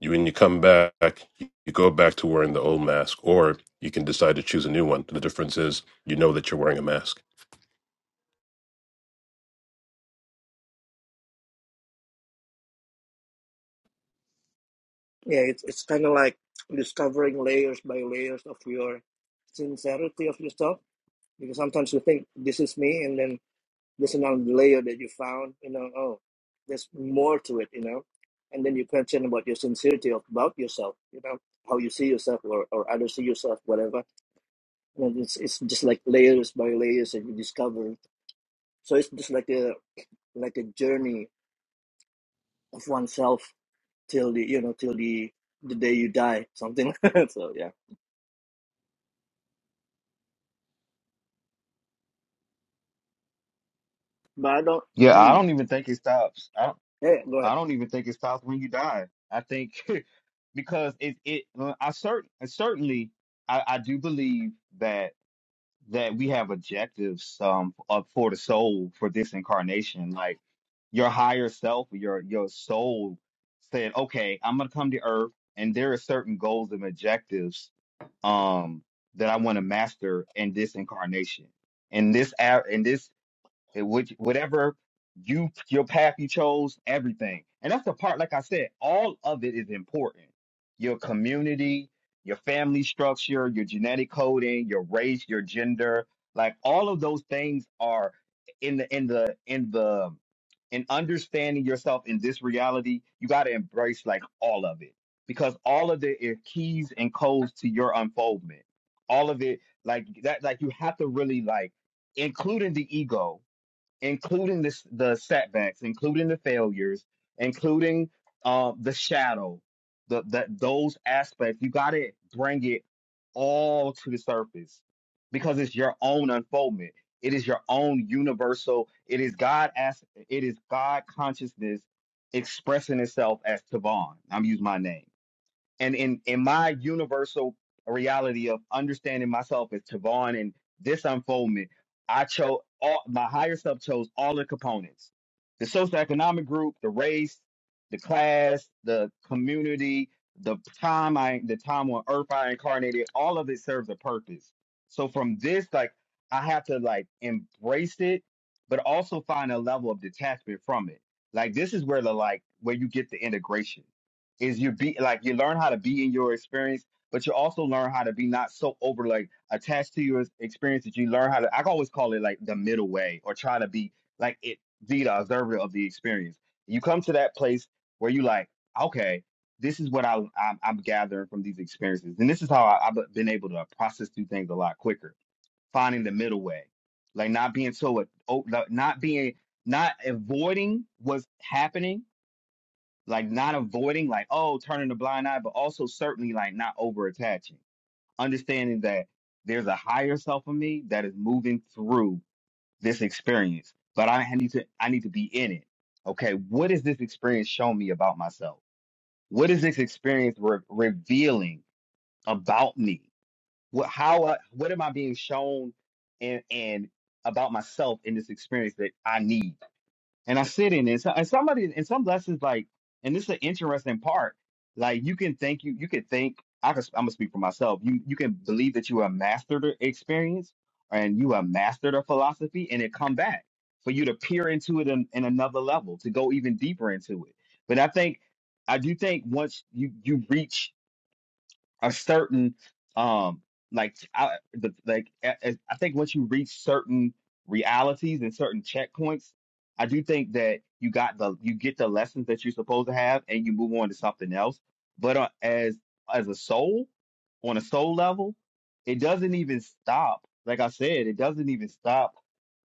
Speaker 2: You when you come back, you go back to wearing the old mask, or you can decide to choose a new one. The difference is you know that you're wearing a mask.
Speaker 9: Yeah, it's it's kind of like discovering layers by layers of your sincerity of yourself. Because sometimes you think this is me, and then there's another layer that you found. You know, oh, there's more to it. You know, and then you question about your sincerity of, about yourself. You know, how you see yourself, or or others see yourself, whatever. And it's it's just like layers by layers that you discover. So it's just like a like a journey of oneself till the you know till the the day you die, something. so yeah. But I don't.
Speaker 8: Yeah, I
Speaker 9: Mm,
Speaker 8: don't even think it stops. I don't,
Speaker 9: yeah, go ahead.
Speaker 8: I don't even think it stops when you die. I think because it it uh, I certain certainly I, I do believe that that we have objectives um up for the soul for this incarnation. Like your higher self, your your soul said, okay, I'm gonna come to earth, and there are certain goals and objectives um that I want to master in this incarnation. In this hour, in this it would whatever you your path you chose, everything. And that's the part, like I said, all of it is important. Your community, your family structure, your genetic coding, your race, your gender, like all of those things are in the in the in the in understanding yourself in this reality, you gotta embrace like all of it. Because all of it is keys and codes to your unfoldment. All of it, like that, like you have to really like, including the ego including this the setbacks, including the failures, including uh the shadow, the that those aspects, you gotta bring it all to the surface because it's your own unfoldment. It is your own universal, it is God as it is God consciousness expressing itself as Tavon. I'm using my name and in in my universal reality of understanding myself as Tavon and this unfoldment, I chose all my higher self chose all the components: the socioeconomic group, the race, the class, the community, the time I the time on earth I incarnated. All of it serves a purpose. So from this, like I have to like embrace it, but also find a level of detachment from it. Like this is where the like where you get the integration is you be like you learn how to be in your experience, but you also learn how to be not so over like attached to your experience that you learn how to. I always call it like the middle way, or try to be like it be the observer of the experience. You come to that place where you like, okay, this is what I I'm, I'm gathering from these experiences, and this is how I, I've been able to process through things a lot quicker. Finding the middle way, like not being so oh, not being not avoiding what's happening like not avoiding like oh turning the blind eye but also certainly like not over attaching understanding that there's a higher self of me that is moving through this experience but i need to i need to be in it okay what is this experience showing me about myself what is this experience re- revealing about me what how I- what am i being shown and and about myself in this experience that i need and I sit in it. So- And somebody in some lessons like, and this is an interesting part. Like you can think you you can think I can, I'm gonna speak for myself. You you can believe that you have mastered the experience and you have mastered a philosophy, and it come back for you to peer into it in, in another level to go even deeper into it. But I think I do think once you you reach a certain um like I, the, like a- a- I think once you reach certain realities and certain checkpoints, I do think that you got the you get the lessons that you're supposed to have and you move on to something else. But uh, as as a soul, on a soul level, it doesn't even stop. Like I said, it doesn't even stop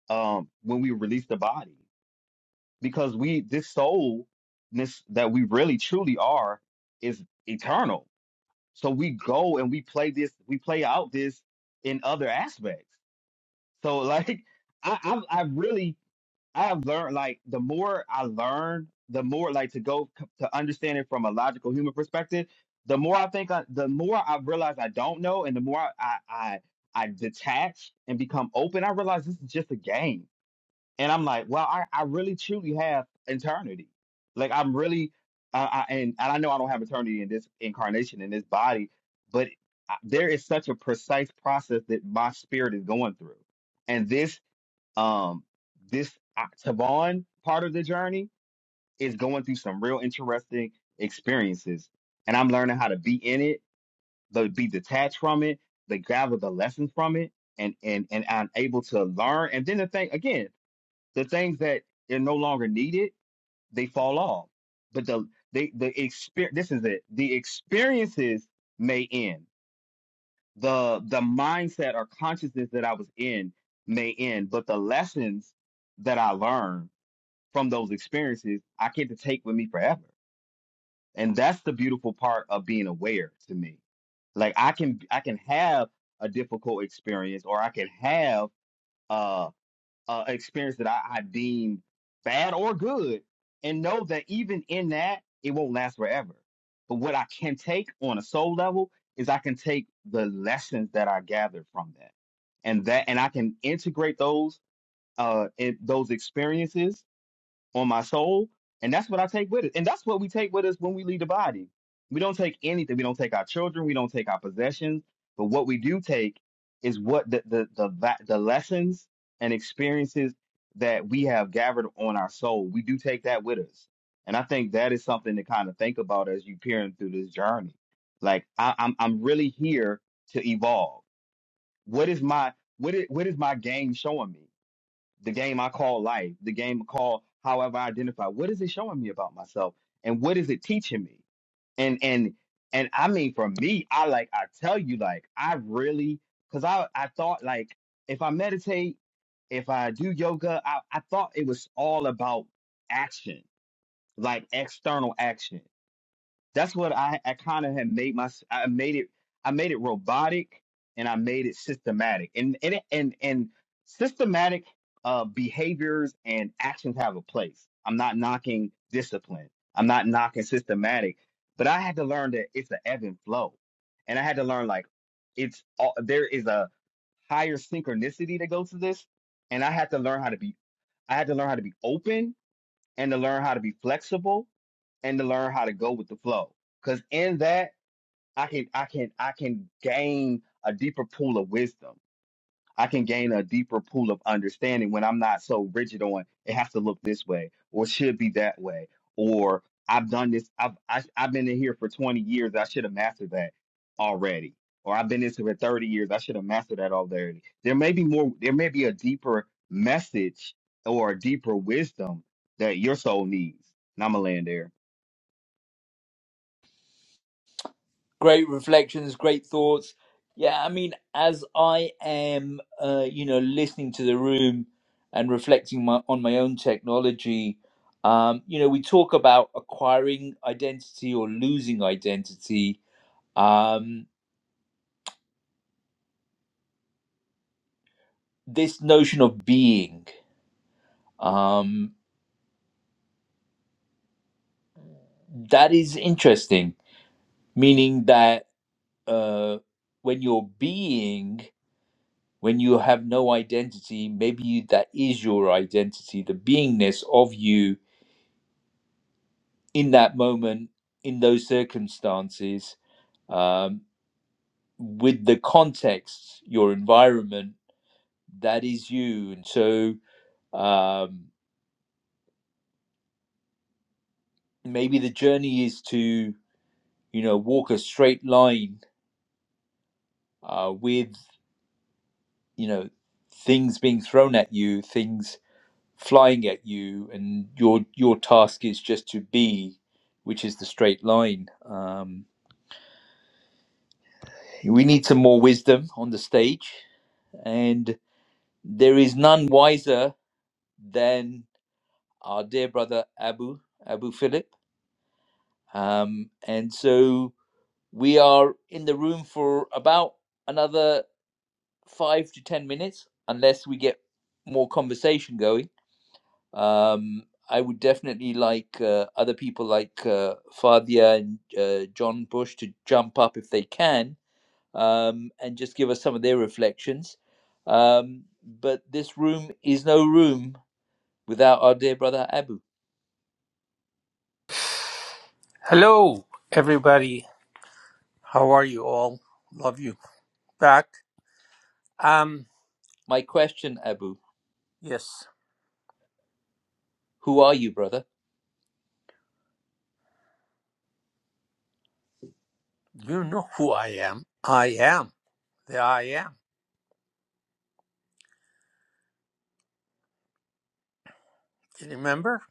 Speaker 8: um when we release the body because we this soul this that we really truly are is eternal so we go and we play this, we play out this in other aspects. So like I I've, I really I've learned like the more I learn, the more like to go c- to understand it from a logical human perspective. The more I think, I, the more I realize I don't know, and the more I I I I detach and become open. I realize this is just a game and I'm like, well, I, I really truly have eternity. Like I'm really, I, I, and, and I know I don't have eternity in this incarnation in this body, but I- there is such a precise process that my spirit is going through. And this, um, this uh, Tavon part of the journey is going through some real interesting experiences. And I'm learning how to be in it, to be detached from it, to gather the lessons from it, and and and I'm able to learn. And then the thing again the things that are no longer needed they fall off but the they the experience this is it the experiences may end the the mindset or consciousness that i was in may end but the lessons that i learned from those experiences i get to take with me forever and that's the beautiful part of being aware to me like i can i can have a difficult experience or i can have uh uh, experience that I, I deem bad or good, and know that even in that, it won't last forever. But what I can take on a soul level is I can take the lessons that I gathered from that, and that, and I can integrate those uh, in, those experiences on my soul. And that's what I take with it. And that's what we take with us when we leave the body. We don't take anything. We don't take our children. We don't take our possessions. But what we do take is what the the the, va- the lessons and experiences that we have gathered on our soul. We do take that with us. And I think that is something to kind of think about as you peering through this journey. Like I, I'm I'm really here to evolve. What is my what is, what is my game showing me? the game I call life, the game called however I identify. What is it showing me about myself, and what is it teaching me? And and and I mean, for me, I like I tell you, like I really, cause I I thought like if I meditate, if I do yoga, I I thought it was all about action, like external action. That's what I, I kind of had made my I made it I made it robotic and I made it systematic and and it- and, and systematic uh, behaviors and actions have a place. I'm not knocking discipline. I'm not knocking systematic, but I had to learn that it's an ebb and flow, and I had to learn like it's all, there is a higher synchronicity that goes to this and i had to learn how to be i had to learn how to be open and to learn how to be flexible and to learn how to go with the flow. Cause in that I can I can I can gain a deeper pool of wisdom. I can gain a deeper pool of understanding when I'm not so rigid on it has to look this way or should be that way or I've done this I've I, I've been in here for 20 years I should have mastered that already or I've been in here for 30 years I should have mastered that already. There may be more there may be a deeper message or a deeper wisdom that your soul needs. And I'm gonna land there.
Speaker 1: great reflections great thoughts yeah i mean as i am uh, you know listening to the room and reflecting my, on my own technology um, you know we talk about acquiring identity or losing identity um, this notion of being um, that is interesting meaning that uh, when you're being when you have no identity maybe that is your identity the beingness of you in that moment, in those circumstances, um, with the context, your environment, that is you. And so um, maybe the journey is to, you know, walk a straight line uh, with, you know, things being thrown at you, things flying at you, and your your task is just to be, which is the straight line. Um, we need some more wisdom on the stage, and There is none wiser than our dear brother Abu, Abu Philip. Um, and so we are in the room for about another five to 10 minutes, unless we get more conversation going. Um, I would definitely like uh, other people like uh, Fadia and uh, John Bush to jump up if they can um, and just give us some of their reflections. Um, but this room is no room without our dear brother Abu.
Speaker 10: Hello, everybody. How are you all? Love you back. Um,
Speaker 1: My question, Abu,
Speaker 10: yes,
Speaker 1: who are you, brother?
Speaker 10: you know who I am. I am the I am. You remember?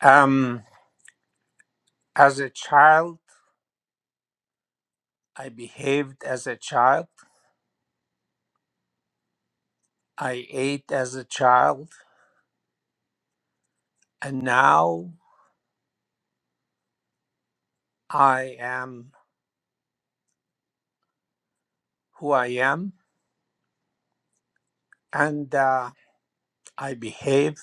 Speaker 10: Um, as a child, I behaved as a child. I ate as a child, and now I am who I am, and uh, I behave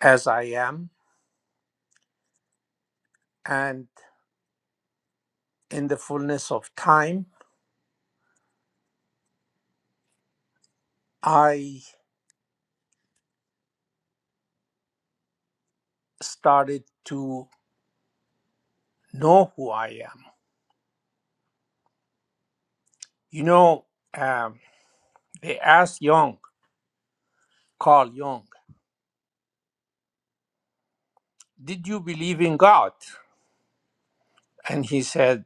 Speaker 10: as I am. And in the fullness of time, I started to know who I am. You know, um, they asked Young, Carl Jung, did you believe in God? And he said,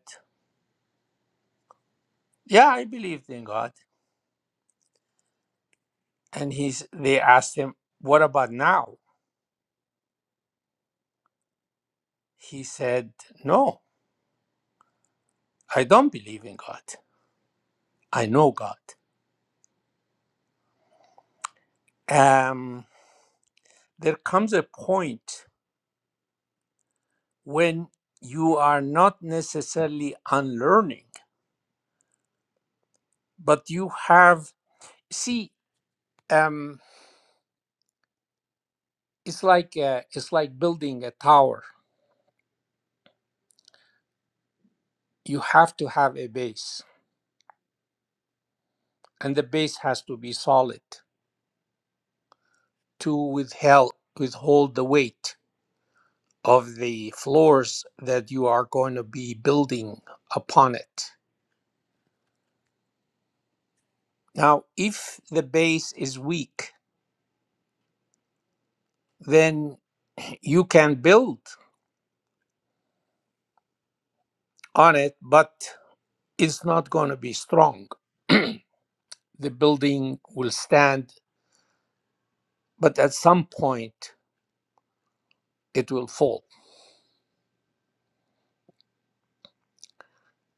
Speaker 10: Yeah, I believed in God. And he's, they asked him, What about now? He said, No, I don't believe in God. I know God. Um, there comes a point when you are not necessarily unlearning, but you have, see, um, it's like uh, it's like building a tower. You have to have a base and the base has to be solid to withheld, withhold the weight of the floors that you are going to be building upon it. Now, if the base is weak, then you can build on it, but it's not going to be strong. the building will stand, but at some point it will fall.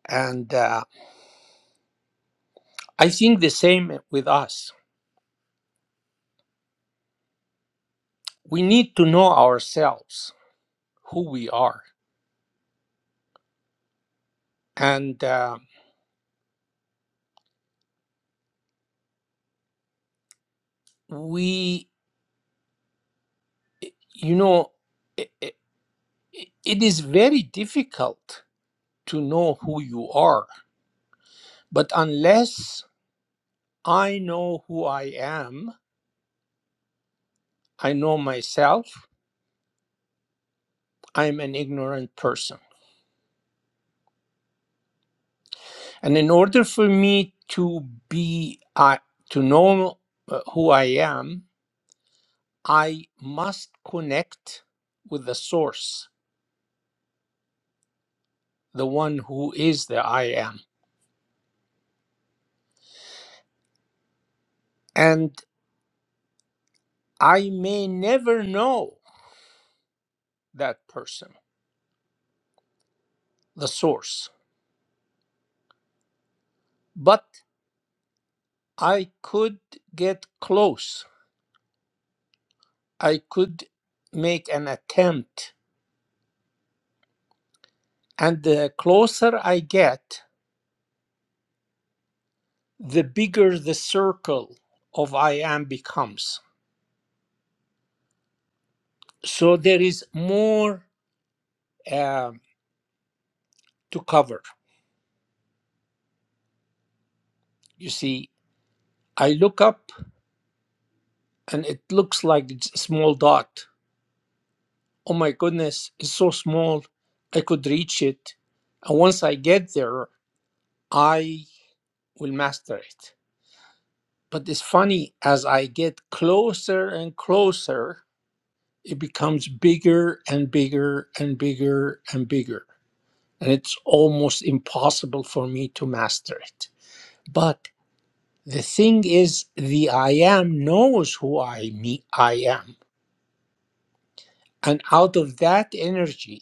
Speaker 10: And uh, I think the same with us. We need to know ourselves who we are and uh, we you know i i it is very difficult to know who you are but unless i know who i am i know myself i'm an ignorant person and in order for me to be uh, to know uh, who i am i must connect with the source the one who is the i am and i may never know that person, the source. But I could get close. I could make an attempt. And the closer I get, the bigger the circle of I am becomes. So there is more um, to cover. You see, I look up and it looks like it's a small dot. Oh my goodness, it's so small. I could reach it. And once I get there, I will master it. But it's funny, as I get closer and closer, it becomes bigger and bigger and bigger and bigger. And it's almost impossible for me to master it. But the thing is, the I am knows who I me I am. And out of that energy,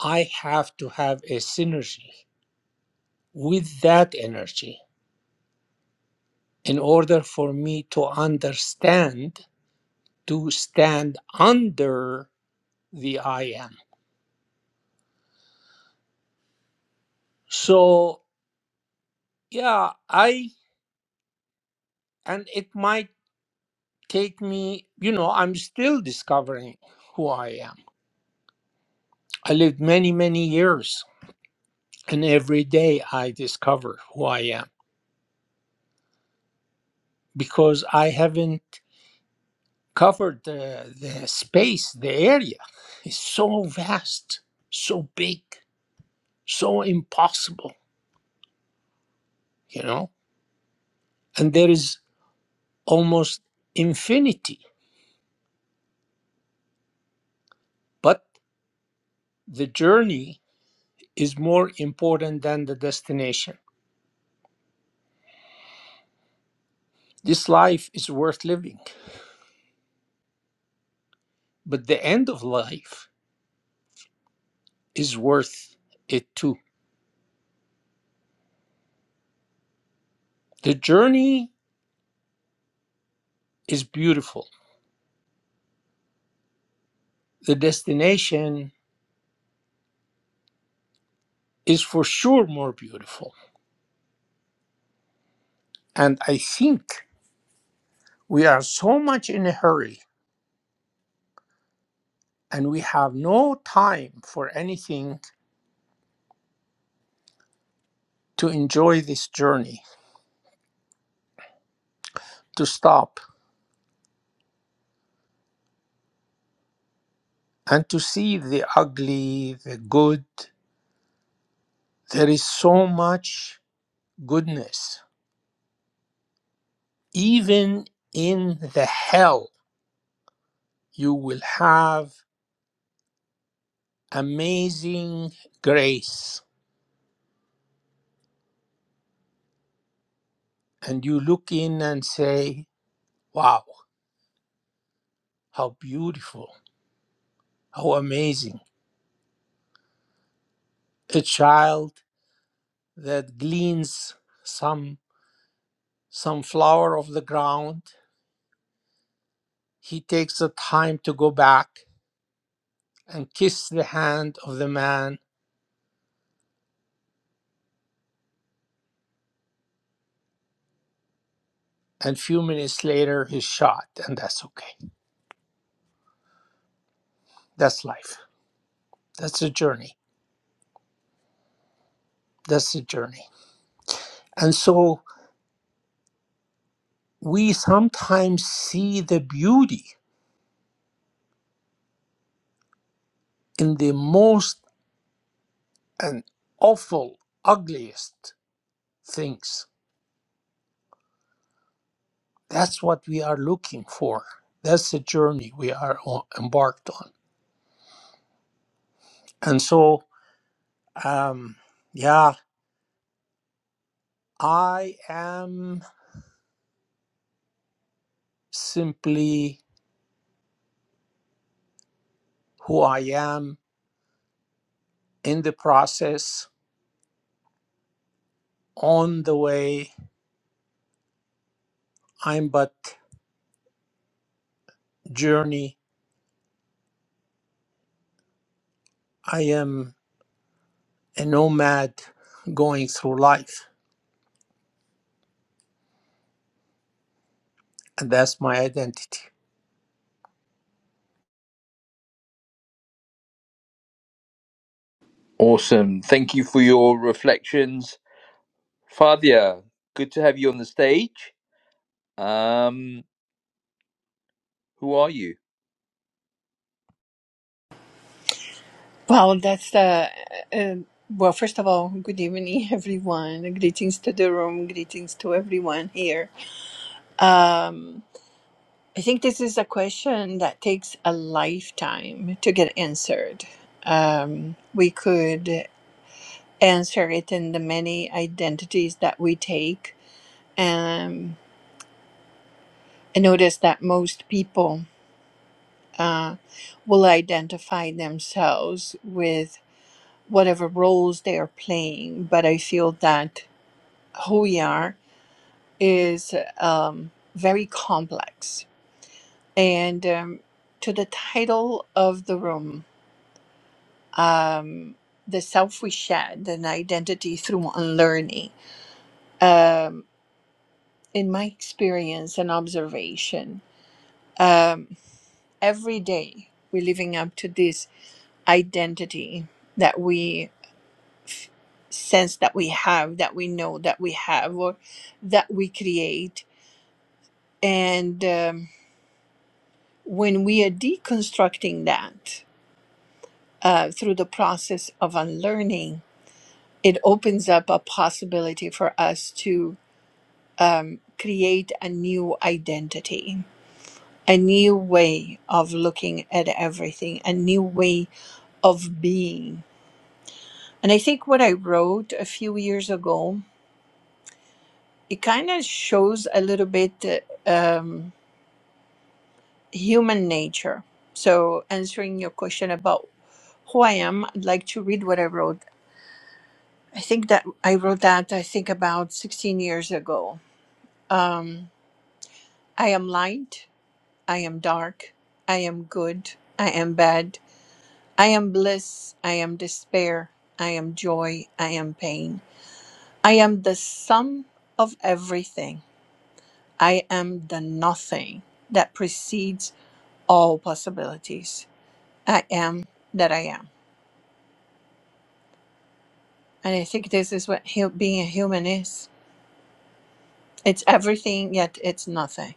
Speaker 10: I have to have a synergy with that energy in order for me to understand, to stand under the I am. So, yeah, I, and it might take me, you know, I'm still discovering who I am. I lived many, many years, and every day I discover who I am because I haven't covered the, the space, the area. It's so vast, so big, so impossible, you know, and there is almost infinity, but the journey is more important than the destination This life is worth living, but the end of life is worth it too. The journey is beautiful, the destination is for sure more beautiful. And I think we are so much in a hurry and we have no time for anything to enjoy this journey, to stop and to see the ugly, the good. There is so much goodness, even in the hell you will have amazing grace. And you look in and say, wow, how beautiful, how amazing. A child that gleans some, some flower of the ground, he takes the time to go back and kiss the hand of the man. And few minutes later, he's shot. And that's okay. That's life. That's a journey. That's a journey. And so we sometimes see the beauty in the most and awful, ugliest things. That's what we are looking for. That's the journey we are o- embarked on. And so, um, yeah, I am simply who I am in the process, on the way. I'm but journey. I am a nomad going through life, and that's my identity.
Speaker 1: Awesome. Thank you for your reflections. Fadia, good to have you on the stage. Um, who are you?
Speaker 11: Wow, that's the uh, uh, well. First of all, good evening, everyone. Greetings to the room. Greetings to everyone here. Um, I think this is a question that takes a lifetime to get answered. Um, we could answer it in the many identities that we take. Um, I notice that most people uh, will identify themselves with whatever roles they are playing, but I feel that who we are is um, very complex. And um, to the title of the room, um, The Self We Shed and Identity Through Unlearning, um, in my experience and observation, um, every day we're living up to this identity that we sense that we have, that we know that we have, or that we create. And um, when we are deconstructing that uh, through the process of unlearning, it opens up a possibility for us to um, create a new identity, a new way of looking at everything, a new way of being. And I think what I wrote a few years ago, it kind of shows a little bit uh, um, human nature. So, answering your question about who I am, I'd like to read what I wrote I think that I wrote that, I think, about 16 years ago. Um, I am light. I am dark. I am good. I am bad. I am bliss. I am despair. I am joy. I am pain. I am the sum of everything. I am the nothing that precedes all possibilities. I am that I am. And I think this is what hu- being a human is it's everything, yet it's nothing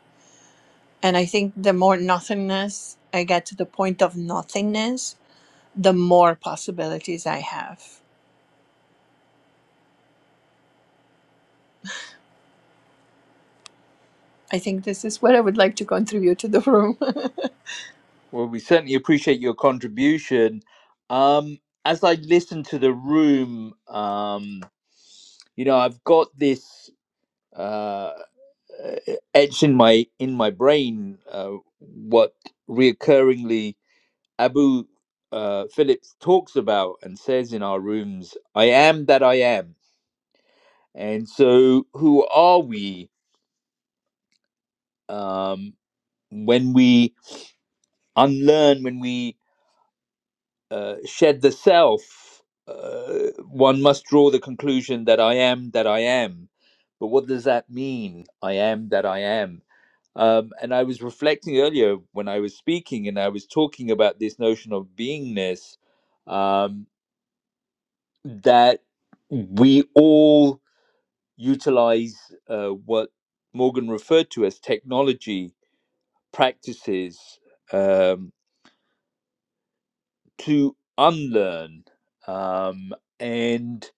Speaker 11: And I think the more nothingness I get to the point of nothingness, the more possibilities I have. I think this is what I would like to contribute to the room.
Speaker 1: Well, we certainly appreciate your contribution. Um, as I listen to the room, um, you know, I've got this uh, etched in my in my brain uh, what reoccurringly Abu uh, Phillips talks about and says in our rooms, I am that I am. And so, who are we um, when we unlearn, when we uh, shed the self? Uh, one must draw the conclusion that I am that I am. But what does that mean? I am that I am. Um, and I was reflecting earlier when I was speaking and I was talking about this notion of beingness. Um, that we all utilize uh, what Morgan referred to as technology practices um, to unlearn. Um, and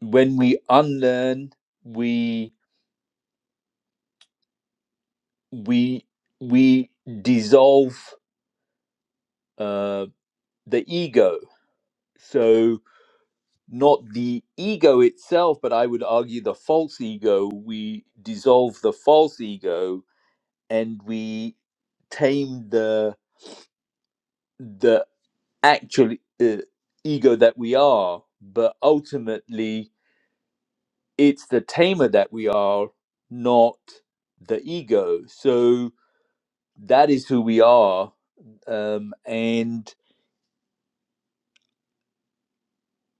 Speaker 1: when we unlearn, we we we dissolve uh, the ego. So not the ego itself, but I would argue the false ego. We dissolve the false ego and we tame the the actual uh, ego that we are but ultimately it's the tamer that we are not the ego so that is who we are um, and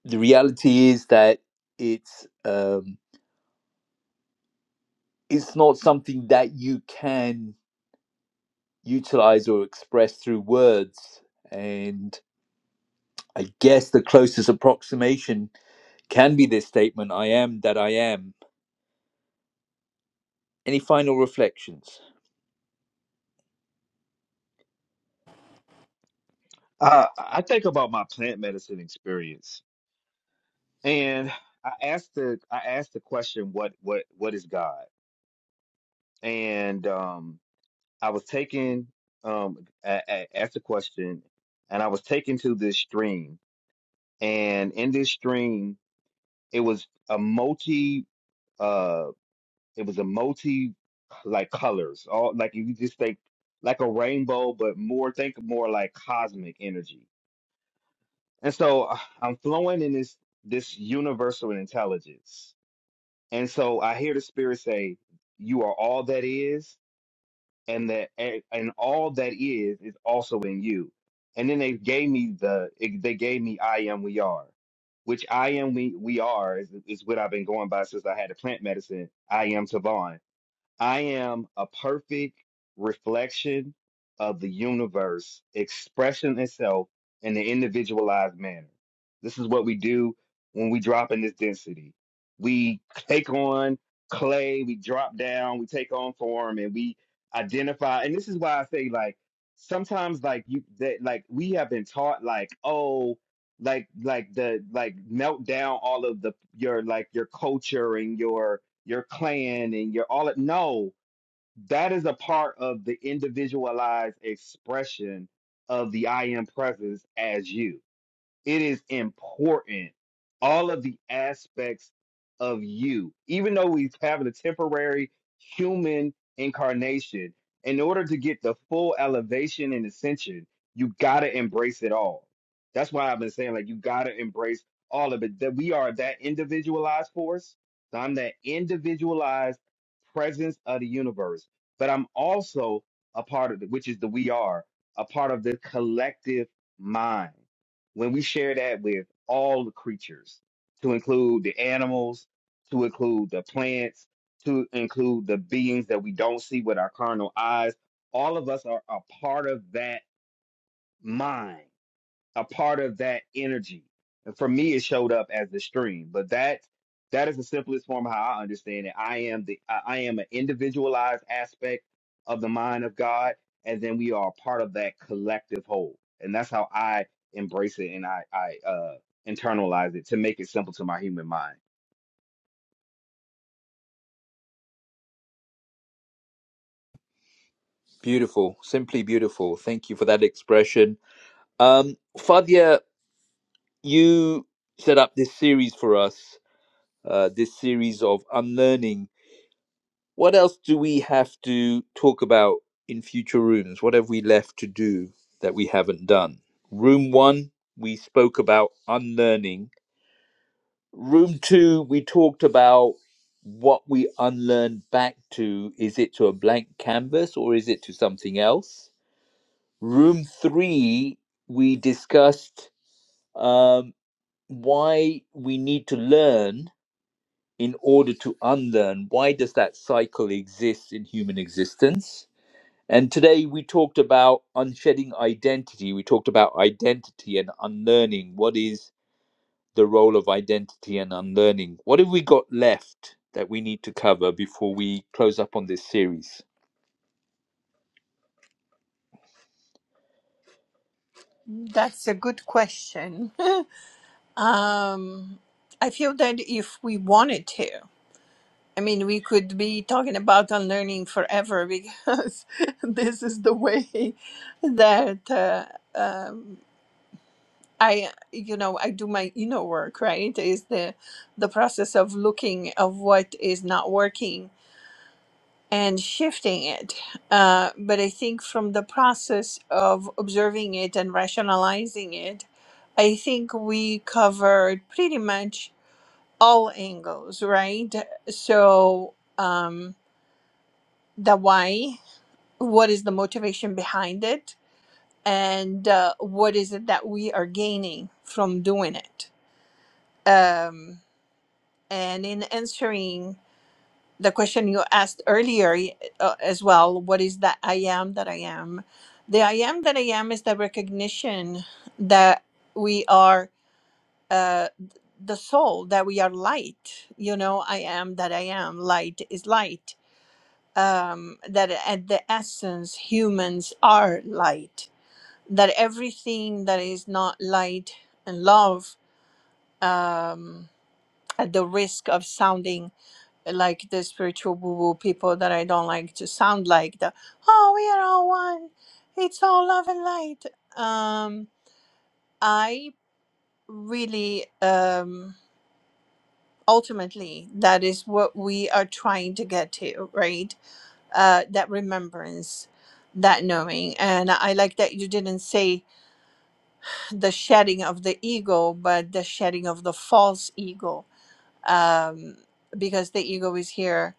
Speaker 1: the reality is that it's um, it's not something that you can utilize or express through words and i guess the closest approximation can be this statement I am that I am. Any final reflections?
Speaker 8: Uh, I think about my plant medicine experience, and I asked the I asked the question, "What what what is God?" And um, I was taken um, I, I asked the question, and I was taken to this stream, and in this stream, it was a multi uh, it was a multi like colors, all like if you just think like a rainbow, but more think more like cosmic energy And so uh, I'm flowing in this this universal intelligence. And so I hear the spirit say, "You are all that is, and that and and all that is is also in you." And then they gave me the it- they gave me "I am we are," which "I am we we are" is is what I've been going by since I had the plant medicine. I am Tavon. I am a perfect reflection of the universe expressing itself in an individualized manner. This is what we do when we drop in this density. We take on clay, we drop down, we take on form, and we identify. And this is why I say, like, sometimes, like, you that, like, we have been taught, like, oh, like, like the, like, melt down all of the, your, like, your culture and your, your clan and your all it No, that is a part of the individualized expression of the I am presence as you it is important all of the aspects of you even though we have a temporary human incarnation in order to get the full elevation and ascension you gotta embrace it all that's why i've been saying like you gotta embrace all of it that we are that individualized force so i'm that individualized presence of the universe but i'm also a part of the, which is the we are a part of the collective mind when we share that with all the creatures, to include the animals, to include the plants, to include the beings that we don't see with our carnal eyes, all of us are a part of that mind a part of that energy. And for me, it showed up as the stream, but that that is the simplest form of how I understand it. I am the I I am an individualized aspect of the mind of God, and then we are a part of that collective whole, and that's how I embrace it and I I uh, internalize it to make it simple to my human mind.
Speaker 1: Beautiful, simply beautiful. Thank you for that expression. Um, Fadia, you set up this series for us, uh, this series of unlearning What else do we have to talk about in future rooms? What have we left to do that we haven't done? Room one, we spoke about unlearning. Room two, we talked about what we unlearn back to. Is it to a blank canvas or is it to something else? Room three, we discussed um, why we need to learn in order to unlearn. Why does that cycle exist in human existence? And today we talked about unshedding identity. We talked about identity and unlearning. What is the role of identity and unlearning? What have we got left that we need to cover before we close up on this series?
Speaker 11: That's a good question. Um, I feel that if we wanted to, I mean, we could be talking about unlearning forever because this is the way that. Uh, uh, I, you know, I do my inner work, right? Is the the process of looking of what is not working and shifting it. Uh, but I think from the process of observing it and rationalizing it, I think we covered pretty much all angles, right? So um, the why, what is the motivation behind it, and uh, what is it that we are gaining from doing it? Um, And in answering the question you asked earlier uh, as well, what is that I am that I am? The I am that I am is the recognition that we are uh, the soul, that we are light. You know, I am that I am. Light is light. Um, that at the essence, humans are light. That everything that is not light and love, um, at the risk of sounding like the spiritual woo woo people that I don't like to sound like the oh we are all one, it's all love and light. Um, I really um ultimately that is what we are trying to get to, right? Uh, that remembrance, that knowing, and I like that you didn't say the shedding of the ego, but the shedding of the false ego, um, because the ego is here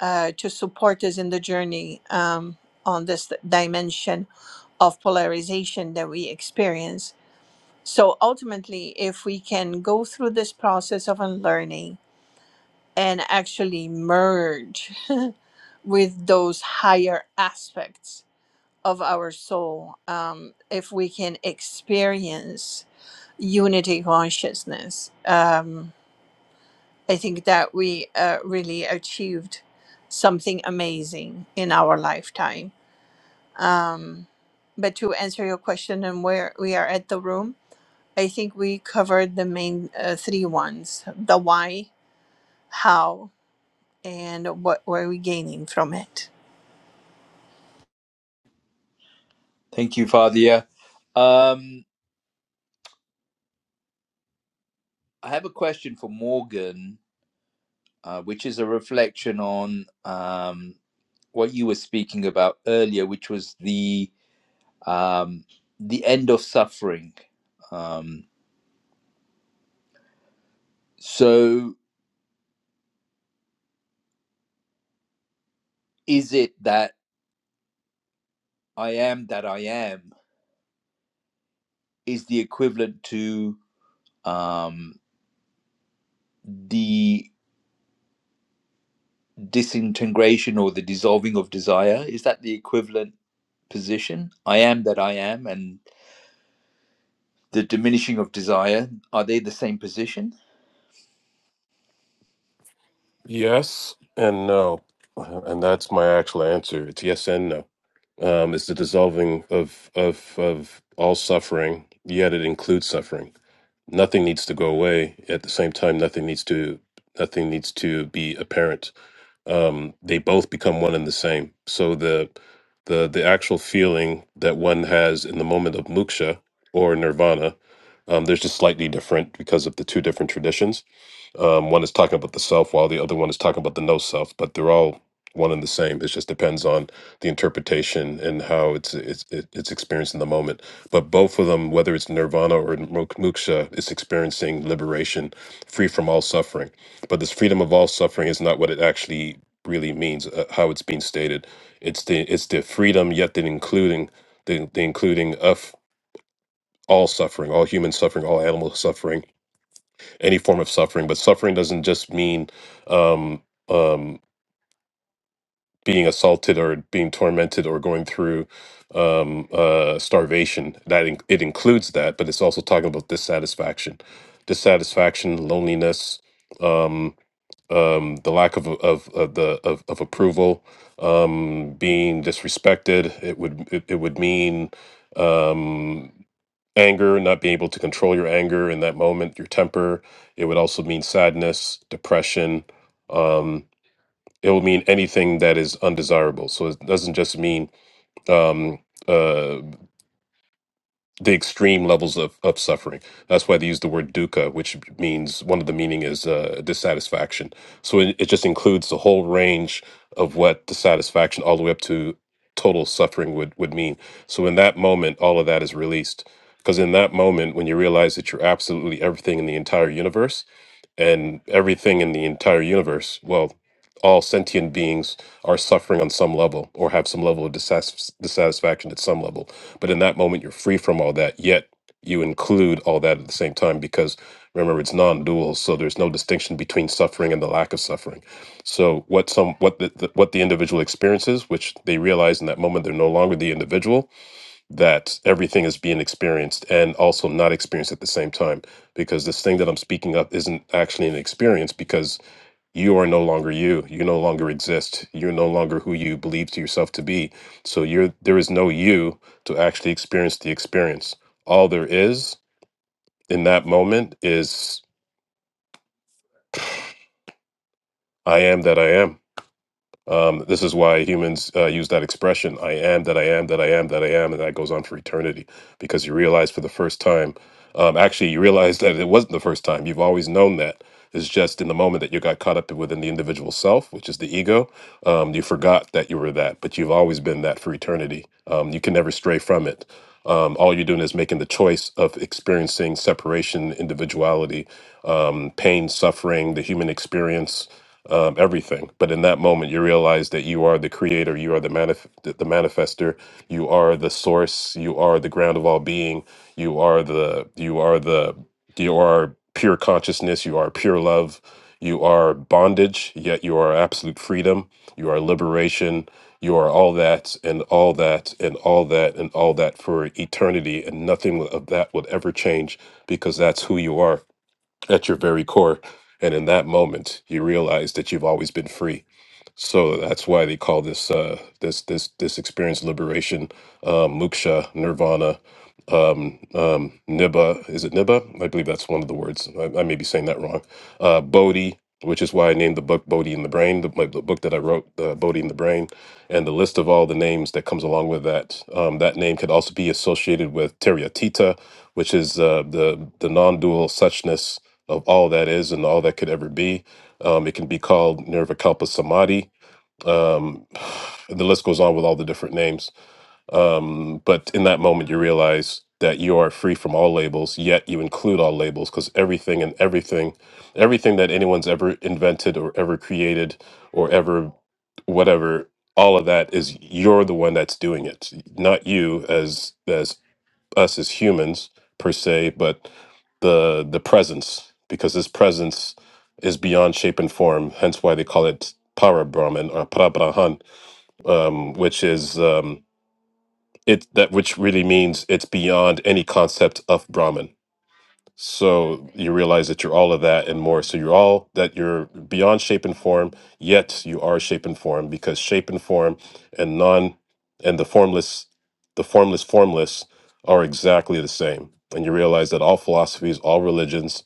Speaker 11: uh, to support us in the journey um, on this dimension of polarization that we experience. So ultimately, if we can go through this process of unlearning and actually merge with those higher aspects of our soul, um, if we can experience unity consciousness, um, I think that we uh, really achieved something amazing in our lifetime Um, but to answer your question and where we are at the room, I think we covered the main uh, three ones: the why, how, and what were we gaining from it.
Speaker 1: Thank you, Fadia. Um, I have a question for Morgan, uh, which is a reflection on um, what you were speaking about earlier, which was the um, the end of suffering. Um, so, is it that I am that I am is the equivalent to um, the disintegration or the dissolving of desire. Is that the equivalent position? I am that I am and the diminishing of desire, are they the same position?
Speaker 2: Yes and no, and that's my actual answer. It's yes and no. Um, it's the dissolving of of of all suffering, yet it includes suffering. Nothing needs to go away. At the same time, nothing needs to nothing needs to be apparent um, they both become one and the same. So the the the actual feeling that one has in the moment of muksha or nirvana, um, there's just slightly different because of the two different traditions um, one is talking about the self, while the other one is talking about the no self. But they're all one and the same. It just depends on the interpretation and how it's it's it- it's experienced in the moment. But both of them, whether it's nirvana or mo- moksha, is experiencing liberation, free from all suffering. But this freedom of all suffering is not what it actually really means. Uh, how it's being stated, it's the it's the freedom, yet the including the, the including of all suffering, all human suffering, all animal suffering any form of suffering. But suffering doesn't just mean um, um, being assaulted or being tormented or going through um, uh, starvation. That in- it includes that, but it's also talking about dissatisfaction, dissatisfaction, loneliness, um, um, the lack of of, of the of, of approval, um, being disrespected. It would it, it would mean. Um, anger, not being able to control your anger in that moment, your temper. It would also mean sadness, depression. Um, it will mean anything that is undesirable. So it doesn't just mean um, uh, the extreme levels of, of suffering. That's why they use the word dukkha, which means one of the meaning is uh, dissatisfaction. So it, it just includes the whole range of what dissatisfaction all the way up to total suffering would, would mean. So in that moment, all of that is released. Because in that moment, when you realize that you're absolutely everything in the entire universe, and everything in the entire universe. Well, all sentient beings are suffering on some level or have some level of dissas- dissatisfaction at some level. But in that moment, you're free from all that, yet you include all that at the same time because remember it's non-dual so there's no distinction between suffering and the lack of suffering so what some what the, the what the individual experiences which they realize in that moment they're no longer the individual that everything is being experienced and also not experienced at the same time because this thing that i'm speaking of isn't actually an experience because you are no longer you you no longer exist you're no longer who you believe to yourself to be so you're there is no you to actually experience the experience all there is in that moment is i am that i am Um, this is why humans uh, use that expression, I am that I am that I am that I am, and that goes on for eternity because you realize for the first time, um, actually, you realize that it wasn't the first time. You've always known that. It's just in the moment that you got caught up within the individual self, which is the ego. Um, you forgot that you were that, but you've always been that for eternity. Um, you can never stray from it um, all you're doing is making the choice of experiencing separation, individuality, um, pain, suffering, the human experience, um, everything. But in that moment, you realize that you are the creator, you are the manif- the the manifester, you are the source, you are the ground of all being, you are the you are the you are pure consciousness. You are pure love. You are bondage, yet you are absolute freedom. You are liberation. You are all that and all that and all that and all that for eternity. And nothing of that would ever change because that's who you are at your very core. And in that moment, you realize that you've always been free so that's why they call this uh, this this this experience liberation, um, moksha, nirvana, um, um, nibba. Is it nibba? I believe that's one of the words. I, I may be saying that wrong. Uh, bodhi, which is why I named the book Bodhi in the Brain, the, my, the book that I wrote, uh, Bodhi in the Brain, and the list of all the names that comes along with that. Um, that name could also be associated with Tita, which is uh, the the non-dual suchness of all that is and all that could ever be. Um, it can be called Nirvikalpa Samadhi um, and the list goes on with all the different names. Um, but in that moment, you realize that you are free from all labels, yet you include all labels because everything and everything, everything that anyone's ever invented or ever created or ever whatever, all of that is you're the one that's doing it, not you as as us as humans per se, but the the presence because this presence is beyond shape and form. Hence why they call it para Brahman or para Brahman um, which is um, it that which really means it's beyond any concept of Brahman. So you realize that you're all of that and more. So you're all that you're beyond shape and form, yet you are shape and form because shape and form and non and the formless, the formless formless are exactly the same. And you realize that all philosophies, all religions,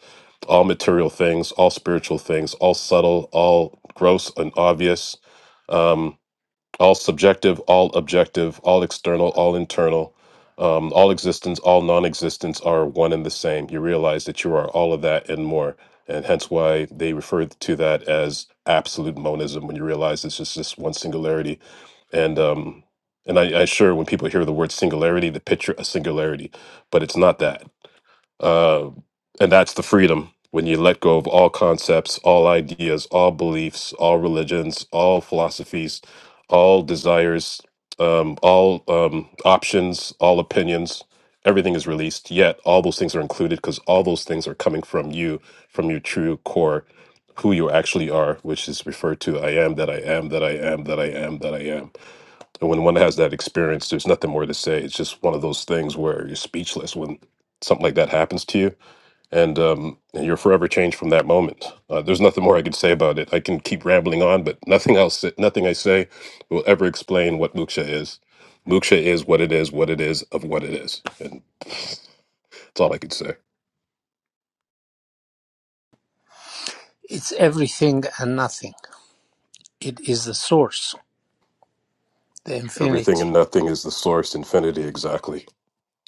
Speaker 2: all material things, all spiritual things, all subtle, all gross and obvious. um, all subjective, all objective, all external, all internal, um, all existence, all non existence are one and the same. You realize that you are all of that and more. And hence why they refer to that as absolute monism when you realize it's just this one singularity. And, um, and I, I sure when people hear the word singularity, they picture a singularity, but it's not that uh, and that's the freedom when you let go of all concepts, all ideas, all beliefs, all religions, all philosophies, all desires, um, all um, options, all opinions. Everything is released, yet all those things are included because all those things are coming from you, from your true core, who you actually are, which is referred to I am that I am, that I am, that I am, that I am. And when one has that experience, there's nothing more to say. It's just one of those things where you're speechless when something like that happens to you, and, um, and you're forever changed from that moment. Uh, there's nothing more I can say about it. I can keep rambling on, but nothing else, nothing I say will ever explain what Muksha is. Muksha is what it is, what it is of what it is, and that's all I could say.
Speaker 10: It's everything and nothing. It is the source, the
Speaker 2: Everything
Speaker 10: infinity.
Speaker 2: and nothing is the source, infinity. Exactly,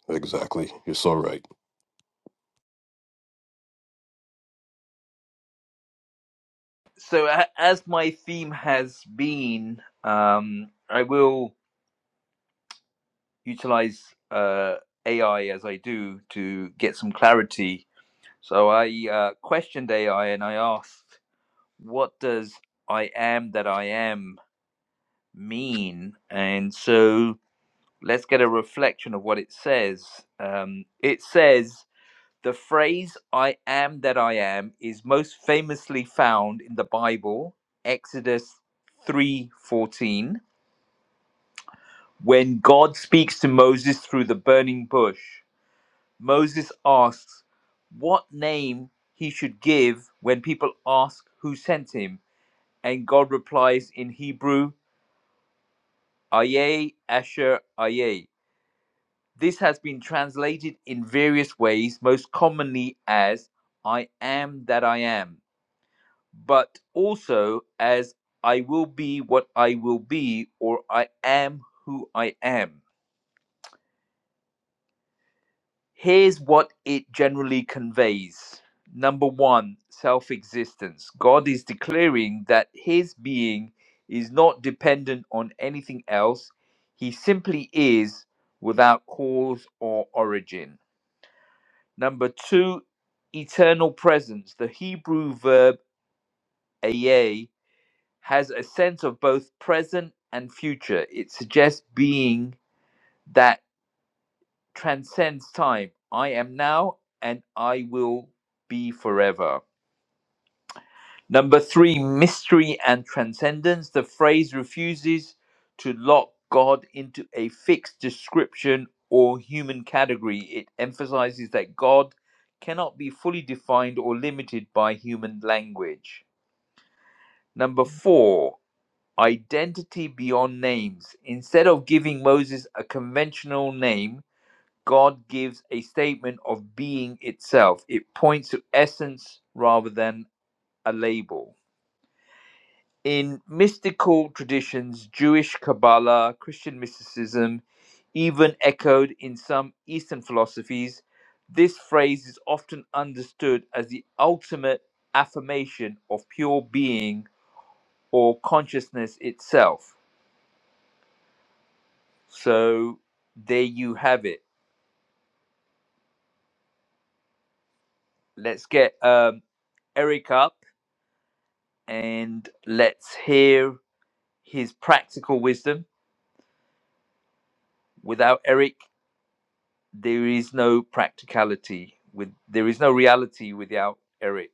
Speaker 2: exactly. You're so right.
Speaker 1: So, a- as my theme has been, um, I will utilize uh, AI as I do to get some clarity. So, I uh, questioned AI and I asked. what does I am that I am mean? And so let's get a reflection of what it says. Um, it says, the phrase I am that I am is most famously found in the Bible, Exodus 3:14, when God speaks to Moses through the burning bush. Moses asks what name he should give when people ask who sent him, and God replies in Hebrew, Aye, Asher, Aye. This has been translated in various ways, most commonly as I am that I am, but also as I will be what I will be or I am who I am. Here's what it generally conveys. Number one, self existence. God is declaring that his being is not dependent on anything else, he simply is without cause or origin. Number two, eternal presence. The Hebrew verb ayeh has a sense of both present and future. It suggests being that transcends time. I am now and I will be forever. Number three, mystery and transcendence. The phrase refuses to lock God into a fixed description or human category. It emphasizes that God cannot be fully defined or limited by human language. Number four, identity beyond names. Instead of giving Moses a conventional name, God gives a statement of being itself. It points to essence rather than a label. In mystical traditions, Jewish Kabbalah, Christian mysticism, even echoed in some Eastern philosophies, this phrase is often understood as the ultimate affirmation of pure being or consciousness itself. So there you have it. Let's get um, Eric up. and let's hear his practical wisdom. Without Eric, there is no practicality. With there is no reality without Eric.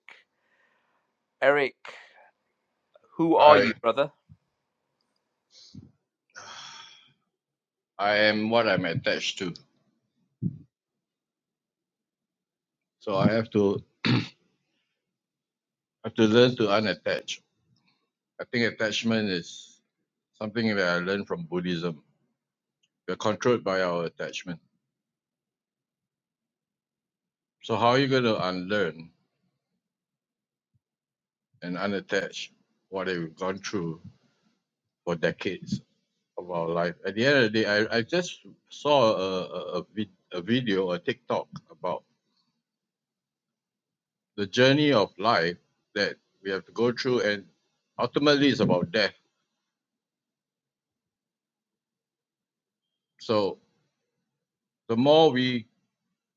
Speaker 1: Eric, who are
Speaker 12: I
Speaker 1: you, brother?
Speaker 12: I am what I'm attached to. So I have to have to learn to unattach. I think attachment is something that I learned from Buddhism. We're controlled by our attachment. So how are you going to unlearn and unattach what we've gone through for decades of our life? At the end of the day, I, I just saw a a, a, vid, a video, a TikTok about the journey of life that we have to go through, and ultimately it's about death. So the more we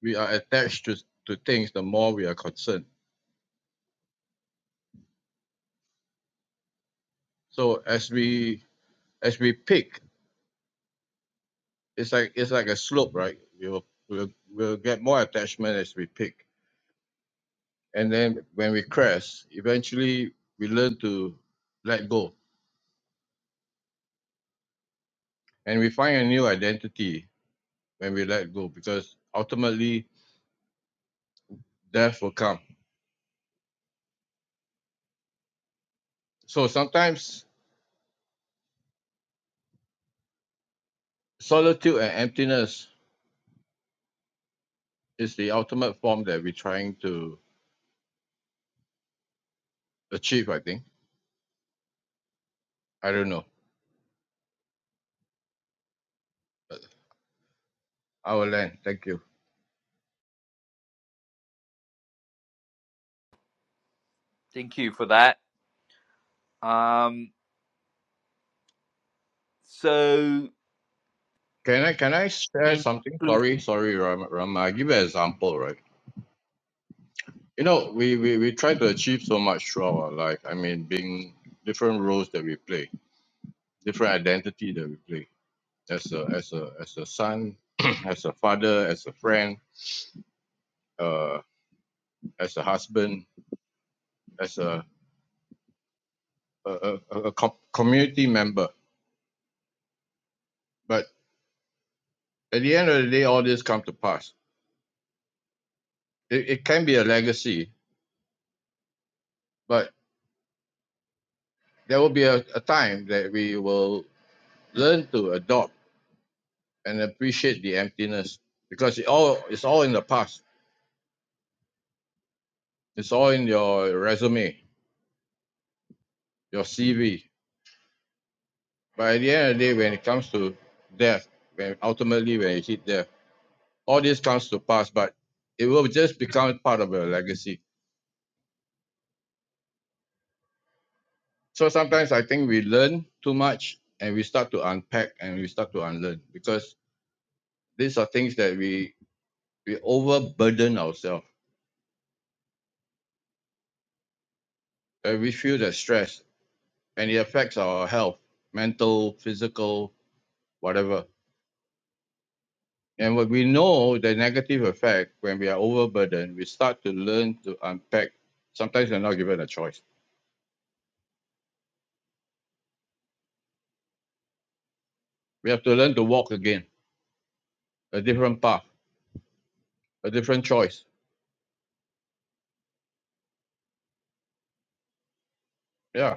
Speaker 12: we are attached to, to things, the more we are concerned. So as we as we pick, it's like it's like a slope, right? We will we'll, we'll get more attachment as we pick, and then when we crash, eventually we learn to let go, and we find a new identity when we let go, because ultimately death will come. So sometimes solitude and emptiness is the ultimate form that we're trying to achieve. I think I don't know. I will land. Thank you.
Speaker 1: Thank you for that. Um, so
Speaker 12: Can I can I share
Speaker 1: in
Speaker 12: something? Sorry, sorry, Ram. Ram. I give you an example, right? You know, we, we we try to achieve so much throughout our life. I mean, being different roles that we play, different identity that we play as a as a as a son, as a father, as a friend, uh, as a husband, as a a, a, a a com- community member. But at the end of the day, all this come to pass. It, it can be a legacy, but there will be a, a time that we will learn to adopt and appreciate the emptiness because it all it's all in the past. It's all in your resume, your CV. But at the end of the day, when it comes to death, when ultimately when you hit death, all this comes to pass, but it will just become part of your legacy. So sometimes I think we learn too much and we start to unpack and we start to unlearn because these are things that we we overburden ourselves. and we feel the stress and it affects our health, mental, physical, whatever And what we know the negative effect when we are overburdened, we start to learn to unpack. Sometimes we're not given a choice. We have to learn to walk again, a different path, a different choice. Yeah.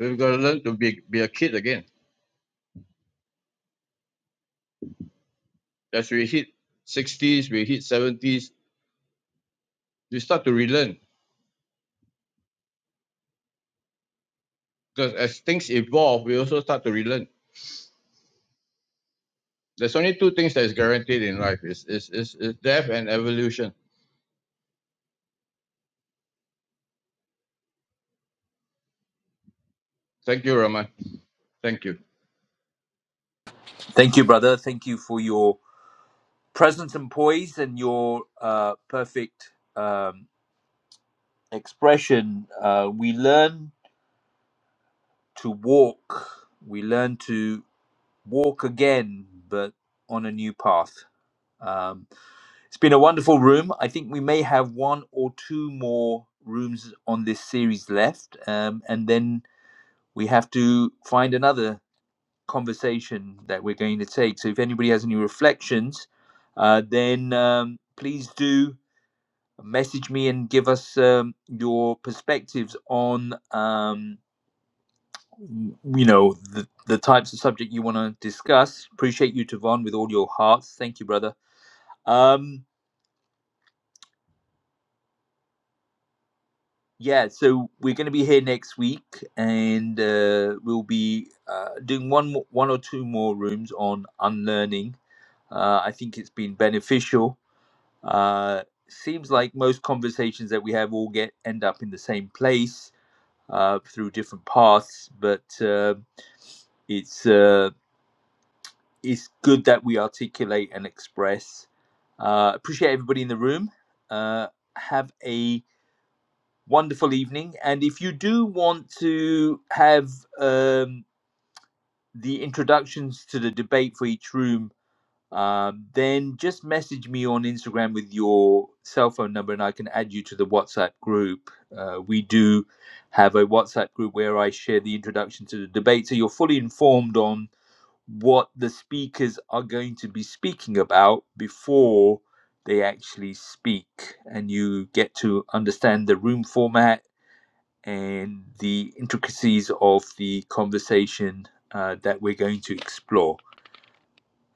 Speaker 12: We've got to learn to be, be a kid again. As we hit 60s, we hit 70s, we start to relearn. Because as things evolve, we also start to relearn. There's only two things that is guaranteed in life is is, is, is death and evolution. Thank you, Raman. Thank you.
Speaker 1: thank you, brother. Thank you for your presence and poise and your uh, perfect um, expression. Uh, we learn to walk. We learn to walk again, but on a new path. Um, it's been a wonderful room. I think we may have one or two more rooms on this series left, um, and then we have to find another conversation that we're going to take. So, if anybody has any reflections, uh, then um, please do message me and give us um, your perspectives on. Um, you know the, the types of subject you want to discuss appreciate you Tavon with all your hearts thank you brother um yeah so we're going to be here next week and uh, we'll be uh, doing one mo- one or two more rooms on unlearning uh, i think it's been beneficial uh, seems like most conversations that we have all get end up in the same place uh, through different paths but uh, it's uh, it's good that we articulate and express. Uh, appreciate everybody in the room. Uh, have a wonderful evening. And if you do want to have um, the introductions to the debate for each room, um, then just message me on Instagram with your cell phone number and I can add you to the WhatsApp group. Uh, we do have a WhatsApp group where I share the introduction to the debate. So you're fully informed on what the speakers are going to be speaking about before they actually speak. And you get to understand the room format and the intricacies of the conversation uh, that we're going to explore.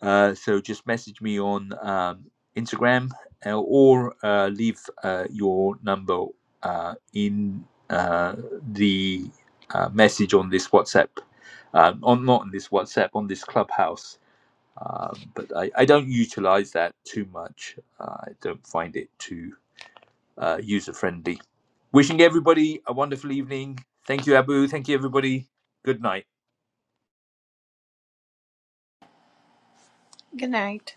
Speaker 1: Uh, so just message me on um, Instagram uh, or uh, leave uh, your number uh, in uh, the uh, message on this WhatsApp. Uh, on not on this WhatsApp, on this Clubhouse um, but I, I don't utilize that too much. Uh, I don't find it too uh, user friendly. Wishing everybody a wonderful evening. Thank you, Abu. Thank you, everybody. Good night.
Speaker 11: Good night.